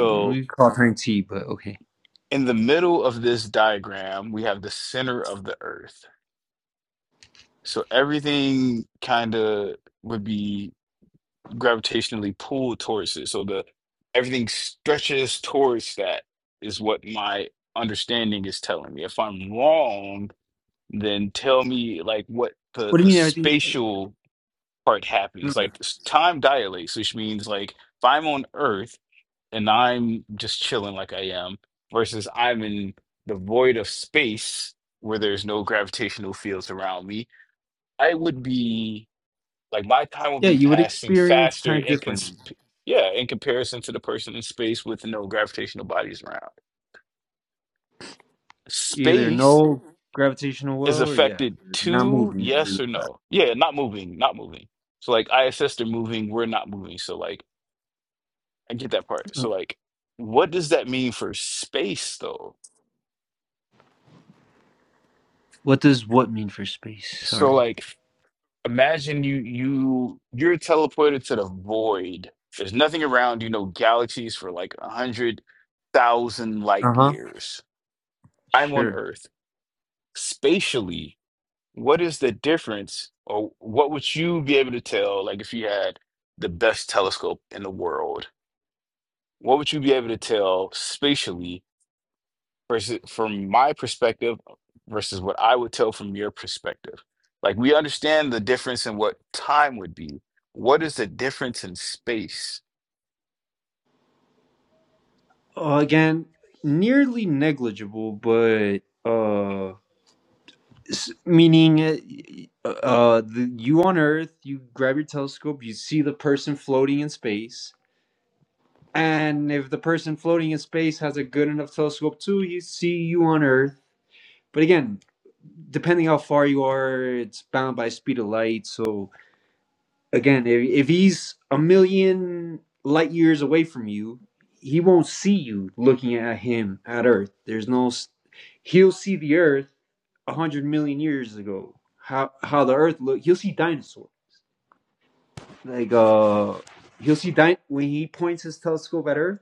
[SPEAKER 6] Mm, We call time T, but okay.
[SPEAKER 5] in the middle of this diagram we have the center of the earth So everything kind of would be gravitationally pulled towards it. So the everything stretches towards that is what my understanding is telling me. If I'm wrong, then tell me like what the
[SPEAKER 6] What do you
[SPEAKER 5] the
[SPEAKER 6] mean everything?
[SPEAKER 5] spatial part happens.
[SPEAKER 6] mm,
[SPEAKER 5] Like s- time dilates, which means like if I'm on Earth and I'm just chilling like I am, versus I'm in the void of space where there's no gravitational fields around me, I would be. Like my time will
[SPEAKER 6] Yeah,
[SPEAKER 5] be
[SPEAKER 6] you would
[SPEAKER 5] passing
[SPEAKER 6] experience
[SPEAKER 5] faster
[SPEAKER 6] time
[SPEAKER 5] in cons
[SPEAKER 6] differently.
[SPEAKER 5] yeah, in comparison to the person in space with no gravitational bodies around.
[SPEAKER 6] Either
[SPEAKER 5] Space
[SPEAKER 6] no gravitational
[SPEAKER 5] is
[SPEAKER 6] well or yeah,
[SPEAKER 5] affected
[SPEAKER 6] you're not
[SPEAKER 5] to
[SPEAKER 6] moving
[SPEAKER 5] yes
[SPEAKER 6] really
[SPEAKER 5] or
[SPEAKER 6] fast.
[SPEAKER 5] no. Yeah, not moving, not moving. So like ISS they're moving, we're not moving. So like I get that part. So
[SPEAKER 6] Mm.
[SPEAKER 5] like what does that mean for space though?
[SPEAKER 6] What does what mean for space?
[SPEAKER 5] So
[SPEAKER 6] Sorry.
[SPEAKER 5] like imagine you you you're teleported to the void. There's nothing around you, no galaxies for like a hundred thousand
[SPEAKER 6] Uh
[SPEAKER 5] light
[SPEAKER 6] huh.
[SPEAKER 5] years I'm on
[SPEAKER 6] Sure.
[SPEAKER 5] Earth. Spatially, what is the difference, or what would you be able to tell? Like, if you had the best telescope in the world, what would you be able to tell spatially versus from my perspective versus what I would tell from your perspective? Like, we understand the difference in what time would be. What is the difference in space?
[SPEAKER 6] Uh, again, nearly negligible, but uh, s- meaning uh, uh, the, you on Earth, you grab your telescope, you see the person floating in space, And if the person floating in space has a good enough telescope too, you see you on Earth. But again, depending how far you are, it's bound by speed of light. So again, if, if he's a million light years away from you, he won't see you looking at him at Earth. There's no, he'll see the Earth a hundred million years ago. How how the Earth look? He'll see dinosaurs. Like uh, he'll see di- when he points his telescope at Earth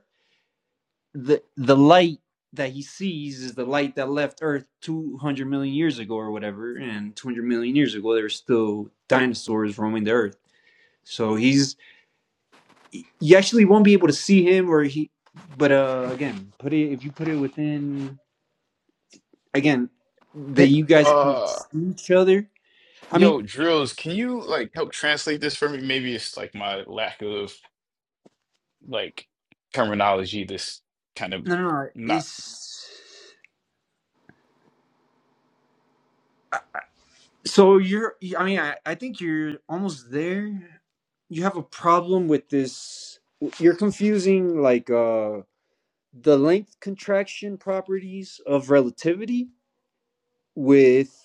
[SPEAKER 6] the the light that he sees is the light that left Earth 200 million years ago or whatever, and 200 million years ago there were still dinosaurs roaming the Earth. So he's you actually won't be able to see him or he. But uh, again, put it if you put it within again that
[SPEAKER 5] Hey,
[SPEAKER 6] you guys could
[SPEAKER 5] uh,
[SPEAKER 6] see each other. I mean,
[SPEAKER 5] yo, Drills, can you like help translate this for me? Maybe it's like my lack of like terminology that's kind of
[SPEAKER 6] no, no, no
[SPEAKER 5] not
[SPEAKER 6] it's. So you're, I mean, I, I think you're almost there. You have a problem with this. You're confusing like uh the length contraction properties of relativity with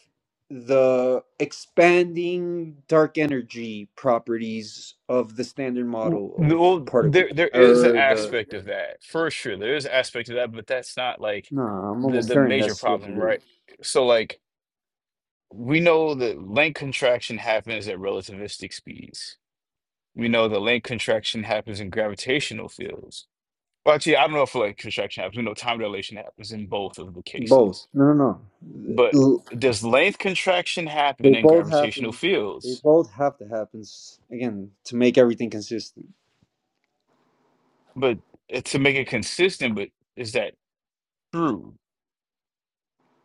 [SPEAKER 6] the expanding dark energy properties of the standard
[SPEAKER 5] w-
[SPEAKER 6] model of
[SPEAKER 5] well
[SPEAKER 6] particle
[SPEAKER 5] there there is an
[SPEAKER 6] or the
[SPEAKER 5] aspect of that for sure there is an aspect of that but that's not like
[SPEAKER 6] no i'm
[SPEAKER 5] the
[SPEAKER 6] almost
[SPEAKER 5] the
[SPEAKER 6] certain
[SPEAKER 5] major
[SPEAKER 6] that's what it
[SPEAKER 5] problem right
[SPEAKER 6] is
[SPEAKER 5] so like we know that length contraction happens at relativistic speeds we know that length contraction happens in gravitational fields well actually i don't know if length contraction happens we know time dilation happens in both of the
[SPEAKER 6] both
[SPEAKER 5] cases
[SPEAKER 6] no no
[SPEAKER 5] but
[SPEAKER 6] no
[SPEAKER 5] does length contraction
[SPEAKER 6] They
[SPEAKER 5] happen in
[SPEAKER 6] both
[SPEAKER 5] gravitational
[SPEAKER 6] happen. They
[SPEAKER 5] fields
[SPEAKER 6] both have to happen s- again to make everything consistent.
[SPEAKER 5] but uh, to make it consistent, but is that true?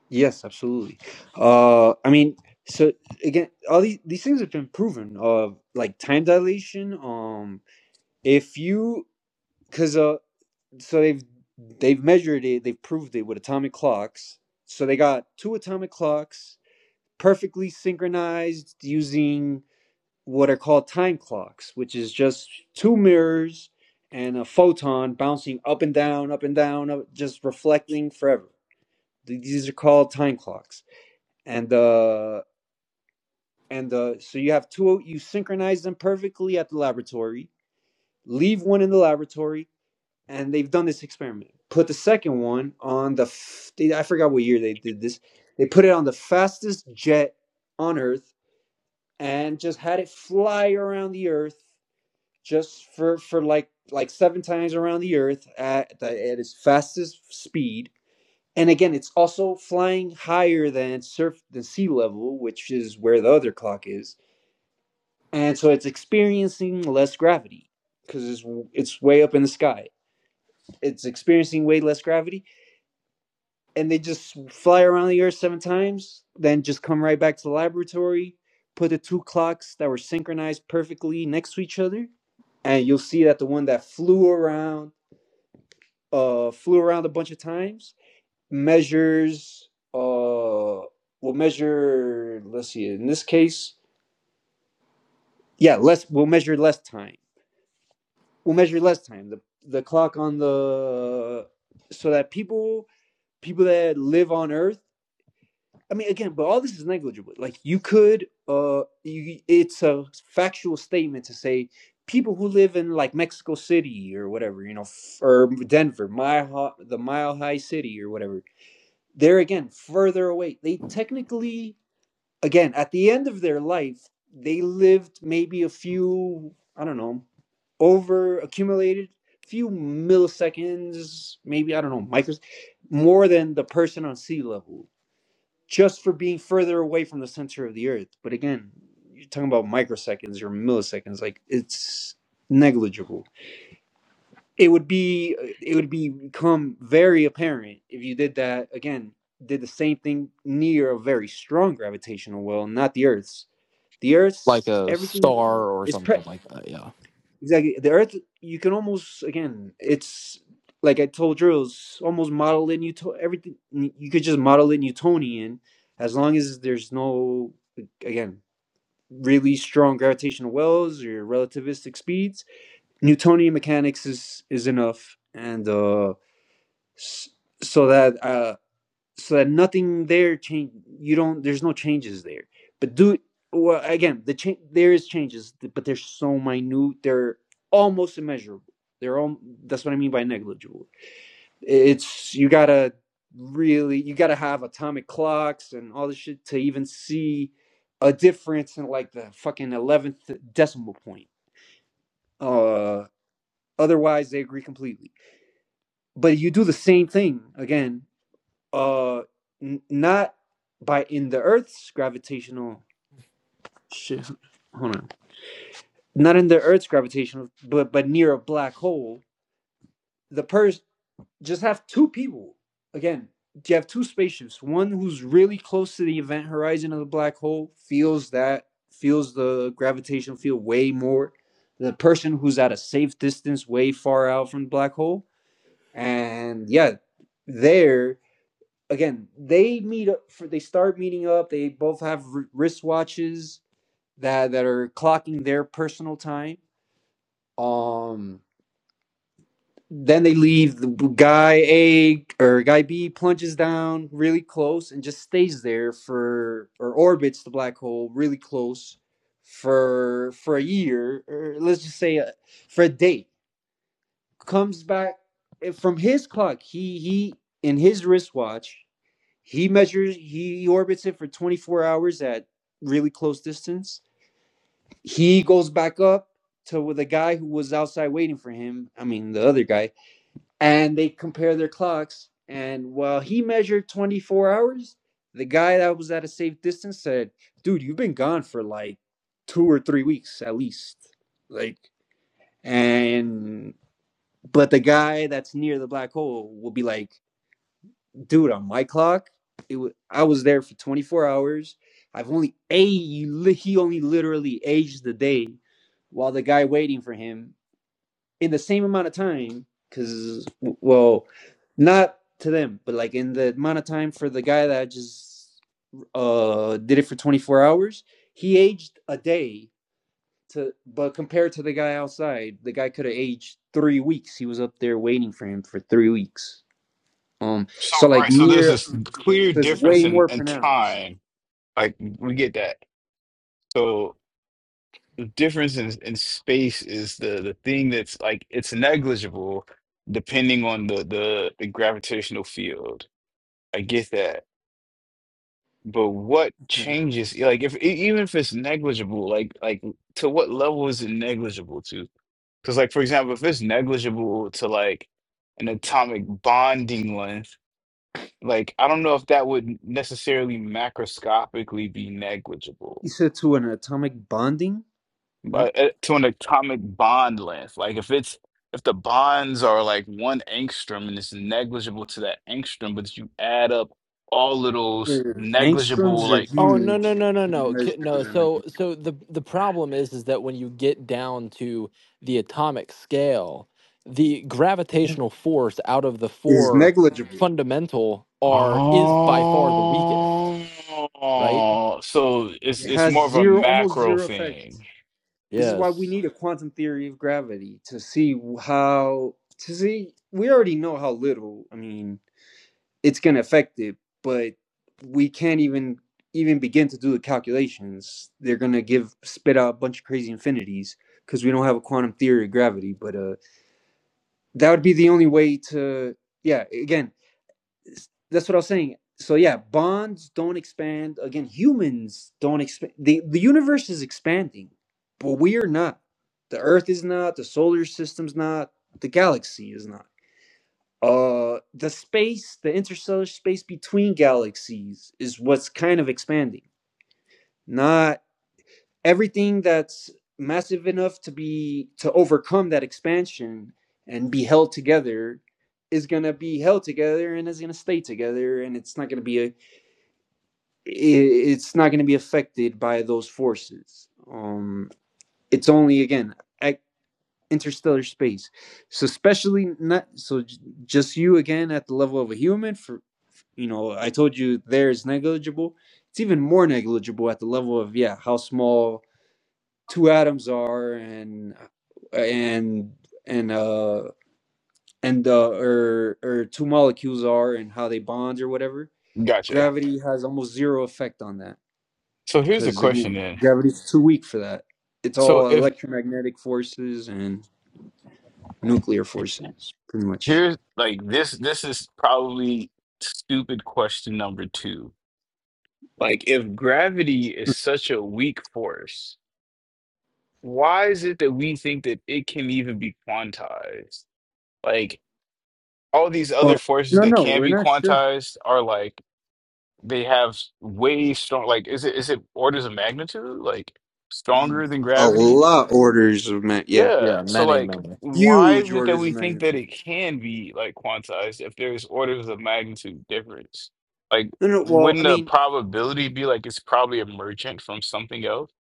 [SPEAKER 6] Yes, absolutely. Uh, I mean, so again, all these, these things have been proven. Uh, like time dilation. Um, if you because uh, so they've they've measured it. They've proved it with atomic clocks. So they got two atomic clocks perfectly synchronized using what are called time clocks, which is just two mirrors and a photon bouncing up and down, up and down, up, just reflecting forever. These are called time clocks, and uh, and uh, so you have two. You synchronize them perfectly at the laboratory. Leave one in the laboratory, and they've done this experiment. Put the second one on the. they, I forgot what year they did this. They put it on the fastest jet on Earth and just had it fly around the Earth just for for like like seven times around the earth at the, at its fastest speed and again it's also flying higher than surf than sea level which is where the other clock is and so it's experiencing less gravity because it's it's way up in the sky it's experiencing way less gravity and they just fly around the earth seven times then just come right back to the laboratory put the two clocks that were synchronized perfectly next to each other and you'll see that the one that flew around uh, flew around a bunch of times. Measures, uh, we'll measure. Let's see. In this case, yeah, less. We'll measure less time. We'll measure less time. The the clock on the so that people people that live on Earth. I mean, again, but all this is negligible. Like you could, uh, you, it's a factual statement to say people who live in like Mexico City or whatever, you know, or Denver, Mile Hi- the Mile High City or whatever, they're again further away. They technically, again, at the end of their life, they lived maybe a few, I don't know, over accumulated few milliseconds, maybe, I don't know, micros, more than the person on sea level just for being further away from the center of the earth. But again, you're talking about microseconds or milliseconds, like it's negligible it would be it would be become very apparent if you did that again did the same thing near a very strong gravitational well not the earth's the
[SPEAKER 3] Like
[SPEAKER 6] earth's
[SPEAKER 3] a
[SPEAKER 6] everything
[SPEAKER 3] star or
[SPEAKER 6] is pre-
[SPEAKER 3] something like that. Yeah.
[SPEAKER 6] exactly the earth you can almost again it's like i told drills almost model in Newton everything you could just model it newtonian as long as there's no again really strong gravitational wells or relativistic speeds newtonian mechanics is is enough and uh s- so that uh so that nothing there change you don't there's no changes there but do well again the change there is changes but they're so minute they're almost immeasurable they're all that's what i mean by negligible it's you gotta really you gotta have atomic clocks and all this shit to even see a difference in like the fucking 11th decimal point uh otherwise they agree completely but you do the same thing again uh n- not by in the earth's gravitational shit hold on not in the earth's gravitational but but near a black hole the purse just have two people again you have two spaceships one who's really close to the event horizon of the black hole feels that feels the gravitational field way more the person who's at a safe distance way far out from the black hole and yeah there again, they meet up for they start meeting up. They both have wr- wristwatches that that are clocking their personal time. Um, then they leave. The guy A or guy B plunges down really close and just stays there for or orbits the black hole really close for for a year or let's just say uh for a day. Comes back eh, from his clock. He he in his wristwatch He measures, he orbits it for 24 hours at really close distance. He goes back up to the guy who was outside waiting for him. I mean, the other guy, and they compare their clocks. And while he measured 24 hours, the guy that was at a safe distance said, "Dude, you've been gone for like two or three weeks at least." Like, and but the guy that's near the black hole will be like, dude, on my clock, it was, I was there for 24 hours. I've only a he only literally aged the day while the guy waiting for him in the same amount of time because well not to them but like in the amount of time for the guy that just uh did it for 24 hours he aged a day to but compared to the guy outside the guy could have aged three weeks he was up there waiting for him for three weeks um,
[SPEAKER 5] So
[SPEAKER 6] so like
[SPEAKER 5] right, so there's
[SPEAKER 6] near
[SPEAKER 5] this clear
[SPEAKER 6] so it's
[SPEAKER 5] difference
[SPEAKER 6] way
[SPEAKER 5] in,
[SPEAKER 6] more
[SPEAKER 5] in
[SPEAKER 6] pronounced.
[SPEAKER 5] time. Like we get that. So the difference in, in space is the the thing that's like it's negligible depending on the the, the gravitational field. I get that. But what
[SPEAKER 6] Okay.
[SPEAKER 5] changes, eh, like if e- even if it's negligible, like like to what level is it negligible to? Because like for example, if it's negligible to like an atomic bonding length Like, I don't know if that would necessarily macroscopically be
[SPEAKER 6] He
[SPEAKER 5] negligible,
[SPEAKER 6] said to an atomic bonding. What?
[SPEAKER 5] but uh, to an atomic bond length, like if it's if the bonds are like one angstrom and it's negligible to that angstrom, but you add up all of those
[SPEAKER 6] Where
[SPEAKER 5] negligible,
[SPEAKER 6] Angstroms are
[SPEAKER 5] like
[SPEAKER 3] Oh no
[SPEAKER 6] huge.
[SPEAKER 3] no no no
[SPEAKER 6] You can
[SPEAKER 3] no K-
[SPEAKER 6] Measure
[SPEAKER 3] no.
[SPEAKER 6] them
[SPEAKER 3] So
[SPEAKER 6] in
[SPEAKER 3] so the the problem is is that when you get down to the atomic scale, the
[SPEAKER 6] it.
[SPEAKER 3] gravitational force out of the
[SPEAKER 6] is
[SPEAKER 3] four
[SPEAKER 6] negligible.
[SPEAKER 3] fundamental are is by far the weakest. Right.
[SPEAKER 5] oh, so it's
[SPEAKER 6] It
[SPEAKER 5] it's
[SPEAKER 6] has
[SPEAKER 5] more of a
[SPEAKER 6] zero, almost
[SPEAKER 5] macro
[SPEAKER 6] zero effect.
[SPEAKER 5] thing.
[SPEAKER 6] This is why we
[SPEAKER 3] Yes.
[SPEAKER 6] need a quantum theory of gravity to see how to see. We already know how little. I mean. it's going to affect it, but we can't even even begin to do the calculations. They're going to give spit out a bunch of crazy infinities because we don't have a quantum theory of gravity, but uh that would be the only way to yeah, again, that's what I was saying. So yeah, bonds don't expand. Again, humans don't expand. The the universe is expanding, but we are not. The earth is not, the solar system's not, the galaxy is not uh the space the interstellar space between galaxies is what's kind of expanding not everything that's massive enough to be to overcome that expansion and be held together is going to be held together and is going to stay together and it's not going to be a, it's not going to be affected by those forces um it's only again at interstellar space so especially not so just you again at the level of a human for you know, I told you there is negligible. It's even more negligible at the level of yeah, how small two atoms are, and and and uh and uh or or two molecules are, and how they bond or whatever.
[SPEAKER 5] Gotcha.
[SPEAKER 6] Gravity has almost zero effect on that
[SPEAKER 5] So here's the
[SPEAKER 6] because
[SPEAKER 5] question then.
[SPEAKER 6] gravity is too weak for that. It's
[SPEAKER 5] So
[SPEAKER 6] all
[SPEAKER 5] if
[SPEAKER 6] electromagnetic forces and nuclear forces, pretty much.
[SPEAKER 5] Here's like this this is probably stupid question number two. Like if gravity is such a weak force, why is it that we think that it can even be quantized? Like all these
[SPEAKER 6] Well,
[SPEAKER 5] other forces
[SPEAKER 6] no,
[SPEAKER 5] that
[SPEAKER 6] no,
[SPEAKER 5] can
[SPEAKER 6] we're
[SPEAKER 5] be
[SPEAKER 6] not sure.
[SPEAKER 5] quantized are like they have way strong like is it is it orders of magnitude? Like stronger than
[SPEAKER 6] A
[SPEAKER 5] gravity?
[SPEAKER 6] lot orders of magnitude. yeah.
[SPEAKER 5] Yeah.
[SPEAKER 3] Yeah,
[SPEAKER 5] So
[SPEAKER 3] many,
[SPEAKER 5] like,
[SPEAKER 3] many
[SPEAKER 5] why
[SPEAKER 6] huge
[SPEAKER 5] is it that
[SPEAKER 6] orders of
[SPEAKER 5] we think that
[SPEAKER 6] magnitude.
[SPEAKER 5] it can be like quantized if there's orders of magnitude difference? Like,
[SPEAKER 6] No, no. Well, I
[SPEAKER 5] wouldn't the
[SPEAKER 6] mean,
[SPEAKER 5] probability be like it's probably emergent from something else?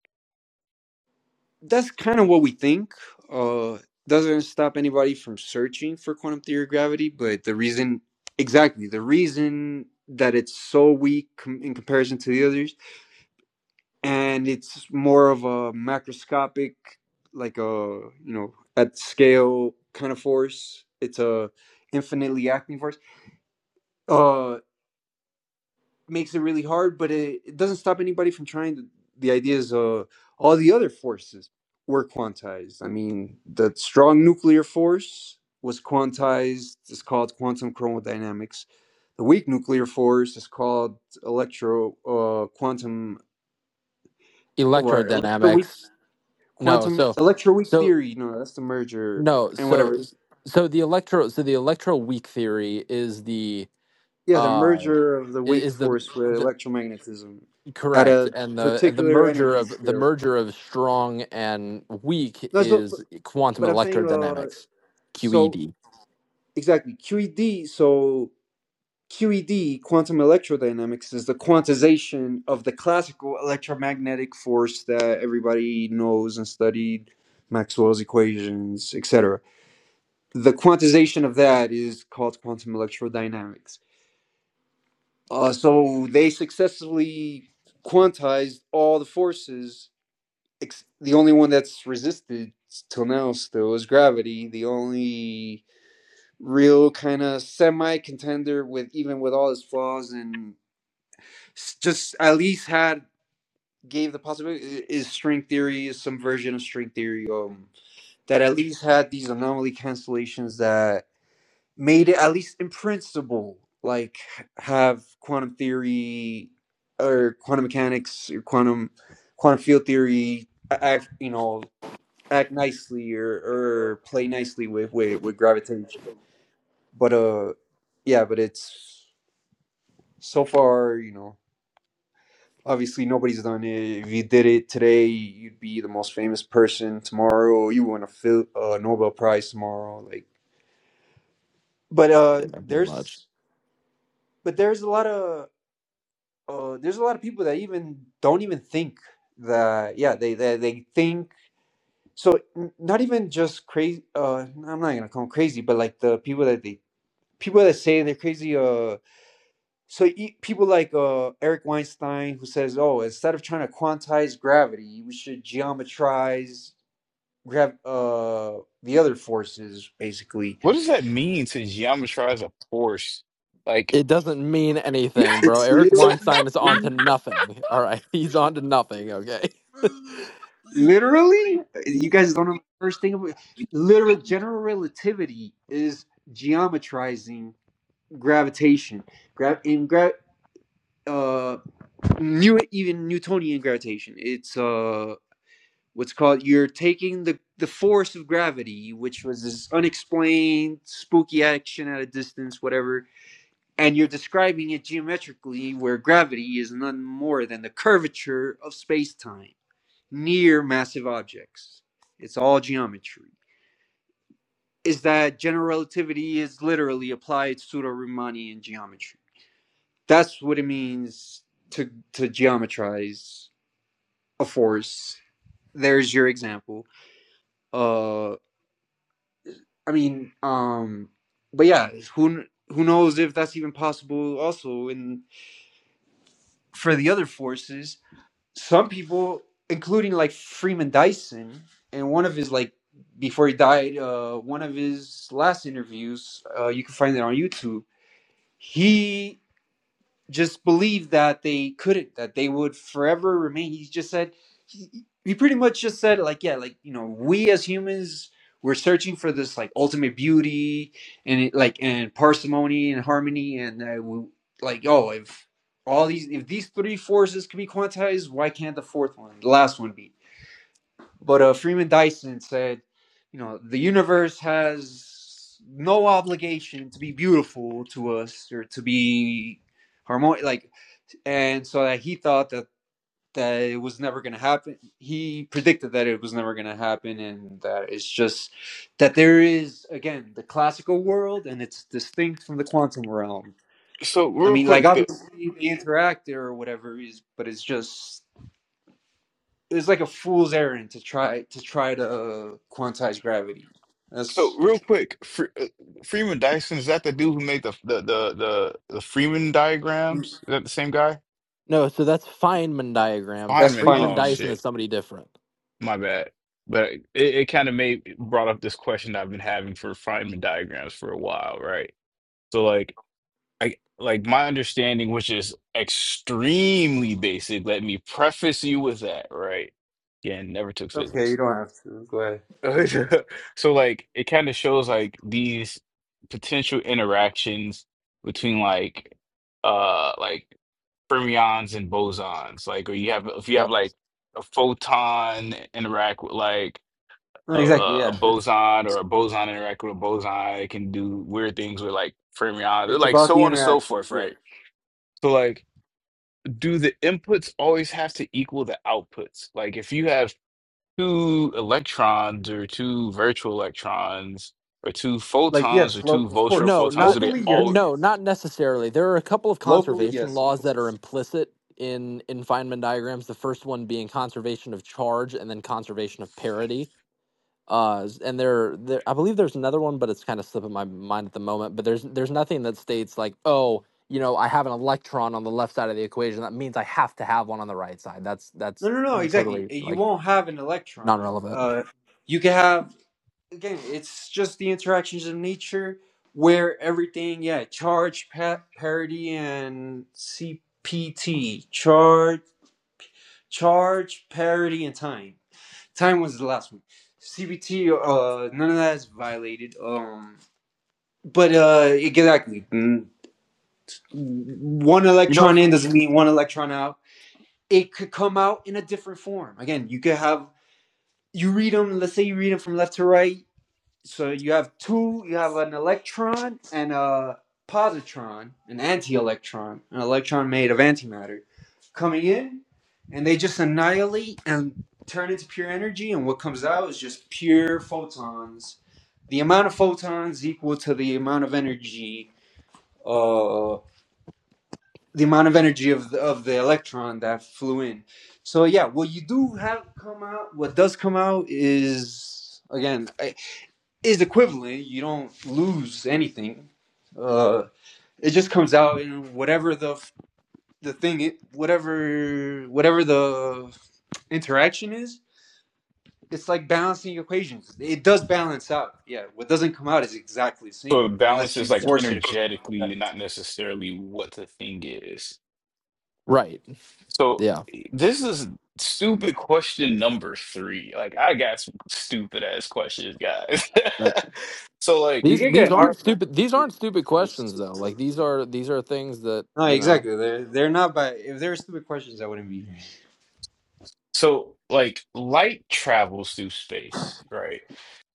[SPEAKER 6] that's kind of what we think. Uh, doesn't stop anybody from searching for quantum theory of gravity, but the reason, exactly, the reason that it's so weak com- in comparison to the others, and it's more of a macroscopic, like a you know at scale kind of force. It's a infinitely acting force. Uh. makes it really hard, but it, it doesn't stop anybody from trying the, the ideas of all the other forces were quantized. I mean, the strong nuclear force was quantized, it's called quantum chromodynamics. The weak nuclear force is called electro uh, quantum or electroweak
[SPEAKER 3] electrodynamics. No,
[SPEAKER 6] quantum
[SPEAKER 3] so,
[SPEAKER 6] electroweak
[SPEAKER 3] so
[SPEAKER 6] theory. You know, that's the merger
[SPEAKER 3] no,
[SPEAKER 6] and whatever.
[SPEAKER 3] so so the electro, so the electroweak theory is the
[SPEAKER 6] Yeah, the
[SPEAKER 3] uh i-
[SPEAKER 6] merger of the weak
[SPEAKER 3] is the
[SPEAKER 6] force with
[SPEAKER 3] the
[SPEAKER 6] electromagnetism at
[SPEAKER 3] correct,
[SPEAKER 6] a
[SPEAKER 3] and the and the
[SPEAKER 6] particular
[SPEAKER 3] merger
[SPEAKER 6] energy
[SPEAKER 3] of the
[SPEAKER 6] scale.
[SPEAKER 3] merger of strong and weak
[SPEAKER 6] That's what,
[SPEAKER 3] is quantum
[SPEAKER 6] but I'm saying uh
[SPEAKER 3] electrodynamics,
[SPEAKER 6] so
[SPEAKER 3] QED.
[SPEAKER 6] exactly QED so QED quantum electrodynamics is the quantization of the classical electromagnetic force that everybody knows and studied Maxwell's equations etc the quantization of that is called quantum electrodynamics uh, so they successfully quantized all the forces ex- the only one that's resisted till now still is gravity the only real kind of semi contender with even with all his flaws and just at least had gave the possibility i- is string theory is some version of string theory um that at least had these anomaly cancellations that made it at least in principle like have quantum theory or quantum mechanics or quantum quantum field theory act you know act nicely or, or play nicely with, with with gravitation but uh yeah but it's so far you know obviously nobody's done it if you did it today you'd be the most famous person tomorrow you win a Phil- uh, nobel prize tomorrow like but uh
[SPEAKER 3] Yeah, pretty much.
[SPEAKER 6] there's but there's a lot of uh there's a lot of people that even don't even think that yeah they they, they think so n- not even just crazy uh i'm not gonna call them crazy but like the people that they people that say they're crazy uh. so you, people like uh, Eric Weinstein, who says, "Oh, instead of trying to quantize gravity, we should geometrize grav- uh, the other forces." Basically,
[SPEAKER 5] What does that mean to geometrize a force? Like,
[SPEAKER 3] It doesn't mean anything, bro.
[SPEAKER 6] it's
[SPEAKER 3] Eric
[SPEAKER 6] literally,
[SPEAKER 3] Weinstein is
[SPEAKER 6] what do
[SPEAKER 3] on
[SPEAKER 6] you
[SPEAKER 3] to
[SPEAKER 6] mean?
[SPEAKER 3] nothing. All right, he's on to nothing. Okay.
[SPEAKER 6] literally. You guys don't know the first thing about literal general relativity is geometrizing gravitation. Gra- in gra- uh, new even Newtonian gravitation. It's uh what's called you're taking the the force of gravity which was this unexplained spooky action at a distance whatever and you're describing it geometrically where gravity is none more than the curvature of space-time near massive objects it's all geometry is that general relativity is literally applied pseudo-riemannian geometry that's what it means to to geometrize a force there's your example Uh. I mean, um, but yeah, who who knows if that's even possible? Also, in for the other forces, some people, including like Freeman Dyson, and one of his like before he died, uh, one of his last interviews, uh, you can find it on YouTube. He just believed that they couldn't, that they would forever remain. He just said, he, he pretty much just said, like, yeah, like, you know, we as humans, we're searching for this, like, ultimate beauty and, it, like, and parsimony and harmony. And, uh, we, like, oh, if all these, if these three forces can be quantized, why can't the fourth one, the last one be? But uh, Freeman Dyson said, you know, the universe has no obligation to be beautiful to us or to be harmonious. Like, and so that he thought that that it was never going to happen he predicted that it was never going to happen and that it's just that there is again the classical world and it's distinct from the quantum realm
[SPEAKER 5] so
[SPEAKER 6] i
[SPEAKER 5] real
[SPEAKER 6] mean like
[SPEAKER 5] quick, the,
[SPEAKER 6] obviously they interact there or whatever it is but it's just it's like a fool's errand to try to try to uh, quantize gravity
[SPEAKER 5] so
[SPEAKER 6] that's
[SPEAKER 5] real quick, Fre uh, Freeman Dyson, is that the dude who made the the the the, the Freeman diagrams? Is that the same guy?
[SPEAKER 3] No, so that's Feynman diagrams.
[SPEAKER 6] that's
[SPEAKER 5] Feynman.
[SPEAKER 3] Friedman
[SPEAKER 6] fine
[SPEAKER 5] Oh
[SPEAKER 3] Dyson
[SPEAKER 5] shit.
[SPEAKER 3] is somebody different.
[SPEAKER 5] My bad. But it, it kind of made brought up this question I've been having for Feynman diagrams for a while, right? So like I like my understanding, which is extremely basic, let me preface you with that, right? Again, never took
[SPEAKER 6] okay you
[SPEAKER 5] physics.
[SPEAKER 6] don't have to go ahead
[SPEAKER 5] So like it kind of shows like these potential interactions between like uh like fermions and bosons. Like or you have if you have
[SPEAKER 3] Yep.
[SPEAKER 5] like a photon interact with like
[SPEAKER 6] no,
[SPEAKER 5] a,
[SPEAKER 6] exactly
[SPEAKER 5] a,
[SPEAKER 6] yeah it's
[SPEAKER 5] boson or a boson interact with a boson. It can do weird things with like fermions,
[SPEAKER 6] it's
[SPEAKER 5] like
[SPEAKER 6] about
[SPEAKER 5] so
[SPEAKER 6] the
[SPEAKER 5] on and so
[SPEAKER 6] interactions
[SPEAKER 5] forth,
[SPEAKER 6] yeah
[SPEAKER 5] right? So like, do the inputs always have to equal the outputs? Like, if you have two electrons or two virtual electrons or two
[SPEAKER 6] Like
[SPEAKER 5] photons or
[SPEAKER 6] yes, lo-
[SPEAKER 5] two
[SPEAKER 6] of
[SPEAKER 5] virtual
[SPEAKER 6] course.
[SPEAKER 3] No,
[SPEAKER 5] photons, do
[SPEAKER 3] not
[SPEAKER 5] they
[SPEAKER 6] Locally,
[SPEAKER 5] all,
[SPEAKER 6] yes.
[SPEAKER 3] no, not necessarily. There are a couple of
[SPEAKER 6] Locally,
[SPEAKER 3] conservation
[SPEAKER 6] yes, of
[SPEAKER 3] laws
[SPEAKER 6] course.
[SPEAKER 3] that are implicit in in Feynman diagrams. The first one being conservation of charge, and then conservation of parity. Uh, and there, there, I believe there's another one, but it's kind of slipping my mind at the moment. But there's there's nothing that states like, oh, you know, I have an electron on the left side of the equation. That means I have to have one on the right side. That's
[SPEAKER 6] No,
[SPEAKER 3] that's
[SPEAKER 6] no, no, exactly.
[SPEAKER 3] totally
[SPEAKER 6] Eh, You
[SPEAKER 3] like
[SPEAKER 6] won't have an
[SPEAKER 3] non
[SPEAKER 6] electron.
[SPEAKER 3] relevant.
[SPEAKER 6] Uh, you can have, again, it's just the interactions of nature where everything, yeah, charge, pa- parity, and CPT. Charge, charge, parity, and time. Time was the last one. CPT, uh, none of that is violated. Um, but, uh, exactly. Mm. One
[SPEAKER 5] you know?
[SPEAKER 6] electron in doesn't
[SPEAKER 5] So
[SPEAKER 6] mean one electron out it could come out in a different form. Again, you could have you read them. Let's say you read them from left to right. So you have two. You have an electron and a positron, an anti-electron, an electron made of antimatter, coming in, and they just annihilate and turn into pure energy. And what comes out is just pure photons. The amount of photons equal to the amount of energy uh, the amount of energy of the, of the electron that flew in. So yeah, what you do have come out, what does come out is again is equivalent. You don't lose anything. Uh, it just comes out in whatever the the thing, it, whatever whatever the interaction is. It's like balancing equations. It does balance out. Yeah, what doesn't come out is exactly the same
[SPEAKER 5] balance
[SPEAKER 6] unless
[SPEAKER 5] is
[SPEAKER 6] you
[SPEAKER 5] like
[SPEAKER 3] Yeah.
[SPEAKER 6] force it to come out.
[SPEAKER 5] energetically,
[SPEAKER 6] Exactly the
[SPEAKER 5] not
[SPEAKER 6] same.
[SPEAKER 5] necessarily what the thing is.
[SPEAKER 3] Right.
[SPEAKER 5] So
[SPEAKER 3] Yeah.
[SPEAKER 5] this is stupid question number three. Like I got some stupid ass questions, guys.
[SPEAKER 3] But
[SPEAKER 5] So like
[SPEAKER 6] You
[SPEAKER 3] these
[SPEAKER 6] can
[SPEAKER 3] these
[SPEAKER 6] get art.
[SPEAKER 3] aren't stupid these aren't stupid questions though. Like these are these are things that,
[SPEAKER 6] No,
[SPEAKER 3] you know.
[SPEAKER 6] exactly. They're they're not by if there were stupid questions, I wouldn't be here.
[SPEAKER 5] so like light travels through space, right?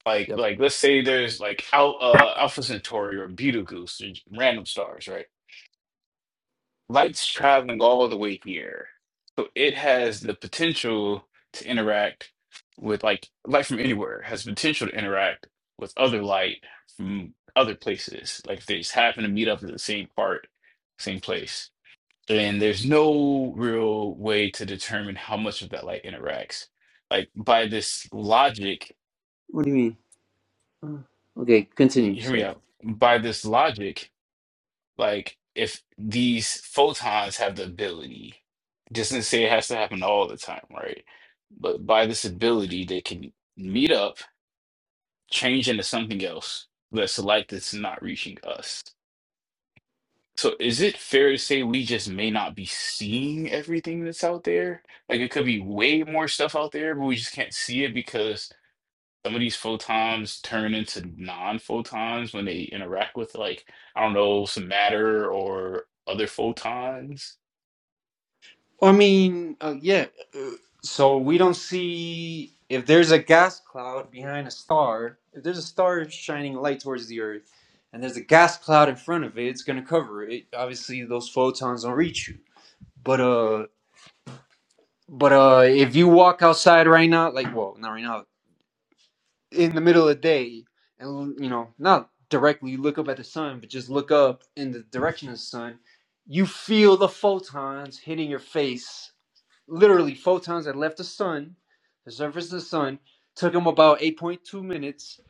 [SPEAKER 5] Like like let's say there's like Al uh Alpha Centauri or Betelgeuse, or random stars, right? Light's traveling all the way here. So it has the potential to interact with like light from anywhere has potential to interact with other light from other places. Like if they just happen to meet up at the same part, same place. And there's no real way to determine how much of that light interacts. Like by this logic,
[SPEAKER 6] What do you mean? Uh, Okay,
[SPEAKER 5] y-
[SPEAKER 6] continue.
[SPEAKER 5] hear me
[SPEAKER 6] Sorry.
[SPEAKER 5] out. By this logic, Like if these photons have the ability, just didn't say it has to happen all the time, right? But by this ability, they can meet up, change into something else that's light that's not reaching us. So is it fair to say we just may not be seeing everything that's out there? Like it could be way more stuff out there, but we just can't see it because some of these photons turn into non-photons when they interact with like I don't know some matter or other photons.
[SPEAKER 6] I mean, uh, yeah. uh, So we don't see if there's a gas cloud behind a star. If there's a star shining light towards the Earth, and there's a gas cloud in front of it, it's gonna cover it. Obviously, those photons don't reach you. But uh, but uh, if you walk outside right now, like well, not right now. in the middle of the day and you know not directly look up at the sun but just look up in the direction of the sun you feel the photons hitting your face literally photons that left the sun the surface of the sun took them about 8.2 minutes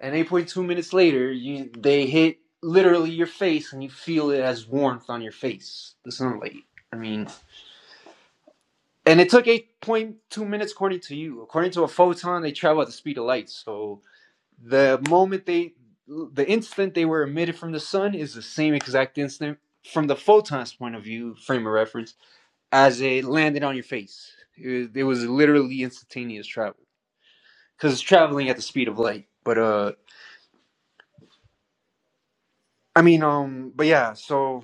[SPEAKER 6] and 8.2 minutes later you they hit literally your face and you feel it as warmth on your face the sunlight i mean and it took 8.2 minutes according to you according to a photon they travel at the speed of light so the moment they, the instant they were emitted from the sun is the same exact instant from the photon's point of view, frame of reference, as it landed on your face. It, it was literally instantaneous travel because it's traveling at the speed of light. But uh, I mean, um, but yeah, so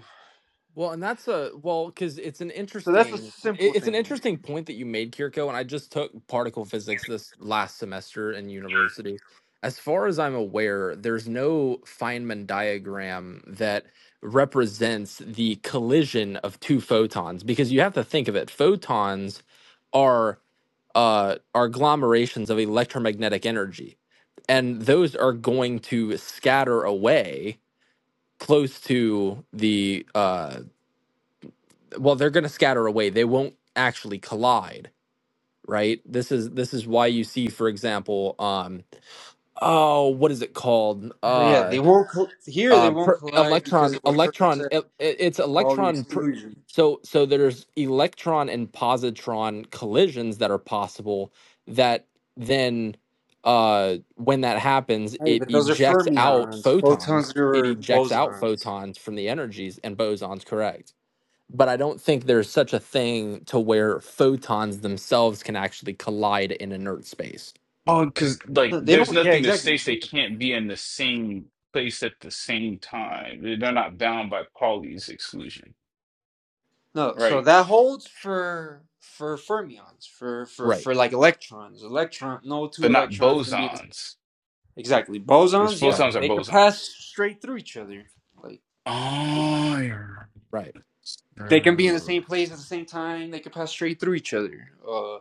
[SPEAKER 3] Well, and that's a well, because it's an
[SPEAKER 6] so that's a
[SPEAKER 3] interesting
[SPEAKER 6] simple
[SPEAKER 3] it- it's an
[SPEAKER 6] thing.
[SPEAKER 3] interesting point that you made, Kirko. And I just took particle physics this last semester in university. As far as I'm aware, there's no Feynman diagram that represents the collision of two photons because you have to think of it. Photons are uh, are agglomerations of electromagnetic energy, and those are going to scatter away close to the uh, well they're going to scatter away they won't actually collide right this is this is why you see for example um oh what is it called
[SPEAKER 6] But yeah,
[SPEAKER 3] uh
[SPEAKER 6] they won't col- here. They
[SPEAKER 3] uh
[SPEAKER 6] won't
[SPEAKER 3] per,
[SPEAKER 6] collide because
[SPEAKER 3] electron
[SPEAKER 6] of what Curtis
[SPEAKER 3] electron
[SPEAKER 6] said,
[SPEAKER 3] it, it's
[SPEAKER 6] Pauli
[SPEAKER 3] electron per,
[SPEAKER 6] exclusion.
[SPEAKER 3] so so there's electron and positron collisions that are possible that then uh when that happens
[SPEAKER 6] Hey,
[SPEAKER 3] it
[SPEAKER 6] but those are
[SPEAKER 3] ejects out
[SPEAKER 6] fermions. Photons
[SPEAKER 3] photons it
[SPEAKER 6] are
[SPEAKER 3] ejects out
[SPEAKER 6] bosons.
[SPEAKER 3] photons from the energies and bosons correct but I don't think there's such a thing to where photons themselves can actually collide in inert space.
[SPEAKER 5] Oh, because like
[SPEAKER 6] No, They
[SPEAKER 5] there's
[SPEAKER 6] don't. Yeah,
[SPEAKER 5] nothing that
[SPEAKER 6] exactly.
[SPEAKER 5] states they can't be in the same place at the same time. They- They're not bound by Pauli's exclusion,
[SPEAKER 6] No, so
[SPEAKER 5] right?
[SPEAKER 6] that holds for for fermions, for for
[SPEAKER 3] Right,
[SPEAKER 6] for like electrons. Electron, no two
[SPEAKER 5] They're not
[SPEAKER 6] electrons can be in the-
[SPEAKER 5] bosons
[SPEAKER 6] exactly
[SPEAKER 5] because
[SPEAKER 6] bosons. Yeah,
[SPEAKER 3] right,
[SPEAKER 5] photons are
[SPEAKER 6] they could pass
[SPEAKER 5] bosons.
[SPEAKER 6] straight through each other. Like
[SPEAKER 5] Oh,
[SPEAKER 3] right.
[SPEAKER 6] they can be in the
[SPEAKER 5] yeah.
[SPEAKER 6] same place at the same time. They could pass straight through each other. Uh,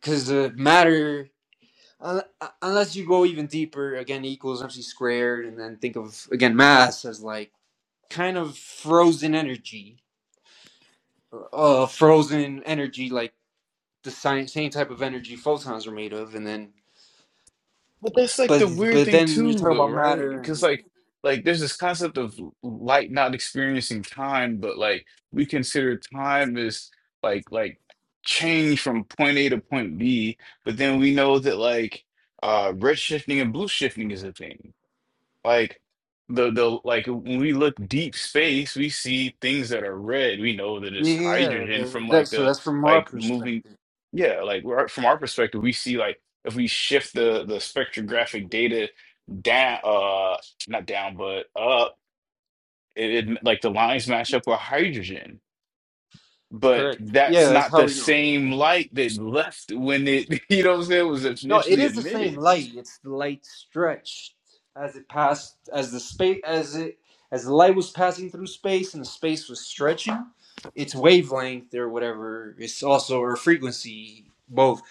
[SPEAKER 6] because the matter, un- un- unless you go even deeper, again E equals mc squared, and then think of again mass as like kind of frozen energy, uh, frozen energy like the same, same type of energy photons are made of, and then
[SPEAKER 5] But that's like
[SPEAKER 6] but
[SPEAKER 5] the weird
[SPEAKER 6] but
[SPEAKER 5] thing
[SPEAKER 6] then you
[SPEAKER 5] too,
[SPEAKER 6] talk
[SPEAKER 5] though,
[SPEAKER 6] about
[SPEAKER 5] right?
[SPEAKER 6] matter.
[SPEAKER 5] Because
[SPEAKER 6] And,
[SPEAKER 5] like, like there's this concept of l- light not experiencing time, but like we consider time as like like change from point A to point B, but then we know that like uh red shifting and blue shifting is a thing. Like the the like when we look deep space, we see things that are red. We know that it's
[SPEAKER 6] yeah,
[SPEAKER 5] hydrogen
[SPEAKER 6] that,
[SPEAKER 5] from like
[SPEAKER 6] so
[SPEAKER 5] the
[SPEAKER 6] that's from our
[SPEAKER 5] like moving.
[SPEAKER 6] perspective.
[SPEAKER 5] Yeah, like we're, from our perspective, we see like if we shift the the spectrographic data down, uh, not down, but up, it, it like the lines match up with hydrogen. But
[SPEAKER 6] Correct.
[SPEAKER 5] that's
[SPEAKER 6] Yeah, that's
[SPEAKER 5] not
[SPEAKER 6] how
[SPEAKER 5] the
[SPEAKER 6] we know.
[SPEAKER 5] same light that left when it, you know what I'm saying, was
[SPEAKER 6] No, it
[SPEAKER 5] initially
[SPEAKER 6] is the same
[SPEAKER 5] emitted.
[SPEAKER 6] light. It's the light stretched as it passed, as the space, as it as the light was passing through space, and the space was stretching. Its wavelength or whatever. It's also or frequency. Both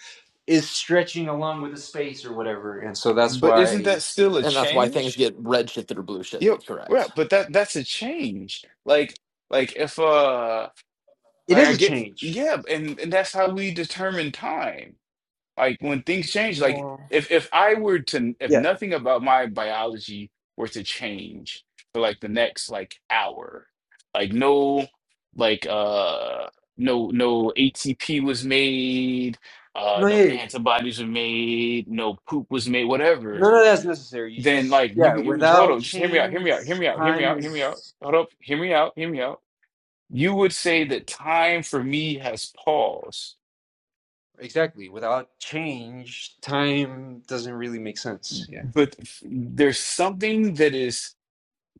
[SPEAKER 6] is stretching along with the space or whatever, and so that's
[SPEAKER 5] But isn't that
[SPEAKER 6] why
[SPEAKER 5] still a
[SPEAKER 3] And that's why things
[SPEAKER 5] change?
[SPEAKER 3] get red shifted or blue
[SPEAKER 5] Yep,
[SPEAKER 3] shifted,
[SPEAKER 5] right,
[SPEAKER 3] correct?
[SPEAKER 5] but that that's a change. Like like if uh
[SPEAKER 6] it
[SPEAKER 5] like
[SPEAKER 6] is
[SPEAKER 5] I
[SPEAKER 6] a
[SPEAKER 5] get
[SPEAKER 6] change.
[SPEAKER 5] yeah, and and that's how we determine time. Like when things change, like if if I were to if
[SPEAKER 6] Yeah.
[SPEAKER 5] nothing about my biology were to change for like the next like hour, like no like uh no no ATP was made, uh
[SPEAKER 6] No,
[SPEAKER 5] no
[SPEAKER 6] yeah. yeah.
[SPEAKER 5] antibodies were made, no poop was made, whatever
[SPEAKER 6] None of that's necessary. You
[SPEAKER 5] then
[SPEAKER 6] just
[SPEAKER 5] like you,
[SPEAKER 6] yeah,
[SPEAKER 5] you hold
[SPEAKER 6] without
[SPEAKER 5] on, just hear me out, hear
[SPEAKER 6] change,
[SPEAKER 5] me out, hear me out, hear me
[SPEAKER 6] time
[SPEAKER 5] out, hear me out.
[SPEAKER 6] is
[SPEAKER 5] Hold up, hear me out, hear me out. You would say that time for me has paused,
[SPEAKER 6] exactly. Without change, time doesn't really make sense. Yeah.
[SPEAKER 5] but there's something that is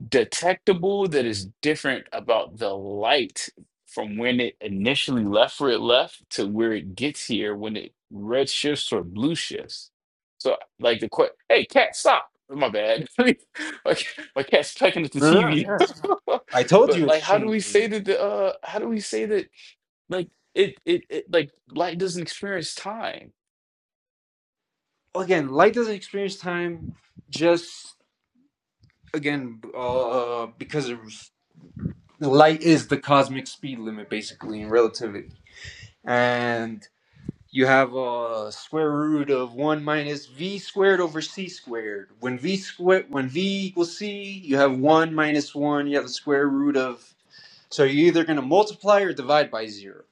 [SPEAKER 5] detectable that is different about the light from when it initially left where it left to where it gets here when it red shifts or blue shifts. So like the question, hey cat, stop. My bad. like my cat's pecking at the
[SPEAKER 6] No, no,
[SPEAKER 5] TV.
[SPEAKER 6] yeah.
[SPEAKER 5] Well,
[SPEAKER 6] I told you
[SPEAKER 5] but
[SPEAKER 6] it's
[SPEAKER 5] like, how do we
[SPEAKER 6] changing.
[SPEAKER 5] say that the uh, how do we say that like it it, it like light doesn't experience time?
[SPEAKER 6] Again, light doesn't experience time just again uh, because of light is the cosmic speed limit basically in relativity. And you have a square root of 1 minus v squared over c squared. When v square when v equals c, you have 1 minus 1, you have the square root of so you're either going to multiply or divide by 0.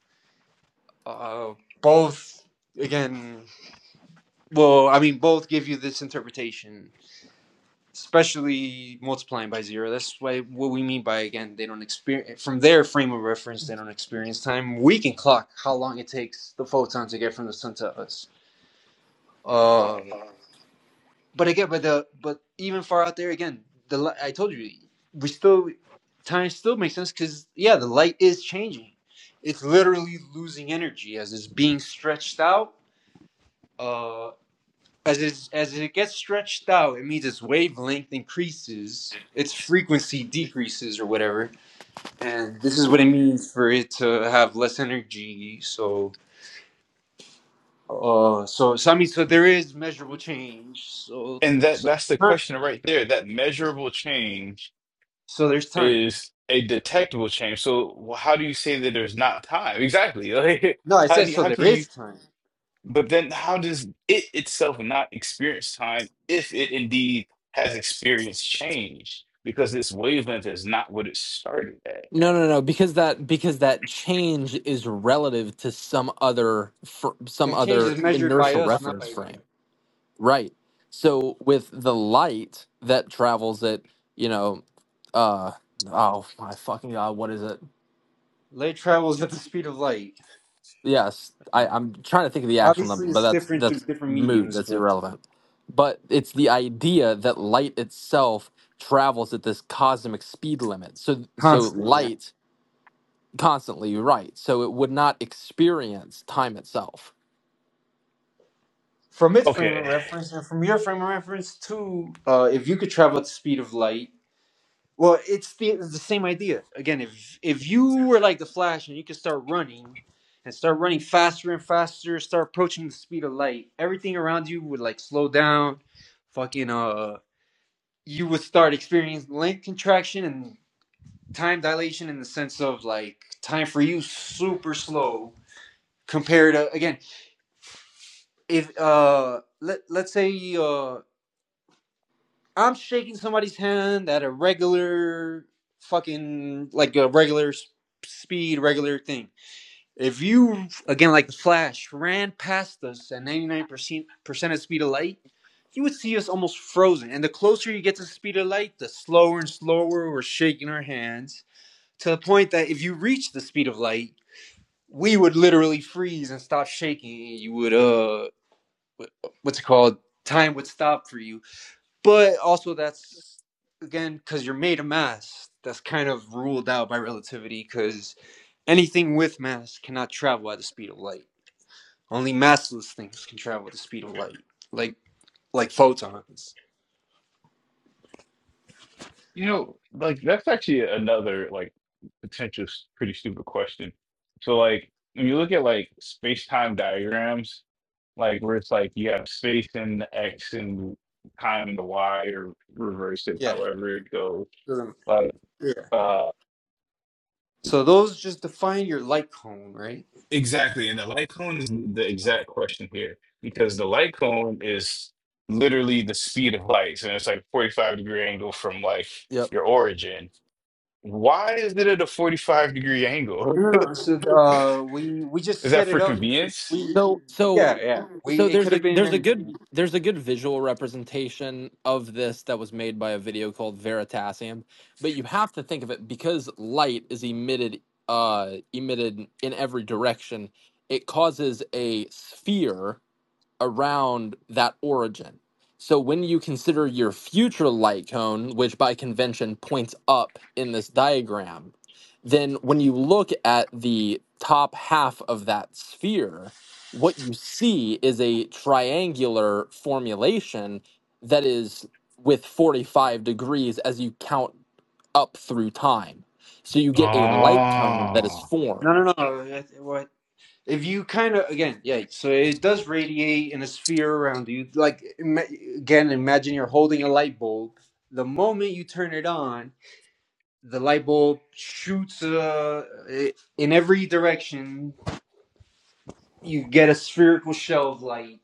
[SPEAKER 6] Uh, both again, well, I mean both give you this interpretation, especially multiplying by 0. That's why what we mean by again, they don't experience from their frame of reference, they don't experience time. We can clock how long it takes the photon to get from the sun to us. Uh. but again, but the but even far out there again, the li- I told you, we still time still makes sense because yeah, the light is changing. It's literally losing energy as it's being stretched out. Uh, as it as it gets stretched out, it means its wavelength increases, its frequency decreases, or whatever. And this is what it means for it to have less energy. So, uh, so so I mean, so there is measurable change. So
[SPEAKER 5] And that
[SPEAKER 6] so
[SPEAKER 5] that's the
[SPEAKER 6] time.
[SPEAKER 5] question right there. That measurable change
[SPEAKER 6] so there's time.
[SPEAKER 5] is a detectable change. So wh- how do you say that there's not time? Exactly.
[SPEAKER 6] No, I
[SPEAKER 5] Like how do
[SPEAKER 6] said
[SPEAKER 5] you,
[SPEAKER 6] so
[SPEAKER 5] how can
[SPEAKER 6] there
[SPEAKER 5] you
[SPEAKER 6] is time.
[SPEAKER 5] but then how does it itself not experience time if it indeed has experienced change? Because this wavelength is not what it started at.
[SPEAKER 3] No, no, no, because that because that change is relative to some other fr- some
[SPEAKER 6] That change
[SPEAKER 3] other
[SPEAKER 6] is measured by
[SPEAKER 3] inertial
[SPEAKER 6] us, not
[SPEAKER 3] reference
[SPEAKER 6] by it.
[SPEAKER 3] frame. Right. So with the light that travels at, you know, uh oh my fucking god, what is it?
[SPEAKER 6] Light travels at the speed of light.
[SPEAKER 3] Yes, I, I'm trying to think of the actual number,
[SPEAKER 6] Obviously,
[SPEAKER 3] but
[SPEAKER 6] it's
[SPEAKER 3] that's
[SPEAKER 6] different through
[SPEAKER 3] that's
[SPEAKER 6] different
[SPEAKER 3] moot.
[SPEAKER 6] mediums,
[SPEAKER 3] That's
[SPEAKER 6] but
[SPEAKER 3] irrelevant. But it's the idea that light itself travels at this cosmic speed limit. So so
[SPEAKER 6] constant, yeah.
[SPEAKER 3] light constantly, right? So it would not experience time itself.
[SPEAKER 6] From its frame
[SPEAKER 5] Okay.
[SPEAKER 6] of reference and from your frame of reference too, uh, if you could travel at the speed of light, well, it's the, it's the same idea. Again, if if you were like the Flash and you could start running and start running faster and faster, start approaching the speed of light, everything around you would like slow down, fucking uh you would start experiencing length contraction and time dilation in the sense of like time for you super slow compared to again if uh let, let's say uh i'm shaking somebody's hand at a regular fucking like a regular speed regular thing if you again like the flash ran past us at 99% percent of speed of light you would see us almost frozen and the closer you get to the speed of light the slower and slower we're shaking our hands to the point that if you reach the speed of light, we would literally freeze and stop shaking. You would, uh, what's it called? Time would stop for you. But also, that's again because you're made of mass. That's kind of ruled out by relativity because anything with mass cannot travel at the speed of light. Only massless things can travel at the speed of light, like like photons.
[SPEAKER 5] You know, like that's actually another like potential s- pretty stupid question. So like when you look at like space-time diagrams, like where it's like you have space in the X and time in the Y or reverse it
[SPEAKER 6] Yeah.
[SPEAKER 5] however it goes.
[SPEAKER 6] Um,
[SPEAKER 5] Like
[SPEAKER 6] Yeah.
[SPEAKER 5] uh
[SPEAKER 6] So those just define your light cone, right?
[SPEAKER 5] exactly. And the light cone is the exact question here because the light cone is literally the speed of light. And it's like 45 degree angle from like
[SPEAKER 3] Yep.
[SPEAKER 5] your origin. Why is it at a 45 degree angle?
[SPEAKER 6] No, no, no. So uh, we we just
[SPEAKER 5] Is that
[SPEAKER 6] set it
[SPEAKER 5] for
[SPEAKER 6] up.
[SPEAKER 5] convenience?
[SPEAKER 6] We
[SPEAKER 3] So so
[SPEAKER 6] yeah, yeah.
[SPEAKER 3] so
[SPEAKER 6] We it could
[SPEAKER 3] there's
[SPEAKER 6] have
[SPEAKER 3] a
[SPEAKER 6] been
[SPEAKER 3] there's a
[SPEAKER 6] anything.
[SPEAKER 3] good there's a good visual representation of this that was made by a video called Veritasium, but you have to think of it because light is emitted uh emitted in every direction. It causes a sphere around that origin. So when you consider your future light cone, which by convention points up in this diagram, then when you look at the top half of that sphere, what you see is a triangular formulation that is with 45 degrees as you count up through time. So you get a light cone that is
[SPEAKER 5] Ah.
[SPEAKER 6] No,
[SPEAKER 3] formed.
[SPEAKER 6] no, no. that- What if you kind of again? Yeah. So it does radiate in a sphere around you. Like ima- again, imagine you're holding a light bulb. The moment you turn it on, the light bulb shoots uh, i- in every direction. You get a spherical shell of light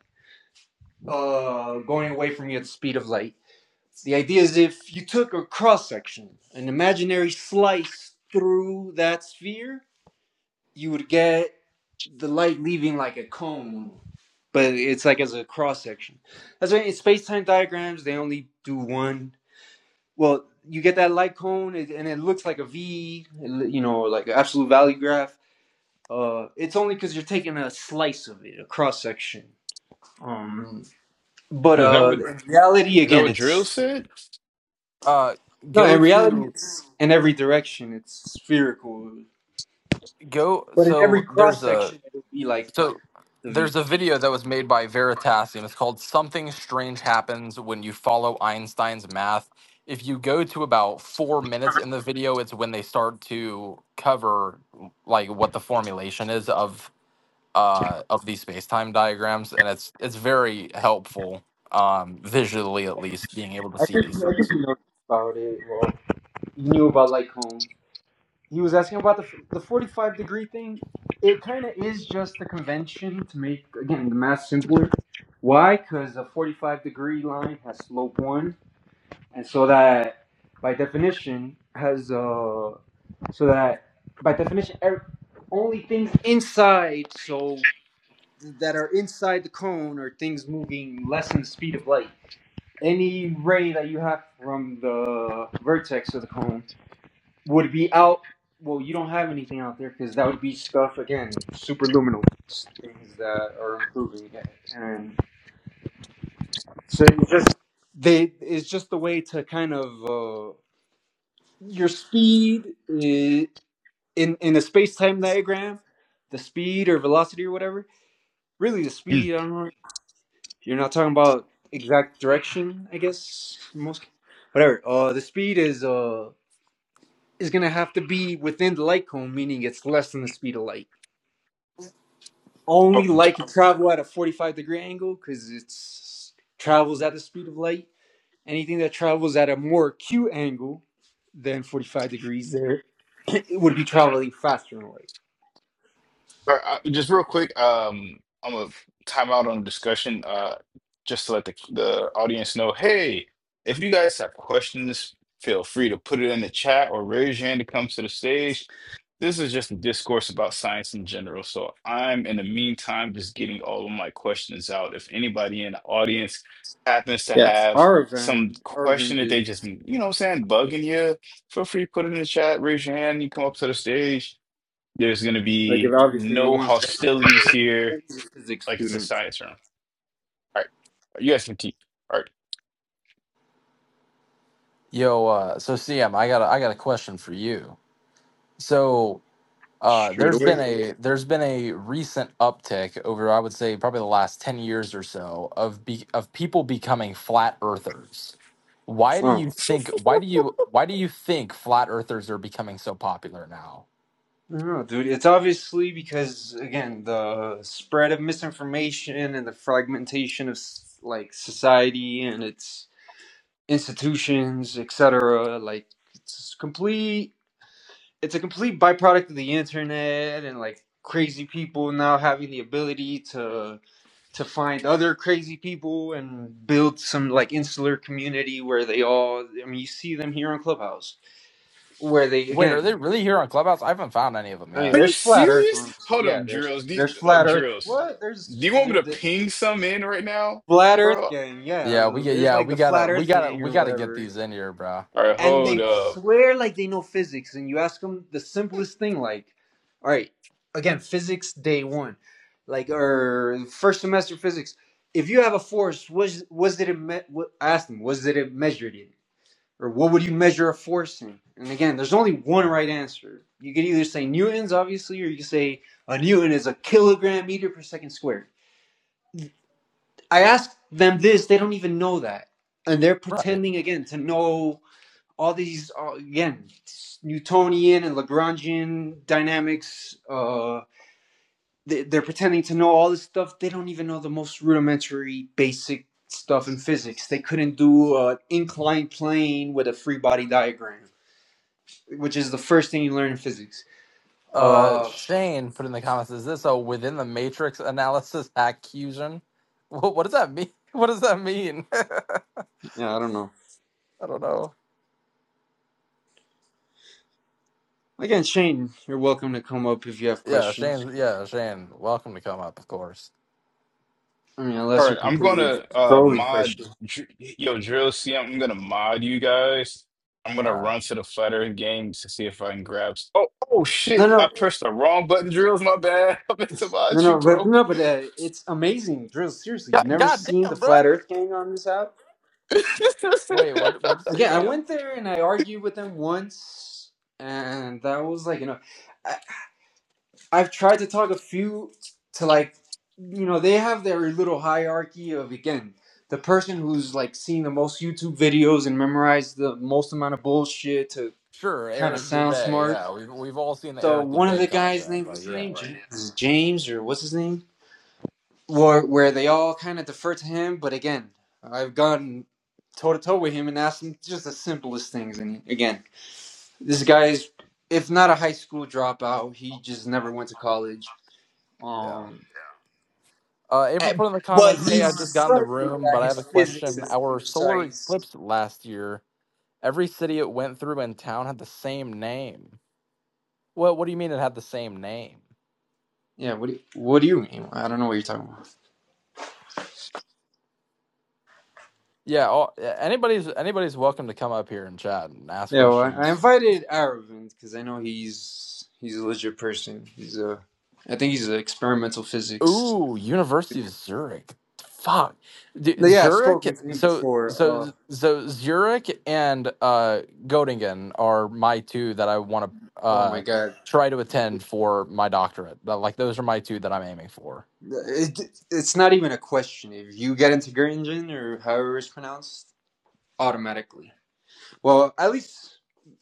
[SPEAKER 6] uh, going away from you at the speed of light The idea is if you took a cross section, an imaginary slice through that sphere, you would get the light leaving like a cone, but it's like as a cross section. That's why in space time diagrams, they only do one. Well, you get that light cone, and it looks like a V, you know, like an absolute value graph. Uh, it's only because you're taking a slice of it, a cross section. Um, but
[SPEAKER 5] Is that
[SPEAKER 6] uh,
[SPEAKER 5] what
[SPEAKER 6] in reality,
[SPEAKER 5] is that
[SPEAKER 6] again,
[SPEAKER 5] what Drill
[SPEAKER 6] it's
[SPEAKER 5] said?
[SPEAKER 3] Uh,
[SPEAKER 6] No,
[SPEAKER 3] go
[SPEAKER 6] in reality,
[SPEAKER 3] to
[SPEAKER 6] it's in every direction. It's spherical,
[SPEAKER 3] go.
[SPEAKER 6] but in every
[SPEAKER 3] So
[SPEAKER 6] cross
[SPEAKER 3] there's a
[SPEAKER 6] section, it'll be like
[SPEAKER 3] So
[SPEAKER 6] the V.
[SPEAKER 3] there's a video that was made by Veritas, and it's called "Something Strange Happens When You Follow Einstein's Math." If you go to about four minutes in the video, it's when they start to cover like what the formulation is of uh, of these space time diagrams, and it's it's very helpful um, visually, at least, being able to
[SPEAKER 6] I
[SPEAKER 3] see
[SPEAKER 6] think,
[SPEAKER 3] these
[SPEAKER 6] I think
[SPEAKER 3] things.
[SPEAKER 6] you know about it. Well, you knew about Lycombe. He was asking about the the forty five degree thing. It kind of is just a convention to make again the math simpler. Why? Because a forty five degree line has slope one, and so that by definition has uh so that by definition er- only things inside. So that are inside the cone are things moving less than the speed of light. Any ray that you have from the vertex of the cone would be out. Well, you don't have anything out there because that would be stuff again, superluminal things that are improving, and so it's just they. It's just the way to kind of uh, your speed uh, in in a space time diagram, the speed or velocity or whatever. Really, the
[SPEAKER 5] Mm.
[SPEAKER 6] speed. I don't know You're not talking about exact direction, I guess. Most whatever. Uh, the speed is uh is gonna have to be within the light cone, meaning it's less than the speed of light. Only
[SPEAKER 5] Oh,
[SPEAKER 6] light can travel at a 45 degree angle because it's travels at the speed of light. Anything that travels at a more acute angle than 45 degrees, there it would be traveling faster than light.
[SPEAKER 5] Uh, uh, Just real quick, um, I'm gonna time out on the discussion, uh, just to let the the audience know, hey, if you guys have questions, feel free to put it in the chat or raise your hand to come to the stage. This is just a discourse about science in general, so I'm in the meantime just getting all of my questions out. If anybody in the audience happens to
[SPEAKER 6] Yeah,
[SPEAKER 5] have some
[SPEAKER 6] Aravind,
[SPEAKER 5] question
[SPEAKER 6] Aravind
[SPEAKER 5] that they just,
[SPEAKER 6] is
[SPEAKER 5] you know what I'm saying, bugging you, feel free to put it in the chat, raise your hand, you come up to the stage there's going to
[SPEAKER 6] like if
[SPEAKER 5] be
[SPEAKER 6] obviously he
[SPEAKER 5] no
[SPEAKER 6] wants to
[SPEAKER 5] hostilities here.
[SPEAKER 6] he's a physics
[SPEAKER 5] Like it's a
[SPEAKER 6] student.
[SPEAKER 5] science room. All right. You guys can teach. All right.
[SPEAKER 3] Yo, uh, so CM, I got a, I got a question for you. So Uh,
[SPEAKER 6] Shoot
[SPEAKER 3] there's been
[SPEAKER 6] away.
[SPEAKER 3] a there's been a recent uptick over I would say probably the last ten years or so of be, of people becoming flat earthers. Why do
[SPEAKER 6] Oh.
[SPEAKER 3] you think why do you why do you think flat earthers are becoming so popular now?
[SPEAKER 6] I don't know, dude. It's obviously because again, the spread of misinformation and the fragmentation of like society and its institutions, et cetera. Like it's complete. It's a complete byproduct of the internet and like crazy people now having the ability to to find other crazy people and build some like insular community where they all. I mean, you see them here on Clubhouse where they
[SPEAKER 3] Wait, are they
[SPEAKER 6] again
[SPEAKER 3] really here on Clubhouse? I haven't found any of them
[SPEAKER 6] I mean,
[SPEAKER 3] yet.
[SPEAKER 5] Are you
[SPEAKER 6] there's flat Earth
[SPEAKER 5] serious?
[SPEAKER 6] roots.
[SPEAKER 5] Hold
[SPEAKER 6] Yeah,
[SPEAKER 5] up,
[SPEAKER 6] there's
[SPEAKER 5] drills. Do you,
[SPEAKER 6] there's
[SPEAKER 5] oh,
[SPEAKER 6] flat Earth.
[SPEAKER 5] drills.
[SPEAKER 6] What?
[SPEAKER 5] Do
[SPEAKER 6] There's
[SPEAKER 5] you want me
[SPEAKER 6] there,
[SPEAKER 5] to
[SPEAKER 6] the
[SPEAKER 5] ping some in right now,
[SPEAKER 6] flat
[SPEAKER 5] bro?
[SPEAKER 6] Earth
[SPEAKER 5] All
[SPEAKER 6] gang.
[SPEAKER 3] Yeah, we
[SPEAKER 6] Yeah,
[SPEAKER 3] get
[SPEAKER 6] there's
[SPEAKER 3] yeah
[SPEAKER 6] like the
[SPEAKER 3] we
[SPEAKER 6] flat
[SPEAKER 3] gotta we
[SPEAKER 6] Earth
[SPEAKER 3] gotta
[SPEAKER 6] gang
[SPEAKER 3] we
[SPEAKER 6] or
[SPEAKER 3] gotta get
[SPEAKER 6] whatever,
[SPEAKER 3] these in here, bro.
[SPEAKER 5] right.
[SPEAKER 6] and
[SPEAKER 5] Hold
[SPEAKER 6] they
[SPEAKER 5] up.
[SPEAKER 6] swear like they know physics. And you ask them the simplest thing, like, all right, again, physics day one, like or first semester physics. If you have a force, was was it me- what- I asked them, was it measured? in? Or what would you measure a force in? And again, there's only one right answer. You could either say newtons, obviously, or you could say a newton is a kilogram meter per second squared. I asked them this; they don't even know that, and they're
[SPEAKER 3] Right.
[SPEAKER 6] pretending again to know all these all, again Newtonian and Lagrangian dynamics. Uh, they, they're pretending to know all this stuff. They don't even know the most rudimentary, basic stuff in physics. They couldn't do an inclined plane with a free body diagram. which is the first thing you learn in physics.
[SPEAKER 3] Uh,
[SPEAKER 6] Uh,
[SPEAKER 3] Shane put in the comments: Is this a within the matrix analysis accusation? What, what does that mean? What does that mean?
[SPEAKER 6] yeah, I don't know.
[SPEAKER 3] I don't know.
[SPEAKER 6] Again, Shane, you're welcome to come up if you have
[SPEAKER 3] Yeah,
[SPEAKER 6] questions.
[SPEAKER 3] Shane. Yeah, Shane. Welcome to come up, of course.
[SPEAKER 6] I mean,
[SPEAKER 5] All
[SPEAKER 6] unless
[SPEAKER 5] right.
[SPEAKER 6] you're
[SPEAKER 5] I'm going
[SPEAKER 6] completely
[SPEAKER 5] to uh
[SPEAKER 6] trolling
[SPEAKER 5] mod.
[SPEAKER 6] questions.
[SPEAKER 5] Dr- Yo, drills. See, I'm going to mod you guys. I'm going to
[SPEAKER 3] All
[SPEAKER 5] run to the Flat Earth game to see if I can grab. s- Oh, oh
[SPEAKER 6] No,
[SPEAKER 5] shit. I
[SPEAKER 6] no,
[SPEAKER 5] pressed the wrong button, drills. My bad. I meant to
[SPEAKER 6] no,
[SPEAKER 5] mod you,
[SPEAKER 6] no, but
[SPEAKER 5] bro.
[SPEAKER 6] no, but uh, it's amazing, Drill. Seriously, you
[SPEAKER 3] right.
[SPEAKER 6] never
[SPEAKER 3] God,
[SPEAKER 6] seen the
[SPEAKER 3] damn, bro.
[SPEAKER 6] Flat Earth Gang on this app?
[SPEAKER 3] Wait, what? What did you
[SPEAKER 6] Again, I
[SPEAKER 3] say, CM?
[SPEAKER 6] went there and I argued with them once, and that was like, you know. I, I've tried to talk a few to like, you know, they have their little hierarchy of again the person who's like seen the most YouTube videos and memorized the most amount of bullshit to
[SPEAKER 3] Sure,
[SPEAKER 6] kind of
[SPEAKER 3] Eric
[SPEAKER 6] sound
[SPEAKER 3] Dubay.
[SPEAKER 6] smart.
[SPEAKER 3] Yeah, we've we've all seen the
[SPEAKER 6] So
[SPEAKER 3] Eric
[SPEAKER 6] one of the
[SPEAKER 3] Dubay
[SPEAKER 6] guys'
[SPEAKER 3] content,
[SPEAKER 6] named
[SPEAKER 3] but
[SPEAKER 6] what's his
[SPEAKER 3] yeah,
[SPEAKER 6] name Ja- is James or what's his name, where where they all kind of defer to him. But again, I've gone toe to toe with him and asked him just the simplest things. And again, this guy is if not a high school dropout, he just never went to college.
[SPEAKER 3] yeah.
[SPEAKER 6] Um,
[SPEAKER 3] Uh,
[SPEAKER 6] Uh,
[SPEAKER 3] April put in the
[SPEAKER 6] But
[SPEAKER 3] comments, "Hey,
[SPEAKER 6] he's
[SPEAKER 3] I just got in the
[SPEAKER 6] certain
[SPEAKER 3] room,
[SPEAKER 6] that
[SPEAKER 3] but I have
[SPEAKER 6] his
[SPEAKER 3] a
[SPEAKER 6] physics
[SPEAKER 3] question.
[SPEAKER 6] is
[SPEAKER 3] Our solar
[SPEAKER 6] precise.
[SPEAKER 3] eclipse last year, every city it went through in town had the same name. Well, what do you mean it had the same name?
[SPEAKER 6] Yeah, what do you, what do you mean? I don't know what you're talking about.
[SPEAKER 3] Yeah, all, anybody's anybody's welcome to come up here and chat and ask
[SPEAKER 6] Yeah, well, I, I
[SPEAKER 3] questions.
[SPEAKER 6] invited Aravind because I know he's he's a legit person. He's a, I think he's an experimental physics.
[SPEAKER 3] Ooh, University of Zurich. Fuck, D-
[SPEAKER 6] But yeah, I've
[SPEAKER 3] Zurich.
[SPEAKER 6] spoken to him
[SPEAKER 3] So
[SPEAKER 6] before. Uh,
[SPEAKER 3] so so Zurich and uh, Göttingen are my two that I want to
[SPEAKER 6] oh my
[SPEAKER 3] uh,
[SPEAKER 6] god,
[SPEAKER 3] try to attend for my doctorate. But, Like those are my two that I'm aiming for.
[SPEAKER 6] it, it's not even a question. If you get into Göttingen or however it's pronounced, automatically. Well, at least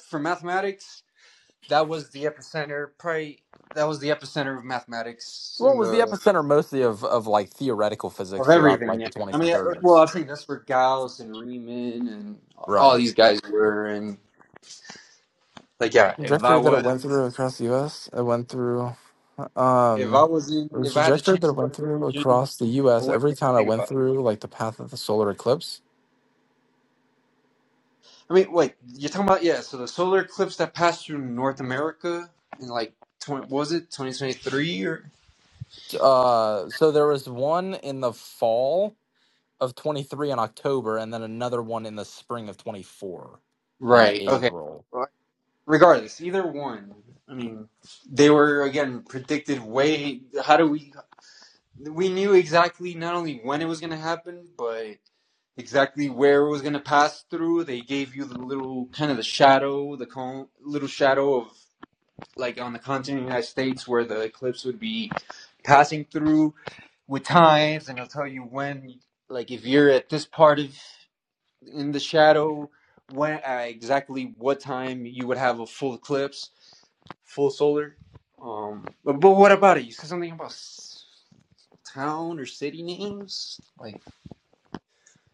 [SPEAKER 6] for mathematics, that was the epicenter. Probably that was the epicenter of mathematics
[SPEAKER 3] Well,
[SPEAKER 6] in
[SPEAKER 3] it was the
[SPEAKER 6] the
[SPEAKER 3] epicenter mostly of of like theoretical physics
[SPEAKER 6] of
[SPEAKER 3] throughout
[SPEAKER 6] everything.
[SPEAKER 3] like
[SPEAKER 6] Yeah,
[SPEAKER 3] the
[SPEAKER 6] I
[SPEAKER 3] 20s and
[SPEAKER 6] mean, well,
[SPEAKER 3] 30s.
[SPEAKER 6] I think that's where Gauss and Riemann and all
[SPEAKER 3] Right.
[SPEAKER 6] these guys were. And like, yeah,
[SPEAKER 3] The
[SPEAKER 6] if I
[SPEAKER 3] trajectory that it
[SPEAKER 6] was
[SPEAKER 3] went through across the U.S. It went through,
[SPEAKER 6] if I
[SPEAKER 3] um,
[SPEAKER 6] was in
[SPEAKER 3] the
[SPEAKER 6] if I had the
[SPEAKER 3] trajectory that
[SPEAKER 6] chance to
[SPEAKER 3] it
[SPEAKER 6] go
[SPEAKER 3] went
[SPEAKER 6] to
[SPEAKER 3] through
[SPEAKER 6] Durban,
[SPEAKER 3] across the
[SPEAKER 6] I
[SPEAKER 3] U.S.
[SPEAKER 6] wouldn't
[SPEAKER 3] Every
[SPEAKER 6] even
[SPEAKER 3] town it
[SPEAKER 6] think
[SPEAKER 3] went
[SPEAKER 6] about it.
[SPEAKER 3] through, like the path of the solar eclipse.
[SPEAKER 6] I mean, wait, you're talking about yeah? So the solar eclipse that passed through North America in like 20, what was it 2023 or
[SPEAKER 3] Uh, so there was one in the fall of 23 in October, and then another one in the spring of 24 in
[SPEAKER 6] right? Okay,
[SPEAKER 3] April.
[SPEAKER 6] well, regardless, either one. I mean, they were again predicted way. How do we? We knew exactly not only when it was going to happen, but exactly where it was going to pass through. They gave you the little kind of the shadow, the cone, little shadow of like on the continent of the United States where the eclipse would be passing through with times, and it'll tell you when. Like if you're at this part of in the shadow, when uh, exactly what time you would have a full eclipse full solar. Um, but, but what about it? You said something about town or city names. Like,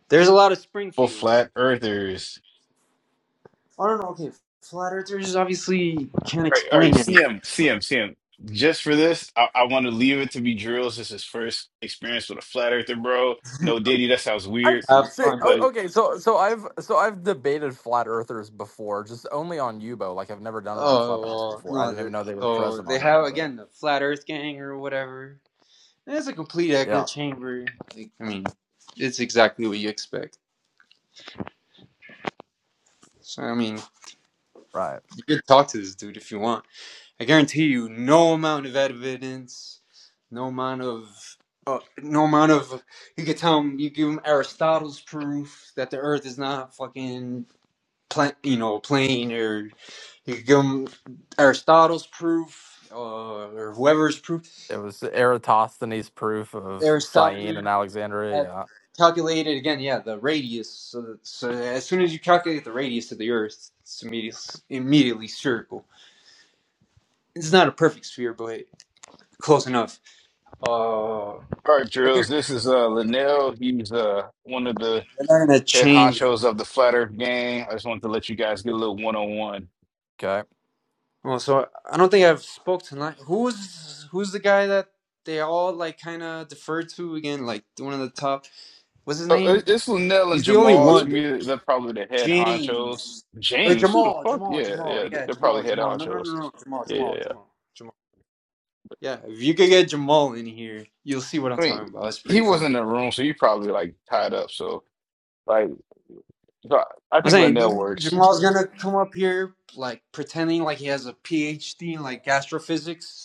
[SPEAKER 6] there's a lot of
[SPEAKER 5] for
[SPEAKER 6] Springfields.
[SPEAKER 5] flat earthers.
[SPEAKER 6] I don't know. Okay, flat earthers obviously can't
[SPEAKER 5] All right, all right,
[SPEAKER 6] explain anything.
[SPEAKER 5] CM, CM, CM. Just for this, I, I want to leave it to be Drills. This is his first experience with a flat earther, bro. No Diddy, that sounds
[SPEAKER 3] I've
[SPEAKER 5] weird.
[SPEAKER 6] Have
[SPEAKER 3] say,
[SPEAKER 6] fun,
[SPEAKER 5] But
[SPEAKER 3] o-
[SPEAKER 6] dude.
[SPEAKER 3] okay, so so I've so I've debated flat earthers before, just only on Yubo. Like I've never done it on
[SPEAKER 6] Oh
[SPEAKER 3] Clubhouse
[SPEAKER 6] well,
[SPEAKER 3] before. I
[SPEAKER 6] no.
[SPEAKER 3] didn't
[SPEAKER 6] The,
[SPEAKER 3] even know they were
[SPEAKER 6] so
[SPEAKER 3] present
[SPEAKER 6] they
[SPEAKER 3] on here,
[SPEAKER 6] have
[SPEAKER 3] but
[SPEAKER 6] again the flat Earth gang or whatever. And It's a complete echo
[SPEAKER 3] yeah,
[SPEAKER 6] chamber. Like, I mean, it's exactly what you expect. So I mean,
[SPEAKER 3] right.
[SPEAKER 6] you could talk to this dude if you want. I guarantee you, no amount of evidence, no amount of, uh, no amount of, you could tell him, you give him Aristotle's proof that the Earth is not fucking, pla- you know, plane, or you could give him Aristotle's proof, uh, or whoever's proof
[SPEAKER 3] It was Eratosthenes' proof of Syene
[SPEAKER 6] Aristophanes
[SPEAKER 3] and Alexandria.
[SPEAKER 6] had
[SPEAKER 3] Yeah.
[SPEAKER 6] calculated. Again, yeah, the radius. So, that- so as soon as you calculate the radius of the Earth, it's immediately, immediately spherical. It's not a perfect sphere, but close enough. Uh,
[SPEAKER 5] all right, Drills,
[SPEAKER 6] They're
[SPEAKER 5] this is uh Linnell. He's uh one of the
[SPEAKER 6] not gonna
[SPEAKER 5] head
[SPEAKER 6] change.
[SPEAKER 5] honchos of the Flat Earth gang. I just wanted to let you guys get a little one on one.
[SPEAKER 3] Okay.
[SPEAKER 6] Well, so I don't think I've spoke tonight. Who's who's the guy that they all like kind of defer to again? Like one of the top. What's his name?
[SPEAKER 5] It's Linnell and
[SPEAKER 6] He's the only
[SPEAKER 5] Jamal. To
[SPEAKER 6] one.
[SPEAKER 5] me, they're probably the head honchos.
[SPEAKER 6] James or
[SPEAKER 5] James, who the
[SPEAKER 6] Jamal?
[SPEAKER 5] fuck?
[SPEAKER 6] Jamal?
[SPEAKER 5] Yeah,
[SPEAKER 6] Jamal?
[SPEAKER 5] yeah,
[SPEAKER 6] Yeah,
[SPEAKER 5] they're probably
[SPEAKER 6] Jamal.
[SPEAKER 5] head
[SPEAKER 6] Jamal. No, no, no,
[SPEAKER 5] honchos.
[SPEAKER 6] no. Jamal.
[SPEAKER 5] Yeah. yeah,
[SPEAKER 6] Jamal.
[SPEAKER 5] yeah.
[SPEAKER 6] Jamal. Jamal. Yeah, if you could get Jamal in here, you'll see what I'm
[SPEAKER 5] I
[SPEAKER 6] talking
[SPEAKER 5] mean,
[SPEAKER 6] about. It's
[SPEAKER 5] he
[SPEAKER 6] pretty
[SPEAKER 5] was
[SPEAKER 6] funny.
[SPEAKER 5] in the room, so he probably like tied up. So like, so I I
[SPEAKER 6] I'm
[SPEAKER 5] think Linnell
[SPEAKER 6] saying
[SPEAKER 5] works.
[SPEAKER 6] Jamal's gonna come up here like pretending like he has a PhD in like astrophysics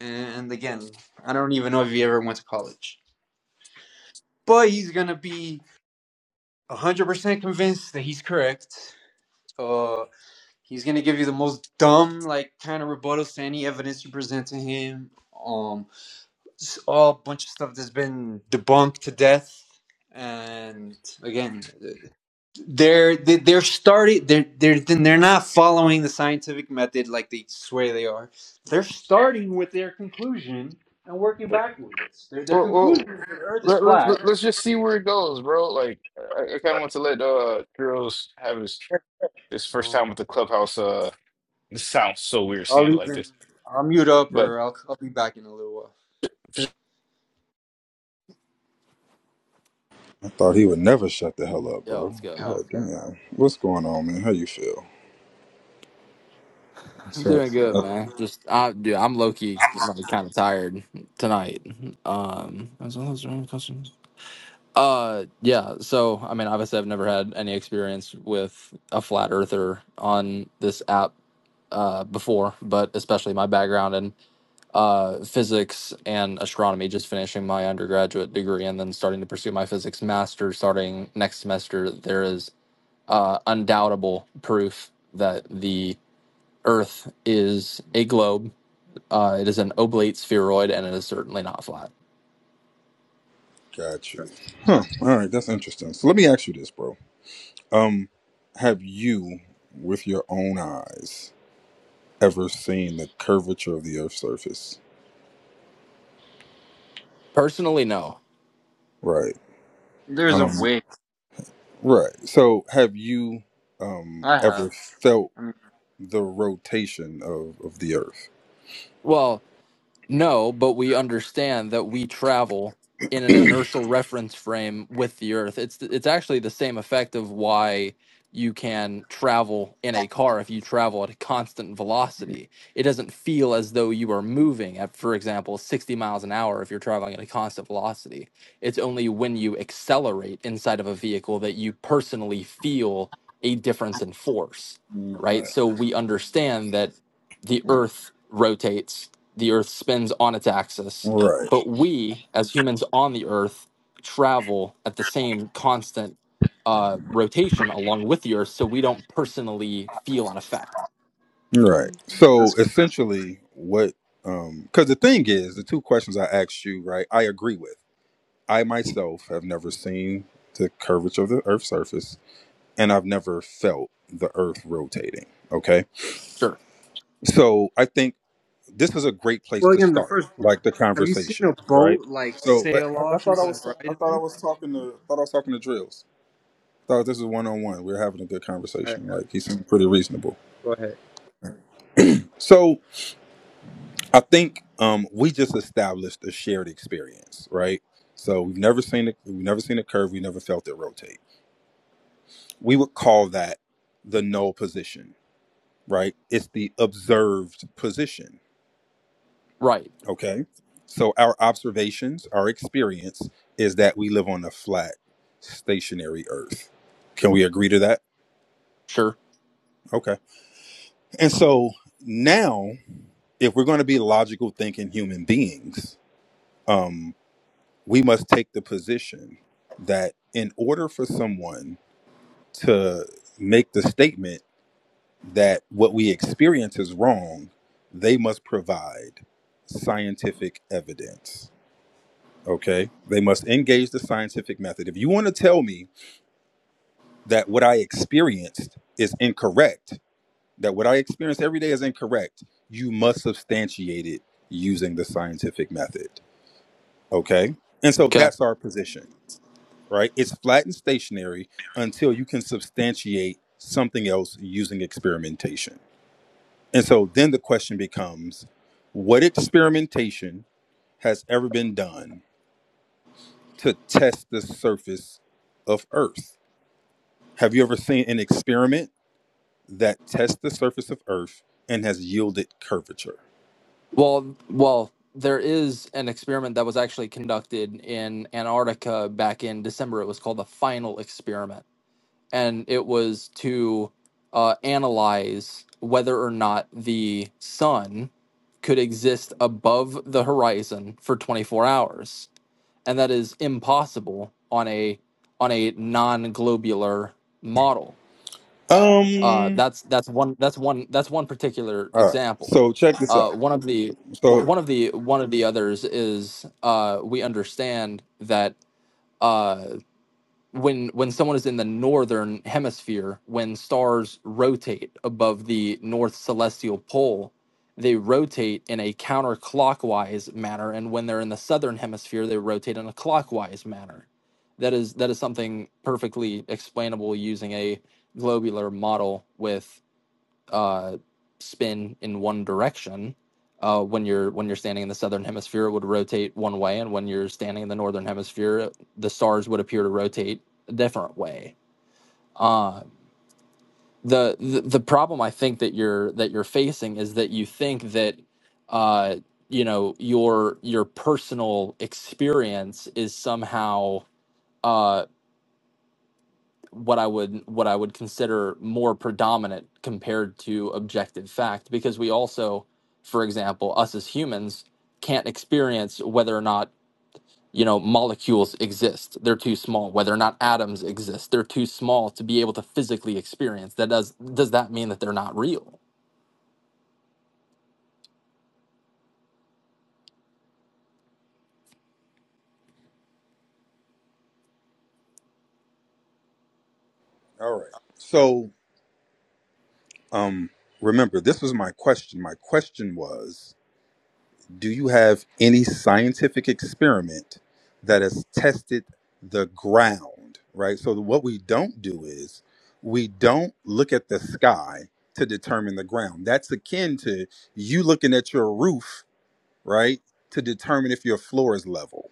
[SPEAKER 6] And again, I don't even know if he ever went to college. But he's going to be 100% convinced that he's correct. Uh, he's going to give you the most dumb, like, kind of rebuttals to any evidence you present to him. Um, just all a bunch of stuff that's been debunked to death. And again, they're they- they're starting they're they're they're not following the scientific method like they swear they are. They're starting with their conclusion and working backwards. Their their
[SPEAKER 5] Well,
[SPEAKER 6] conclusion
[SPEAKER 5] well
[SPEAKER 6] is that Earth is
[SPEAKER 5] let, let's
[SPEAKER 6] flat.
[SPEAKER 5] let, let's just see where it goes, bro. Like, I, I kind of want to let uh girls have his his first
[SPEAKER 6] Um,
[SPEAKER 5] time with the clubhouse. Uh, this sounds so weird
[SPEAKER 6] I'll
[SPEAKER 5] saying it like
[SPEAKER 6] even
[SPEAKER 5] this,
[SPEAKER 6] I'll mute up
[SPEAKER 5] but
[SPEAKER 6] or I'll I'll be back in a little while.
[SPEAKER 5] just
[SPEAKER 7] I thought he would never shut the hell up,
[SPEAKER 3] Yo,
[SPEAKER 7] bro.
[SPEAKER 3] what's good,
[SPEAKER 7] God
[SPEAKER 3] man?
[SPEAKER 7] Okay. damn. What's going on, man? How you feel?
[SPEAKER 3] I'm
[SPEAKER 7] So,
[SPEAKER 3] doing good,
[SPEAKER 7] oh,
[SPEAKER 3] man. Just, I, dude, I'm low key, like, kind of tired tonight. Um, as well as there any questions. Uh, yeah. So, I mean, obviously, I've never had any experience with a flat earther on this app uh before, but especially my background in uh, physics and astronomy, just finishing my undergraduate degree and then starting to pursue my physics master starting next semester, there is uh, undoubtable proof that the Earth is a globe. Uh, it is an oblate spheroid and it is certainly not flat.
[SPEAKER 7] got you. Huh. All right, that's interesting. So let me ask you this, bro. Um, have you, with your own eyes, ever seen the curvature of the Earth's surface?
[SPEAKER 3] Personally, no.
[SPEAKER 7] Right.
[SPEAKER 6] There's a
[SPEAKER 7] Um.
[SPEAKER 6] way
[SPEAKER 7] Right. So have you, um,
[SPEAKER 6] I have.
[SPEAKER 7] ever felt
[SPEAKER 6] I mean,
[SPEAKER 7] the rotation of of the Earth?
[SPEAKER 3] Well, No, but we understand that we travel in an inertial reference frame with the Earth. It's it's actually the same effect of why you can travel in a car if you travel at a constant velocity. It doesn't feel as though you are moving at, for example, 60 miles an hour if you're traveling at a constant velocity. It's only when you accelerate inside of a vehicle that you personally feel a difference in force, right? So we understand that the
[SPEAKER 6] yeah,
[SPEAKER 3] Earth rotates the earth spins on its axis,
[SPEAKER 7] Right.
[SPEAKER 3] but we, as humans on the earth, travel at the same constant uh, rotation along with the earth, so we don't personally feel an effect.
[SPEAKER 7] Right.
[SPEAKER 6] that's
[SPEAKER 7] So
[SPEAKER 6] correct.
[SPEAKER 7] essentially, what? Um, because the thing is, the two questions I asked you, right? I agree with. I myself have never seen the curvature of the Earth's surface, and I've never felt the Earth rotating. Okay.
[SPEAKER 3] Sure.
[SPEAKER 7] So I think this is a great place
[SPEAKER 6] Well,
[SPEAKER 7] to
[SPEAKER 6] again, the
[SPEAKER 7] start,
[SPEAKER 6] first one.
[SPEAKER 7] like the
[SPEAKER 6] Have you seen a
[SPEAKER 7] conversation, right?
[SPEAKER 6] boat like
[SPEAKER 7] So wait,
[SPEAKER 6] sail
[SPEAKER 7] I, I
[SPEAKER 6] off
[SPEAKER 7] thought
[SPEAKER 6] into
[SPEAKER 7] I
[SPEAKER 6] the
[SPEAKER 7] was, ta- I thought I
[SPEAKER 6] horizon?
[SPEAKER 7] was talking to, I thought I was talking to Drills. Thought this was one on one. We are having a good
[SPEAKER 6] Uh,
[SPEAKER 7] conversation. Like he seemed pretty reasonable.
[SPEAKER 6] go ahead.
[SPEAKER 7] So I think um, we just established a shared experience, right? So we've never seen it. We've never seen a curve. We never felt it rotate. We would call that the null position, right? It's the observed position.
[SPEAKER 3] Right.
[SPEAKER 7] Okay. So our observations, our experience is that we live on a flat, stationary Earth. Can we agree to that?
[SPEAKER 3] Sure.
[SPEAKER 7] Okay. And so now, if we're going to be logical thinking human beings, um, we must take the position that in order for someone to make the statement that what we experience is wrong, they must provide scientific evidence. Okay? They must engage the scientific method. If you want to tell me that what I experienced is incorrect, that what I experience every day is incorrect, you must substantiate it using the scientific method. Okay? And so
[SPEAKER 3] Okay.
[SPEAKER 7] that's our position. right? It's flat and stationary until you can substantiate something else using experimentation. And so then the question becomes what experimentation has ever been done to test the surface of Earth? Have you ever seen an experiment that tests the surface of Earth and has yielded curvature?
[SPEAKER 3] Well, well, there is an experiment that was actually conducted in Antarctica back in December. It was called the final experiment and it was to uh, analyze whether or not the sun could exist above the horizon for 24 hours and that is impossible on a on a non-globular model uh,
[SPEAKER 7] Um,
[SPEAKER 3] that's that's one that's one that's one particular
[SPEAKER 7] all right.
[SPEAKER 3] example
[SPEAKER 7] So check this
[SPEAKER 3] uh,
[SPEAKER 7] out.
[SPEAKER 3] one of the
[SPEAKER 7] So,
[SPEAKER 3] one of the one of the others is uh, we understand that Uh, when when someone is in the northern hemisphere when stars rotate above the north celestial pole they rotate in a counterclockwise manner and when they're in the southern hemisphere they rotate in a clockwise manner that is that is something perfectly explainable using a globular model with uh, spin in one direction. Uh, when you're when you're standing in the southern hemisphere, it would rotate one way, and when you're standing in the northern hemisphere, the stars would appear to rotate a different way. Uh, the, the the problem I think that you're that you're facing is that you think that uh, you know your your personal experience is somehow uh, what I would what I would consider more predominant compared to objective fact because we also for example us as humans can't experience whether or not you know molecules exist they're too small whether or not atoms exist they're too small to be able to physically experience that does does that mean that they're not real
[SPEAKER 7] all right. So, um, remember, this was my question. My question was Do you have any scientific experiment that has tested the ground, right? So what we don't do is we don't look at the sky to determine the ground. That's akin to you looking at your roof, right, to determine if your floor is level.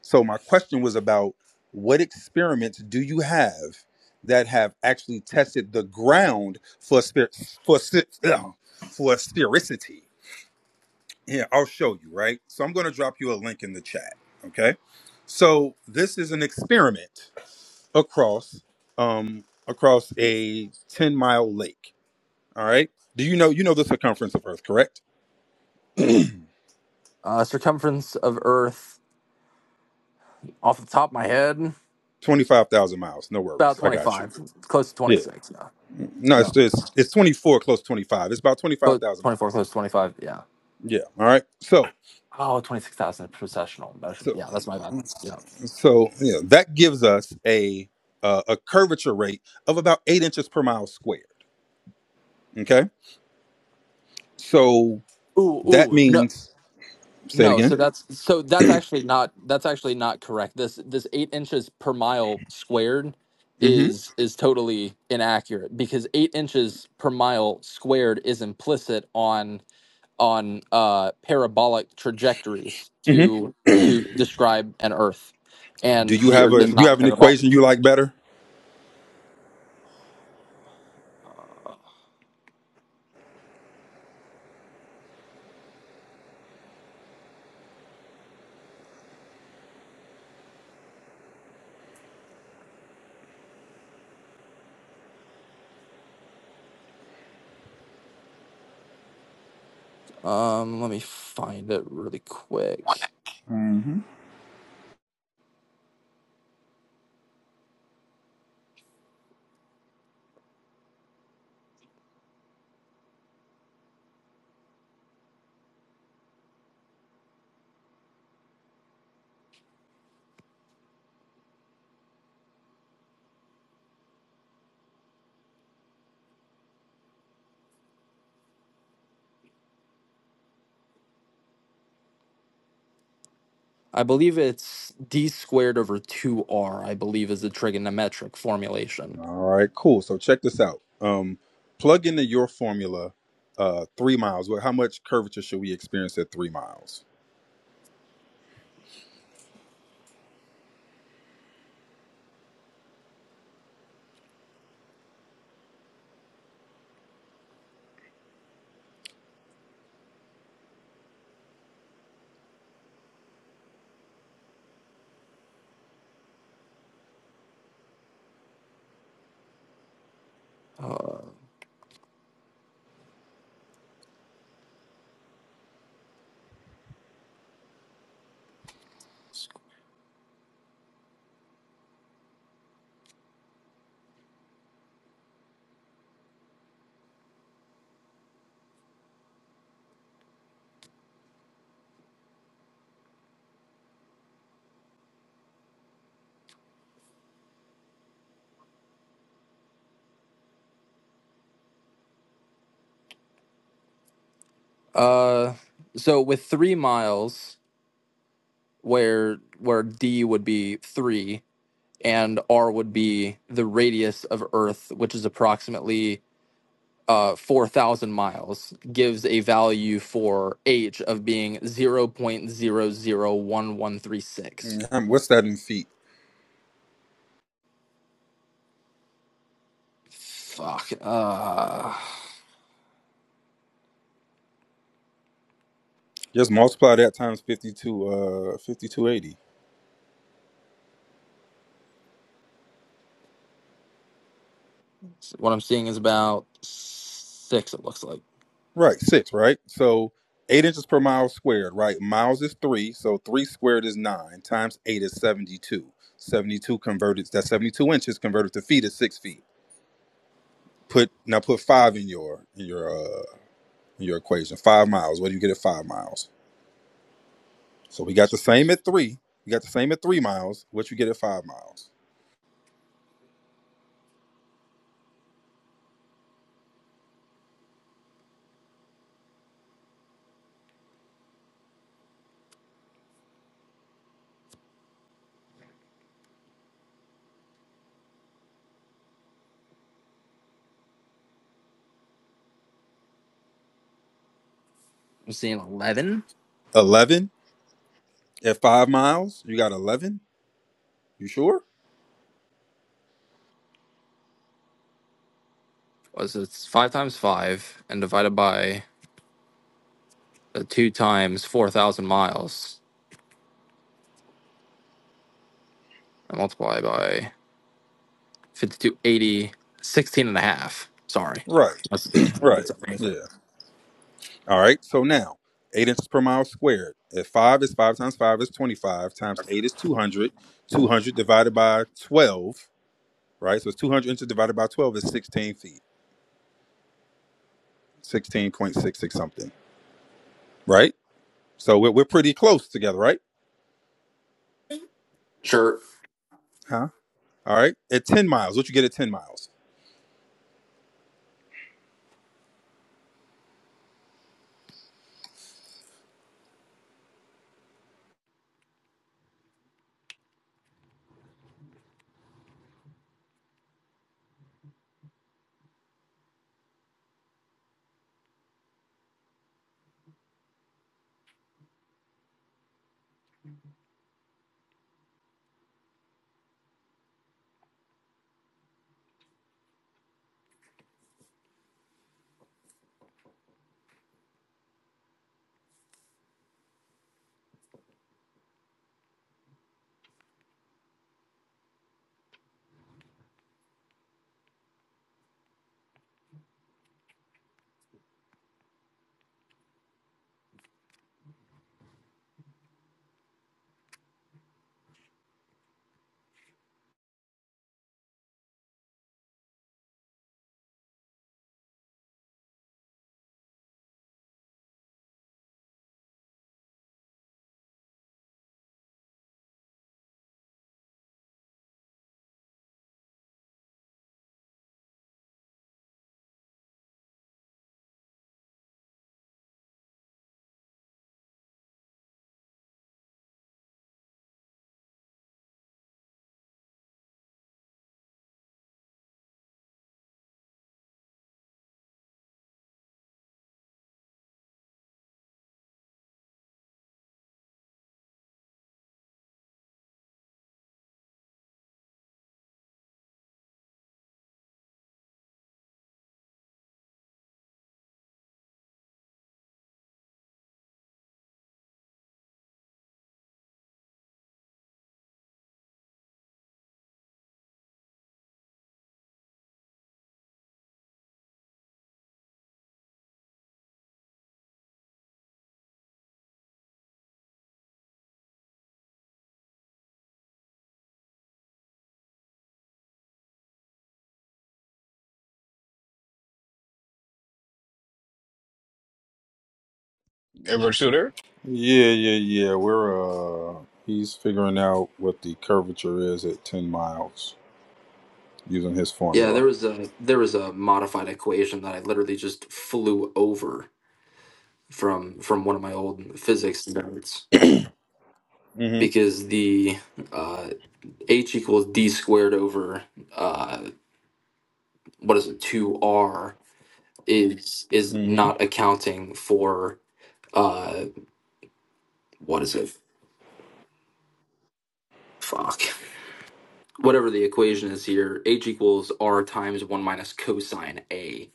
[SPEAKER 7] So my question was about what experiments do you have that have actually tested the ground for spirit for, spe- for sphericity? Here, I'll show you, right? So I'm going to drop you a link in the chat, okay? So this is an experiment across um across a 10-mile lake, all right? Do you know you know the circumference of Earth, correct?
[SPEAKER 3] uh, circumference of earth off the top of my head
[SPEAKER 7] 25,000 miles. No
[SPEAKER 3] about
[SPEAKER 7] worries. I got you.
[SPEAKER 3] 25 close to
[SPEAKER 7] Yeah.
[SPEAKER 3] 26 yeah
[SPEAKER 7] No,
[SPEAKER 3] yeah
[SPEAKER 7] it's it's, it's 24 close to 25. It's about
[SPEAKER 3] but
[SPEAKER 7] 25,000
[SPEAKER 3] 24
[SPEAKER 7] miles.
[SPEAKER 3] close to 25 yeah
[SPEAKER 7] Yeah, all right? So
[SPEAKER 3] Oh, 26,000 processional motion.
[SPEAKER 7] so
[SPEAKER 3] Yeah, that's my bad. Yeah.
[SPEAKER 7] so yeah, that gives us a uh, a curvature rate of about 8 inches per mile squared, okay? So
[SPEAKER 3] Ooh,
[SPEAKER 7] that
[SPEAKER 3] ooh. No,
[SPEAKER 7] means say it
[SPEAKER 3] no.
[SPEAKER 7] again.
[SPEAKER 3] So that's so that's actually not that's actually not correct. This this eight inches per mile squared
[SPEAKER 7] hmm
[SPEAKER 3] is is totally inaccurate because eight inches per mile squared is implicit on on uh parabolic trajectories
[SPEAKER 7] hmm
[SPEAKER 3] to to describe an Earth,
[SPEAKER 7] Do
[SPEAKER 3] and
[SPEAKER 7] you
[SPEAKER 3] the
[SPEAKER 7] have
[SPEAKER 3] Earth
[SPEAKER 7] a
[SPEAKER 3] is
[SPEAKER 7] you
[SPEAKER 3] not
[SPEAKER 7] have an
[SPEAKER 3] parabolic.
[SPEAKER 7] equation you like better?
[SPEAKER 3] Um, let me find it really quick.
[SPEAKER 7] hmm
[SPEAKER 3] I believe it's d squared over 2r, I believe is the trigonometric formulation.
[SPEAKER 7] All right, cool. So check this out. Um, plug into your formula uh, three miles. Well, how much curvature should we experience at three miles?
[SPEAKER 3] Uh, uh, so with 3 miles where where d would be 3 and r would be the radius of earth which is approximately uh 4000 miles gives a value for h of being 0.001136.
[SPEAKER 7] Mm, What's that in feet?
[SPEAKER 3] Fuck. Uh
[SPEAKER 7] Just multiply that times 52, uh, 5280.
[SPEAKER 3] so what I'm seeing is about 6 it looks like.
[SPEAKER 7] Right, six, right? So eight inches per mile squared, right? Miles is three, so three squared is nine, times eight is 72. 72 converted, that's 72 inches converted to feet is six feet. Put now put five in your in your uh in your equation. Five miles. What do you get at five miles? So we got the same at three. You got the same at three miles. What you get at five miles?
[SPEAKER 3] I'm seeing 11.
[SPEAKER 7] Eleven at five miles. You got eleven. You sure?
[SPEAKER 3] Was it's 5 times 5 and divided by the 2 times 4,000 miles and multiply by fifty-two eighty sixteen and a half. Sorry.
[SPEAKER 7] Right.
[SPEAKER 3] That's, that's,
[SPEAKER 7] Right.
[SPEAKER 3] that's amazing.
[SPEAKER 7] Yeah. All right. So now, eight inches per mile squared. If five is five times five is 25 times eight is 200. 200 divided by 12, right? So it's 200 inches divided by 12 is 16 feet, 16.66 something, right? So we're, we're pretty close together, right?
[SPEAKER 3] Sure.
[SPEAKER 7] Huh? All right. At 10 miles, what you get at 10 miles?
[SPEAKER 5] ever shooter.
[SPEAKER 7] Yeah, yeah, yeah. We're uh he's figuring out what the curvature is at ten miles using his
[SPEAKER 3] Yeah,
[SPEAKER 7] formula.
[SPEAKER 3] there was a there was a modified equation that I literally just flew over from from one of my old physics notes
[SPEAKER 7] Mm
[SPEAKER 3] because the uh, h equals d squared over uh, what is it 2r is
[SPEAKER 7] hmm.
[SPEAKER 3] is
[SPEAKER 7] Mm
[SPEAKER 3] not accounting for uh what is it fuck whatever the equation is here h equals r times 1 minus cosine a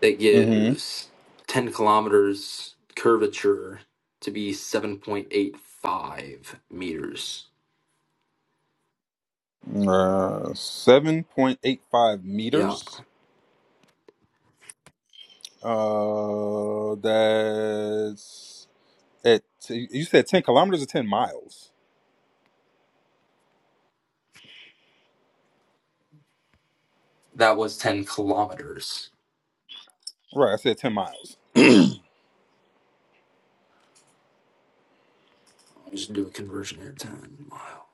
[SPEAKER 3] that
[SPEAKER 7] hmm.
[SPEAKER 3] gives 10 kilometers curvature to be 7.85 meters
[SPEAKER 7] Uh, seven point eight five
[SPEAKER 3] yeah
[SPEAKER 7] meters. Uh, that's at. You said ten kilometers or ten miles?
[SPEAKER 3] that was 10 kilometers
[SPEAKER 7] Right, I said ten miles.
[SPEAKER 3] I'll just do a conversion here 10 mile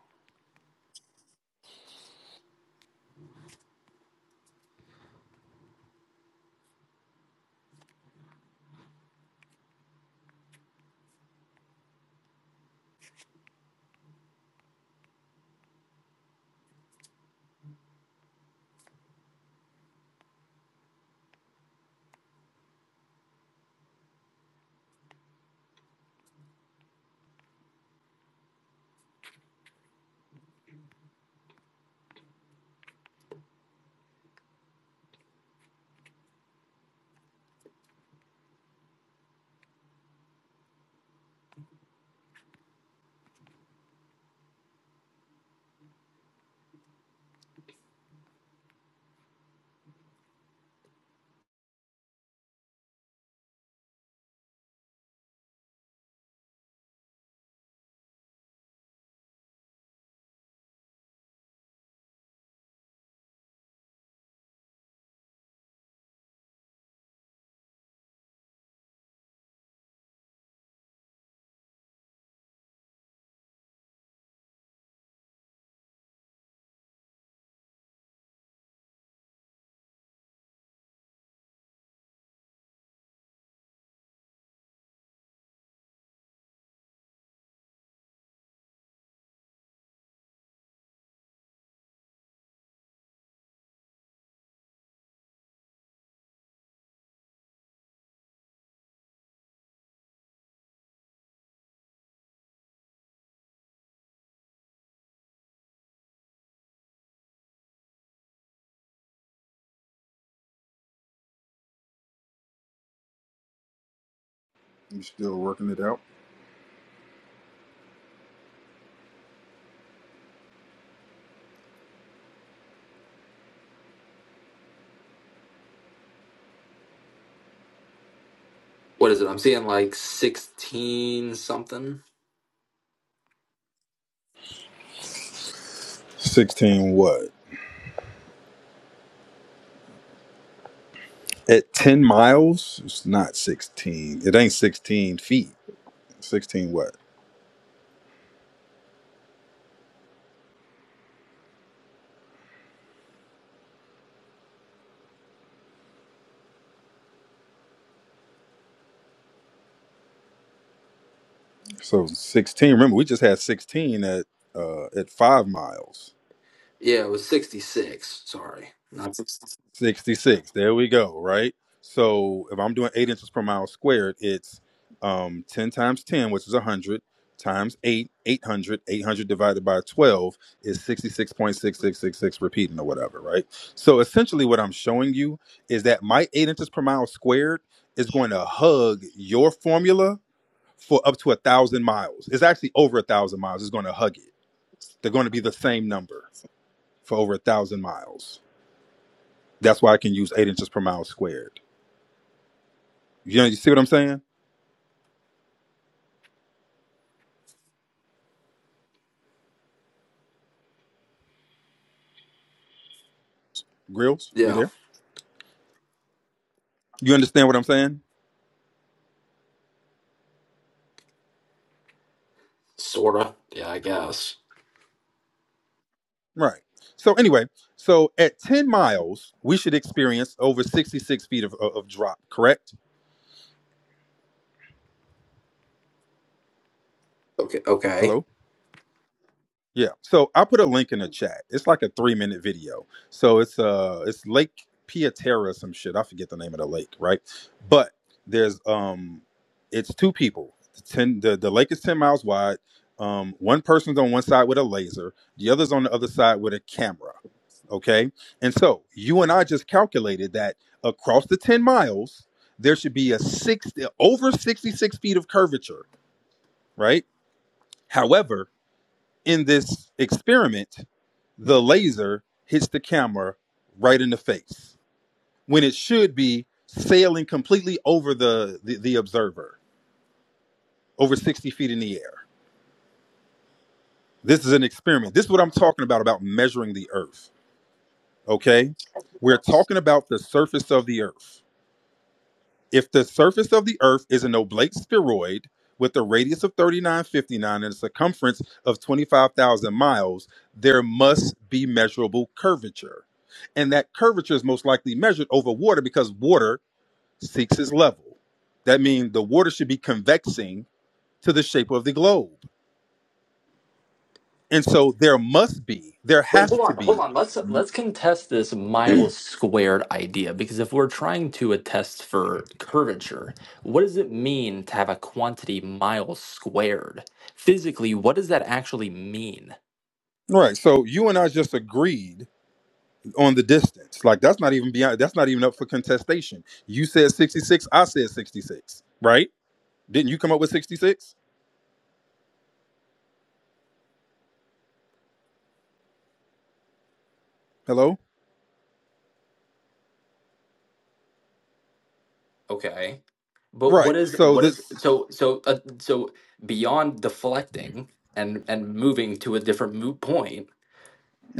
[SPEAKER 7] You still working it out?
[SPEAKER 3] what is it i'm seeing like 16 something
[SPEAKER 7] Sixteen what? At ten miles, it's not sixteen. It ain't sixteen feet. Sixteen what? So sixteen. Remember, we just had sixteen at uh at five miles.
[SPEAKER 3] yeah it was 66 sorry not 60
[SPEAKER 7] 66. There we go, right? So if I'm doing eight inches per mile squared, it's um, 10 times 10, which is 100, times 8, 800. 800 divided by 12 is 66.6666 repeating or whatever, right? So essentially, what I'm showing you is that my eight inches per mile squared is going to hug your formula for up to a thousand miles. It's actually over a thousand miles. It's going to hug it. They're going to be the same number for over a thousand miles. That's why I can use eight inches per mile squared. You know, you see what I'm saying? Grills, you
[SPEAKER 3] yeah
[SPEAKER 7] there? You understand what I'm saying?
[SPEAKER 3] Sorta. Yeah, I guess.
[SPEAKER 7] Right. So anyway, so at 10 miles, we should experience over 66 feet of, of of drop, correct?
[SPEAKER 3] Okay. Okay.
[SPEAKER 7] Hello? Yeah. So I put a link in the chat. It's like a three minute video. So it's uh it's Lake Piaterra, some shit. I forget the name of the lake, right? But there's um it's two people. The ten the, the lake is 10 miles wide. Um, one person's on one side with a laser, the other's on the other side with a camera Okay. And so you and I just calculated that across the 10 miles, there should be a six over 66 feet of curvature, right? However, in this experiment, the laser hits the camera right in the face when it should be sailing completely over the, the, the observer, over 60 feet in the air. This is an experiment. This is what I'm talking about about measuring the earth. Okay. We're talking about the surface of the earth If the surface of the Earth is an oblate spheroid with a radius of 3959 and a circumference of 25,000 miles, there must be measurable curvature. And that curvature is most likely measured over water because water seeks its level. That means the water should be convexing to the shape of the globe. And so there must be, there
[SPEAKER 3] Wait,
[SPEAKER 7] has
[SPEAKER 3] hold
[SPEAKER 7] to
[SPEAKER 3] on,
[SPEAKER 7] be.
[SPEAKER 3] hold on. Let's let's contest this miles squared idea because if we're trying to attest for curvature, what does it mean to have a quantity miles squared? Physically, what does that actually mean?
[SPEAKER 7] Right. So you and I just agreed on the distance. Like that's not even beyond that's not even up for contestation. You said 66, I said 66, right? Didn't you come up with 66? Hello?
[SPEAKER 3] Okay. But
[SPEAKER 7] Right.
[SPEAKER 3] what is
[SPEAKER 7] So
[SPEAKER 3] what is
[SPEAKER 7] this
[SPEAKER 3] so so uh, so beyond deflecting and and moving to a different moot point?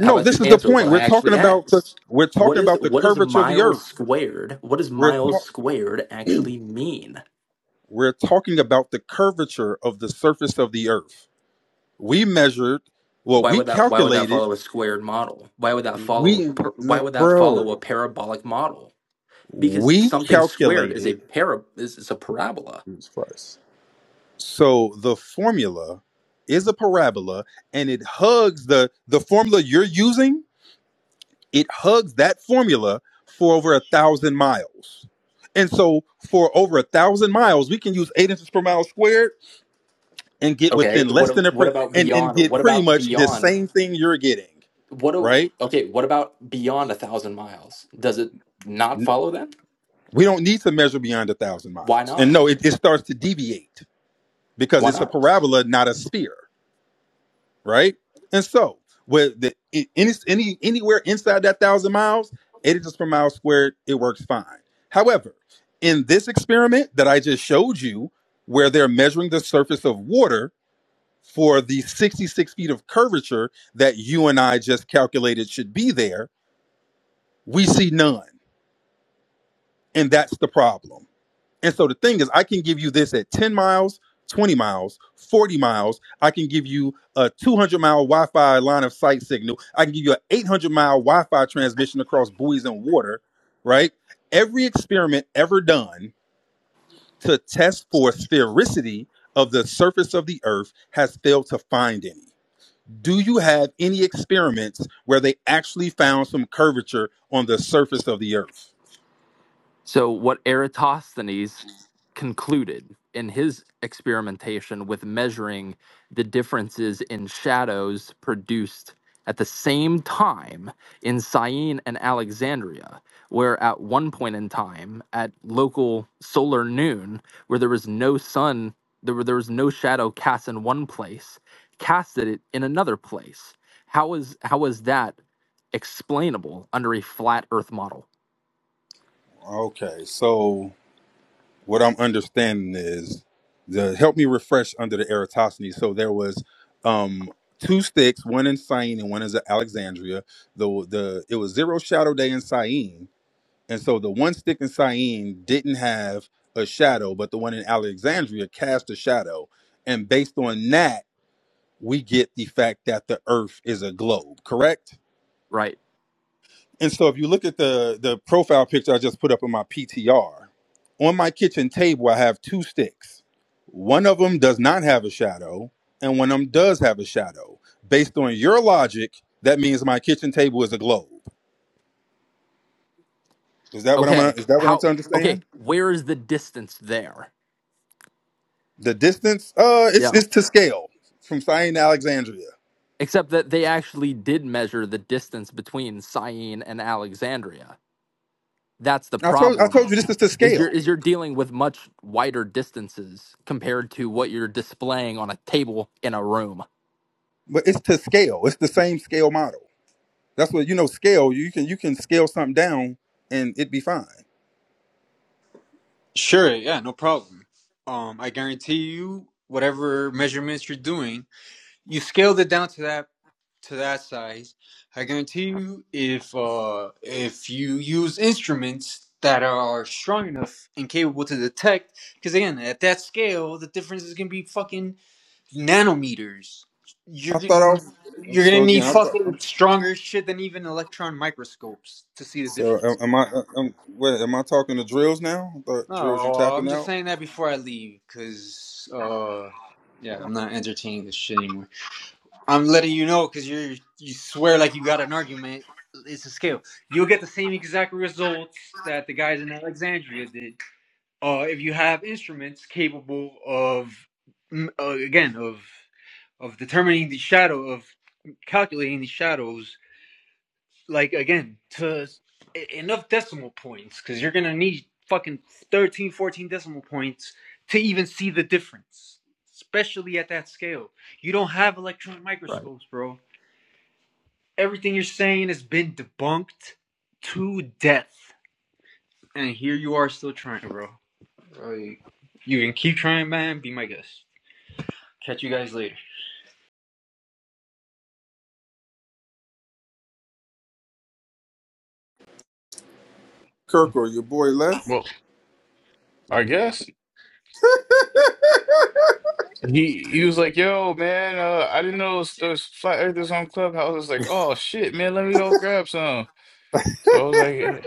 [SPEAKER 3] How about you
[SPEAKER 7] this is the
[SPEAKER 3] answer what
[SPEAKER 7] point.
[SPEAKER 3] I
[SPEAKER 7] We're talking
[SPEAKER 3] actually
[SPEAKER 7] about the
[SPEAKER 3] asked?
[SPEAKER 7] we're
[SPEAKER 3] What
[SPEAKER 7] talking
[SPEAKER 3] is
[SPEAKER 7] about the
[SPEAKER 3] what is
[SPEAKER 7] curvature of the
[SPEAKER 3] miles
[SPEAKER 7] earth.
[SPEAKER 3] squared? What does
[SPEAKER 7] We're
[SPEAKER 3] miles squared
[SPEAKER 7] talking
[SPEAKER 3] actually mean?
[SPEAKER 7] we're talking about the curvature of the surface of the earth. We measured, well,
[SPEAKER 3] Why
[SPEAKER 7] we
[SPEAKER 3] would that why would that
[SPEAKER 7] calculated,
[SPEAKER 3] follow a squared model? Why would that follow a
[SPEAKER 7] we
[SPEAKER 3] per, why would that follow a
[SPEAKER 7] bro,
[SPEAKER 3] parabolic model? Because
[SPEAKER 7] we
[SPEAKER 3] something squared is a
[SPEAKER 7] calculated
[SPEAKER 3] para is, is a parabola.
[SPEAKER 7] Jesus Christ. So the formula is a parabola and it hugs the the formula you're using, it hugs that formula for over a thousand miles. And so for over a thousand miles, we can use eight inches per mile squared and get
[SPEAKER 3] Okay,
[SPEAKER 7] within
[SPEAKER 3] what
[SPEAKER 7] less than a
[SPEAKER 3] what
[SPEAKER 7] pre-
[SPEAKER 3] about
[SPEAKER 7] and, and
[SPEAKER 3] beyond?
[SPEAKER 7] get
[SPEAKER 3] What
[SPEAKER 7] pretty
[SPEAKER 3] about
[SPEAKER 7] much the
[SPEAKER 3] beyond?
[SPEAKER 7] same thing you're getting,
[SPEAKER 3] What a,
[SPEAKER 7] right?
[SPEAKER 3] okay, what about beyond a thousand miles? Does it not
[SPEAKER 7] N-
[SPEAKER 3] follow then?
[SPEAKER 7] We don't need to measure beyond a thousand
[SPEAKER 3] Why
[SPEAKER 7] miles. And
[SPEAKER 3] not?
[SPEAKER 7] no, it, it starts to deviate because
[SPEAKER 3] Why
[SPEAKER 7] it's a
[SPEAKER 3] not?
[SPEAKER 7] parabola, not a sphere. right? And so, with the i- any any anywhere inside that thousand miles, eighty joules per mile squared, it works fine. However, in this experiment that I just showed you, where they're measuring the surface of water for the sixty-six feet of curvature that you and I just calculated should be there, we see none, and that's the problem. And so the thing is, I can give you this at 10 miles, 20 miles, 40 miles. I can give you a 200 mile Wi Fi line of sight signal. I can give you an 800 mile Wi Fi transmission across buoys and water, right? Every experiment ever done to test for sphericity of the surface of the earth has failed to find any. Do you have any experiments where they actually found some curvature on the surface of the earth?
[SPEAKER 3] So, what Eratosthenes concluded in his experimentation with measuring the differences in shadows produced at the same time in Syene and Alexandria, where at one point in time, at local solar noon, where there was no sun, there, were, there was no shadow cast in one place, casted it in another place. How is how is that explainable under a flat Earth model?
[SPEAKER 7] Okay, so what I'm understanding is the help me refresh under the Eratosthenes. So there was um two sticks, one in Syene and one in Alexandria. The the it was zero shadow day in Syene, and so the one stick in Syene didn't have a shadow, but the one in Alexandria cast a shadow, and based on that, we get the fact that the Earth is a globe. Correct?
[SPEAKER 3] right?
[SPEAKER 7] And so if you look at the the profile picture I just put up in my PTR, on my kitchen table I have two sticks. One of them does not have a shadow, and one of them does have a shadow. Based on your logic, that means my kitchen table is a globe. Is that what I'm gonna,
[SPEAKER 3] Okay.
[SPEAKER 7] is that what I'm
[SPEAKER 3] How
[SPEAKER 7] to
[SPEAKER 3] okay,
[SPEAKER 7] understand?
[SPEAKER 3] where is the distance there?
[SPEAKER 7] The distance, uh, it's
[SPEAKER 3] Yeah.
[SPEAKER 7] it's to scale from Cyan to Alexandria.
[SPEAKER 3] Except that they actually did measure the distance between Syene and Alexandria. That's the
[SPEAKER 7] I told I
[SPEAKER 3] problem
[SPEAKER 7] told you
[SPEAKER 3] though.
[SPEAKER 7] this is to
[SPEAKER 3] Is you're
[SPEAKER 7] scale,
[SPEAKER 3] is you're dealing with much wider distances compared to what you're displaying on a table in a room.
[SPEAKER 7] but it's to scale. It's the same scale model. That's what you know. Scale you can you can scale something down and it'd be fine.
[SPEAKER 6] Sure, yeah, no problem. Um, I guarantee you, whatever measurements you're doing, you scaled it down to that to that size. I guarantee you, if uh, if you use instruments that are strong enough and capable to detect, because again, at that scale, the difference is gonna be fucking nanometers. You're
[SPEAKER 7] I thought I
[SPEAKER 6] getting, you're
[SPEAKER 7] was.
[SPEAKER 6] gonna
[SPEAKER 7] So
[SPEAKER 6] need
[SPEAKER 7] again, I thought.
[SPEAKER 6] fucking stronger shit than even electron microscopes to see the
[SPEAKER 7] So
[SPEAKER 6] difference.
[SPEAKER 7] am, am I? Am, wait, am I talking to drills now? I thought drills, you
[SPEAKER 6] No, uh, I'm
[SPEAKER 7] tapping
[SPEAKER 6] just
[SPEAKER 7] out?
[SPEAKER 6] saying that before I leave, cause uh, yeah, I'm not entertaining this shit anymore. I'm letting you know, cause you you swear like you got an argument. It's a scale. You'll get the same exact results that the guys in Alexandria did. Uh, if you have instruments capable of, mm, uh, again, of of determining the shadow of calculating the shadows like again to e- enough decimal points because you're gonna need fucking 13, 14 decimal points to even see the difference especially at that scale you don't have electron
[SPEAKER 3] Right.
[SPEAKER 6] microscopes bro everything you're saying has been debunked to death and here you are still trying bro like, you can keep trying man be my guest catch you guys later
[SPEAKER 7] Kirk or your boy left?
[SPEAKER 5] Well, I guess. He he was like, "Yo, man, uh, I didn't know there's, there's flat earthers on Clubhouse." I was like, "Oh shit, man, let me go grab some." So I was like, eh,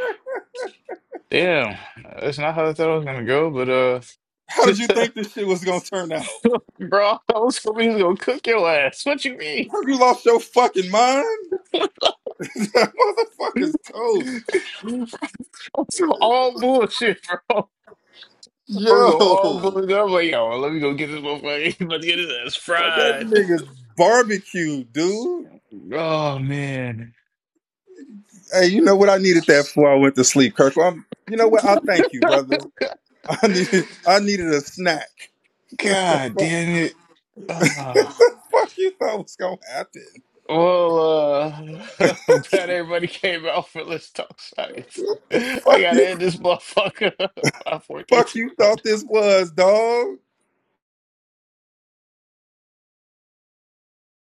[SPEAKER 5] "Damn, that's not how I thought I was gonna go." But uh,
[SPEAKER 7] How did you think this shit was gonna turn out?
[SPEAKER 5] bro, I was hoping he was gonna cook your ass. What you mean?
[SPEAKER 7] Have you lost your fucking mind? that motherfucker's toast.
[SPEAKER 5] This was all bullshit, bro. I
[SPEAKER 7] Yo,
[SPEAKER 5] was on all bullshit. I'm like, "Yo, let me go get this motherfucker. He about to get his ass
[SPEAKER 7] what that
[SPEAKER 5] fried."
[SPEAKER 7] nigga's barbecue, dude.
[SPEAKER 5] Oh man.
[SPEAKER 7] Hey, you know what I needed that for? I went to sleep, Kirk. Well, I'm, you know what? I thank you, brother. I needed. I needed a snack.
[SPEAKER 5] God damn Ah,
[SPEAKER 7] Fuck you thought was gonna happen.
[SPEAKER 5] well, uh, I'm glad everybody came out for Let's Talk Science. I
[SPEAKER 7] Fuck you
[SPEAKER 5] gotta end this motherfucker. Five, four, three,
[SPEAKER 7] fuck
[SPEAKER 5] two,
[SPEAKER 7] you
[SPEAKER 5] one.
[SPEAKER 7] thought this was, dog?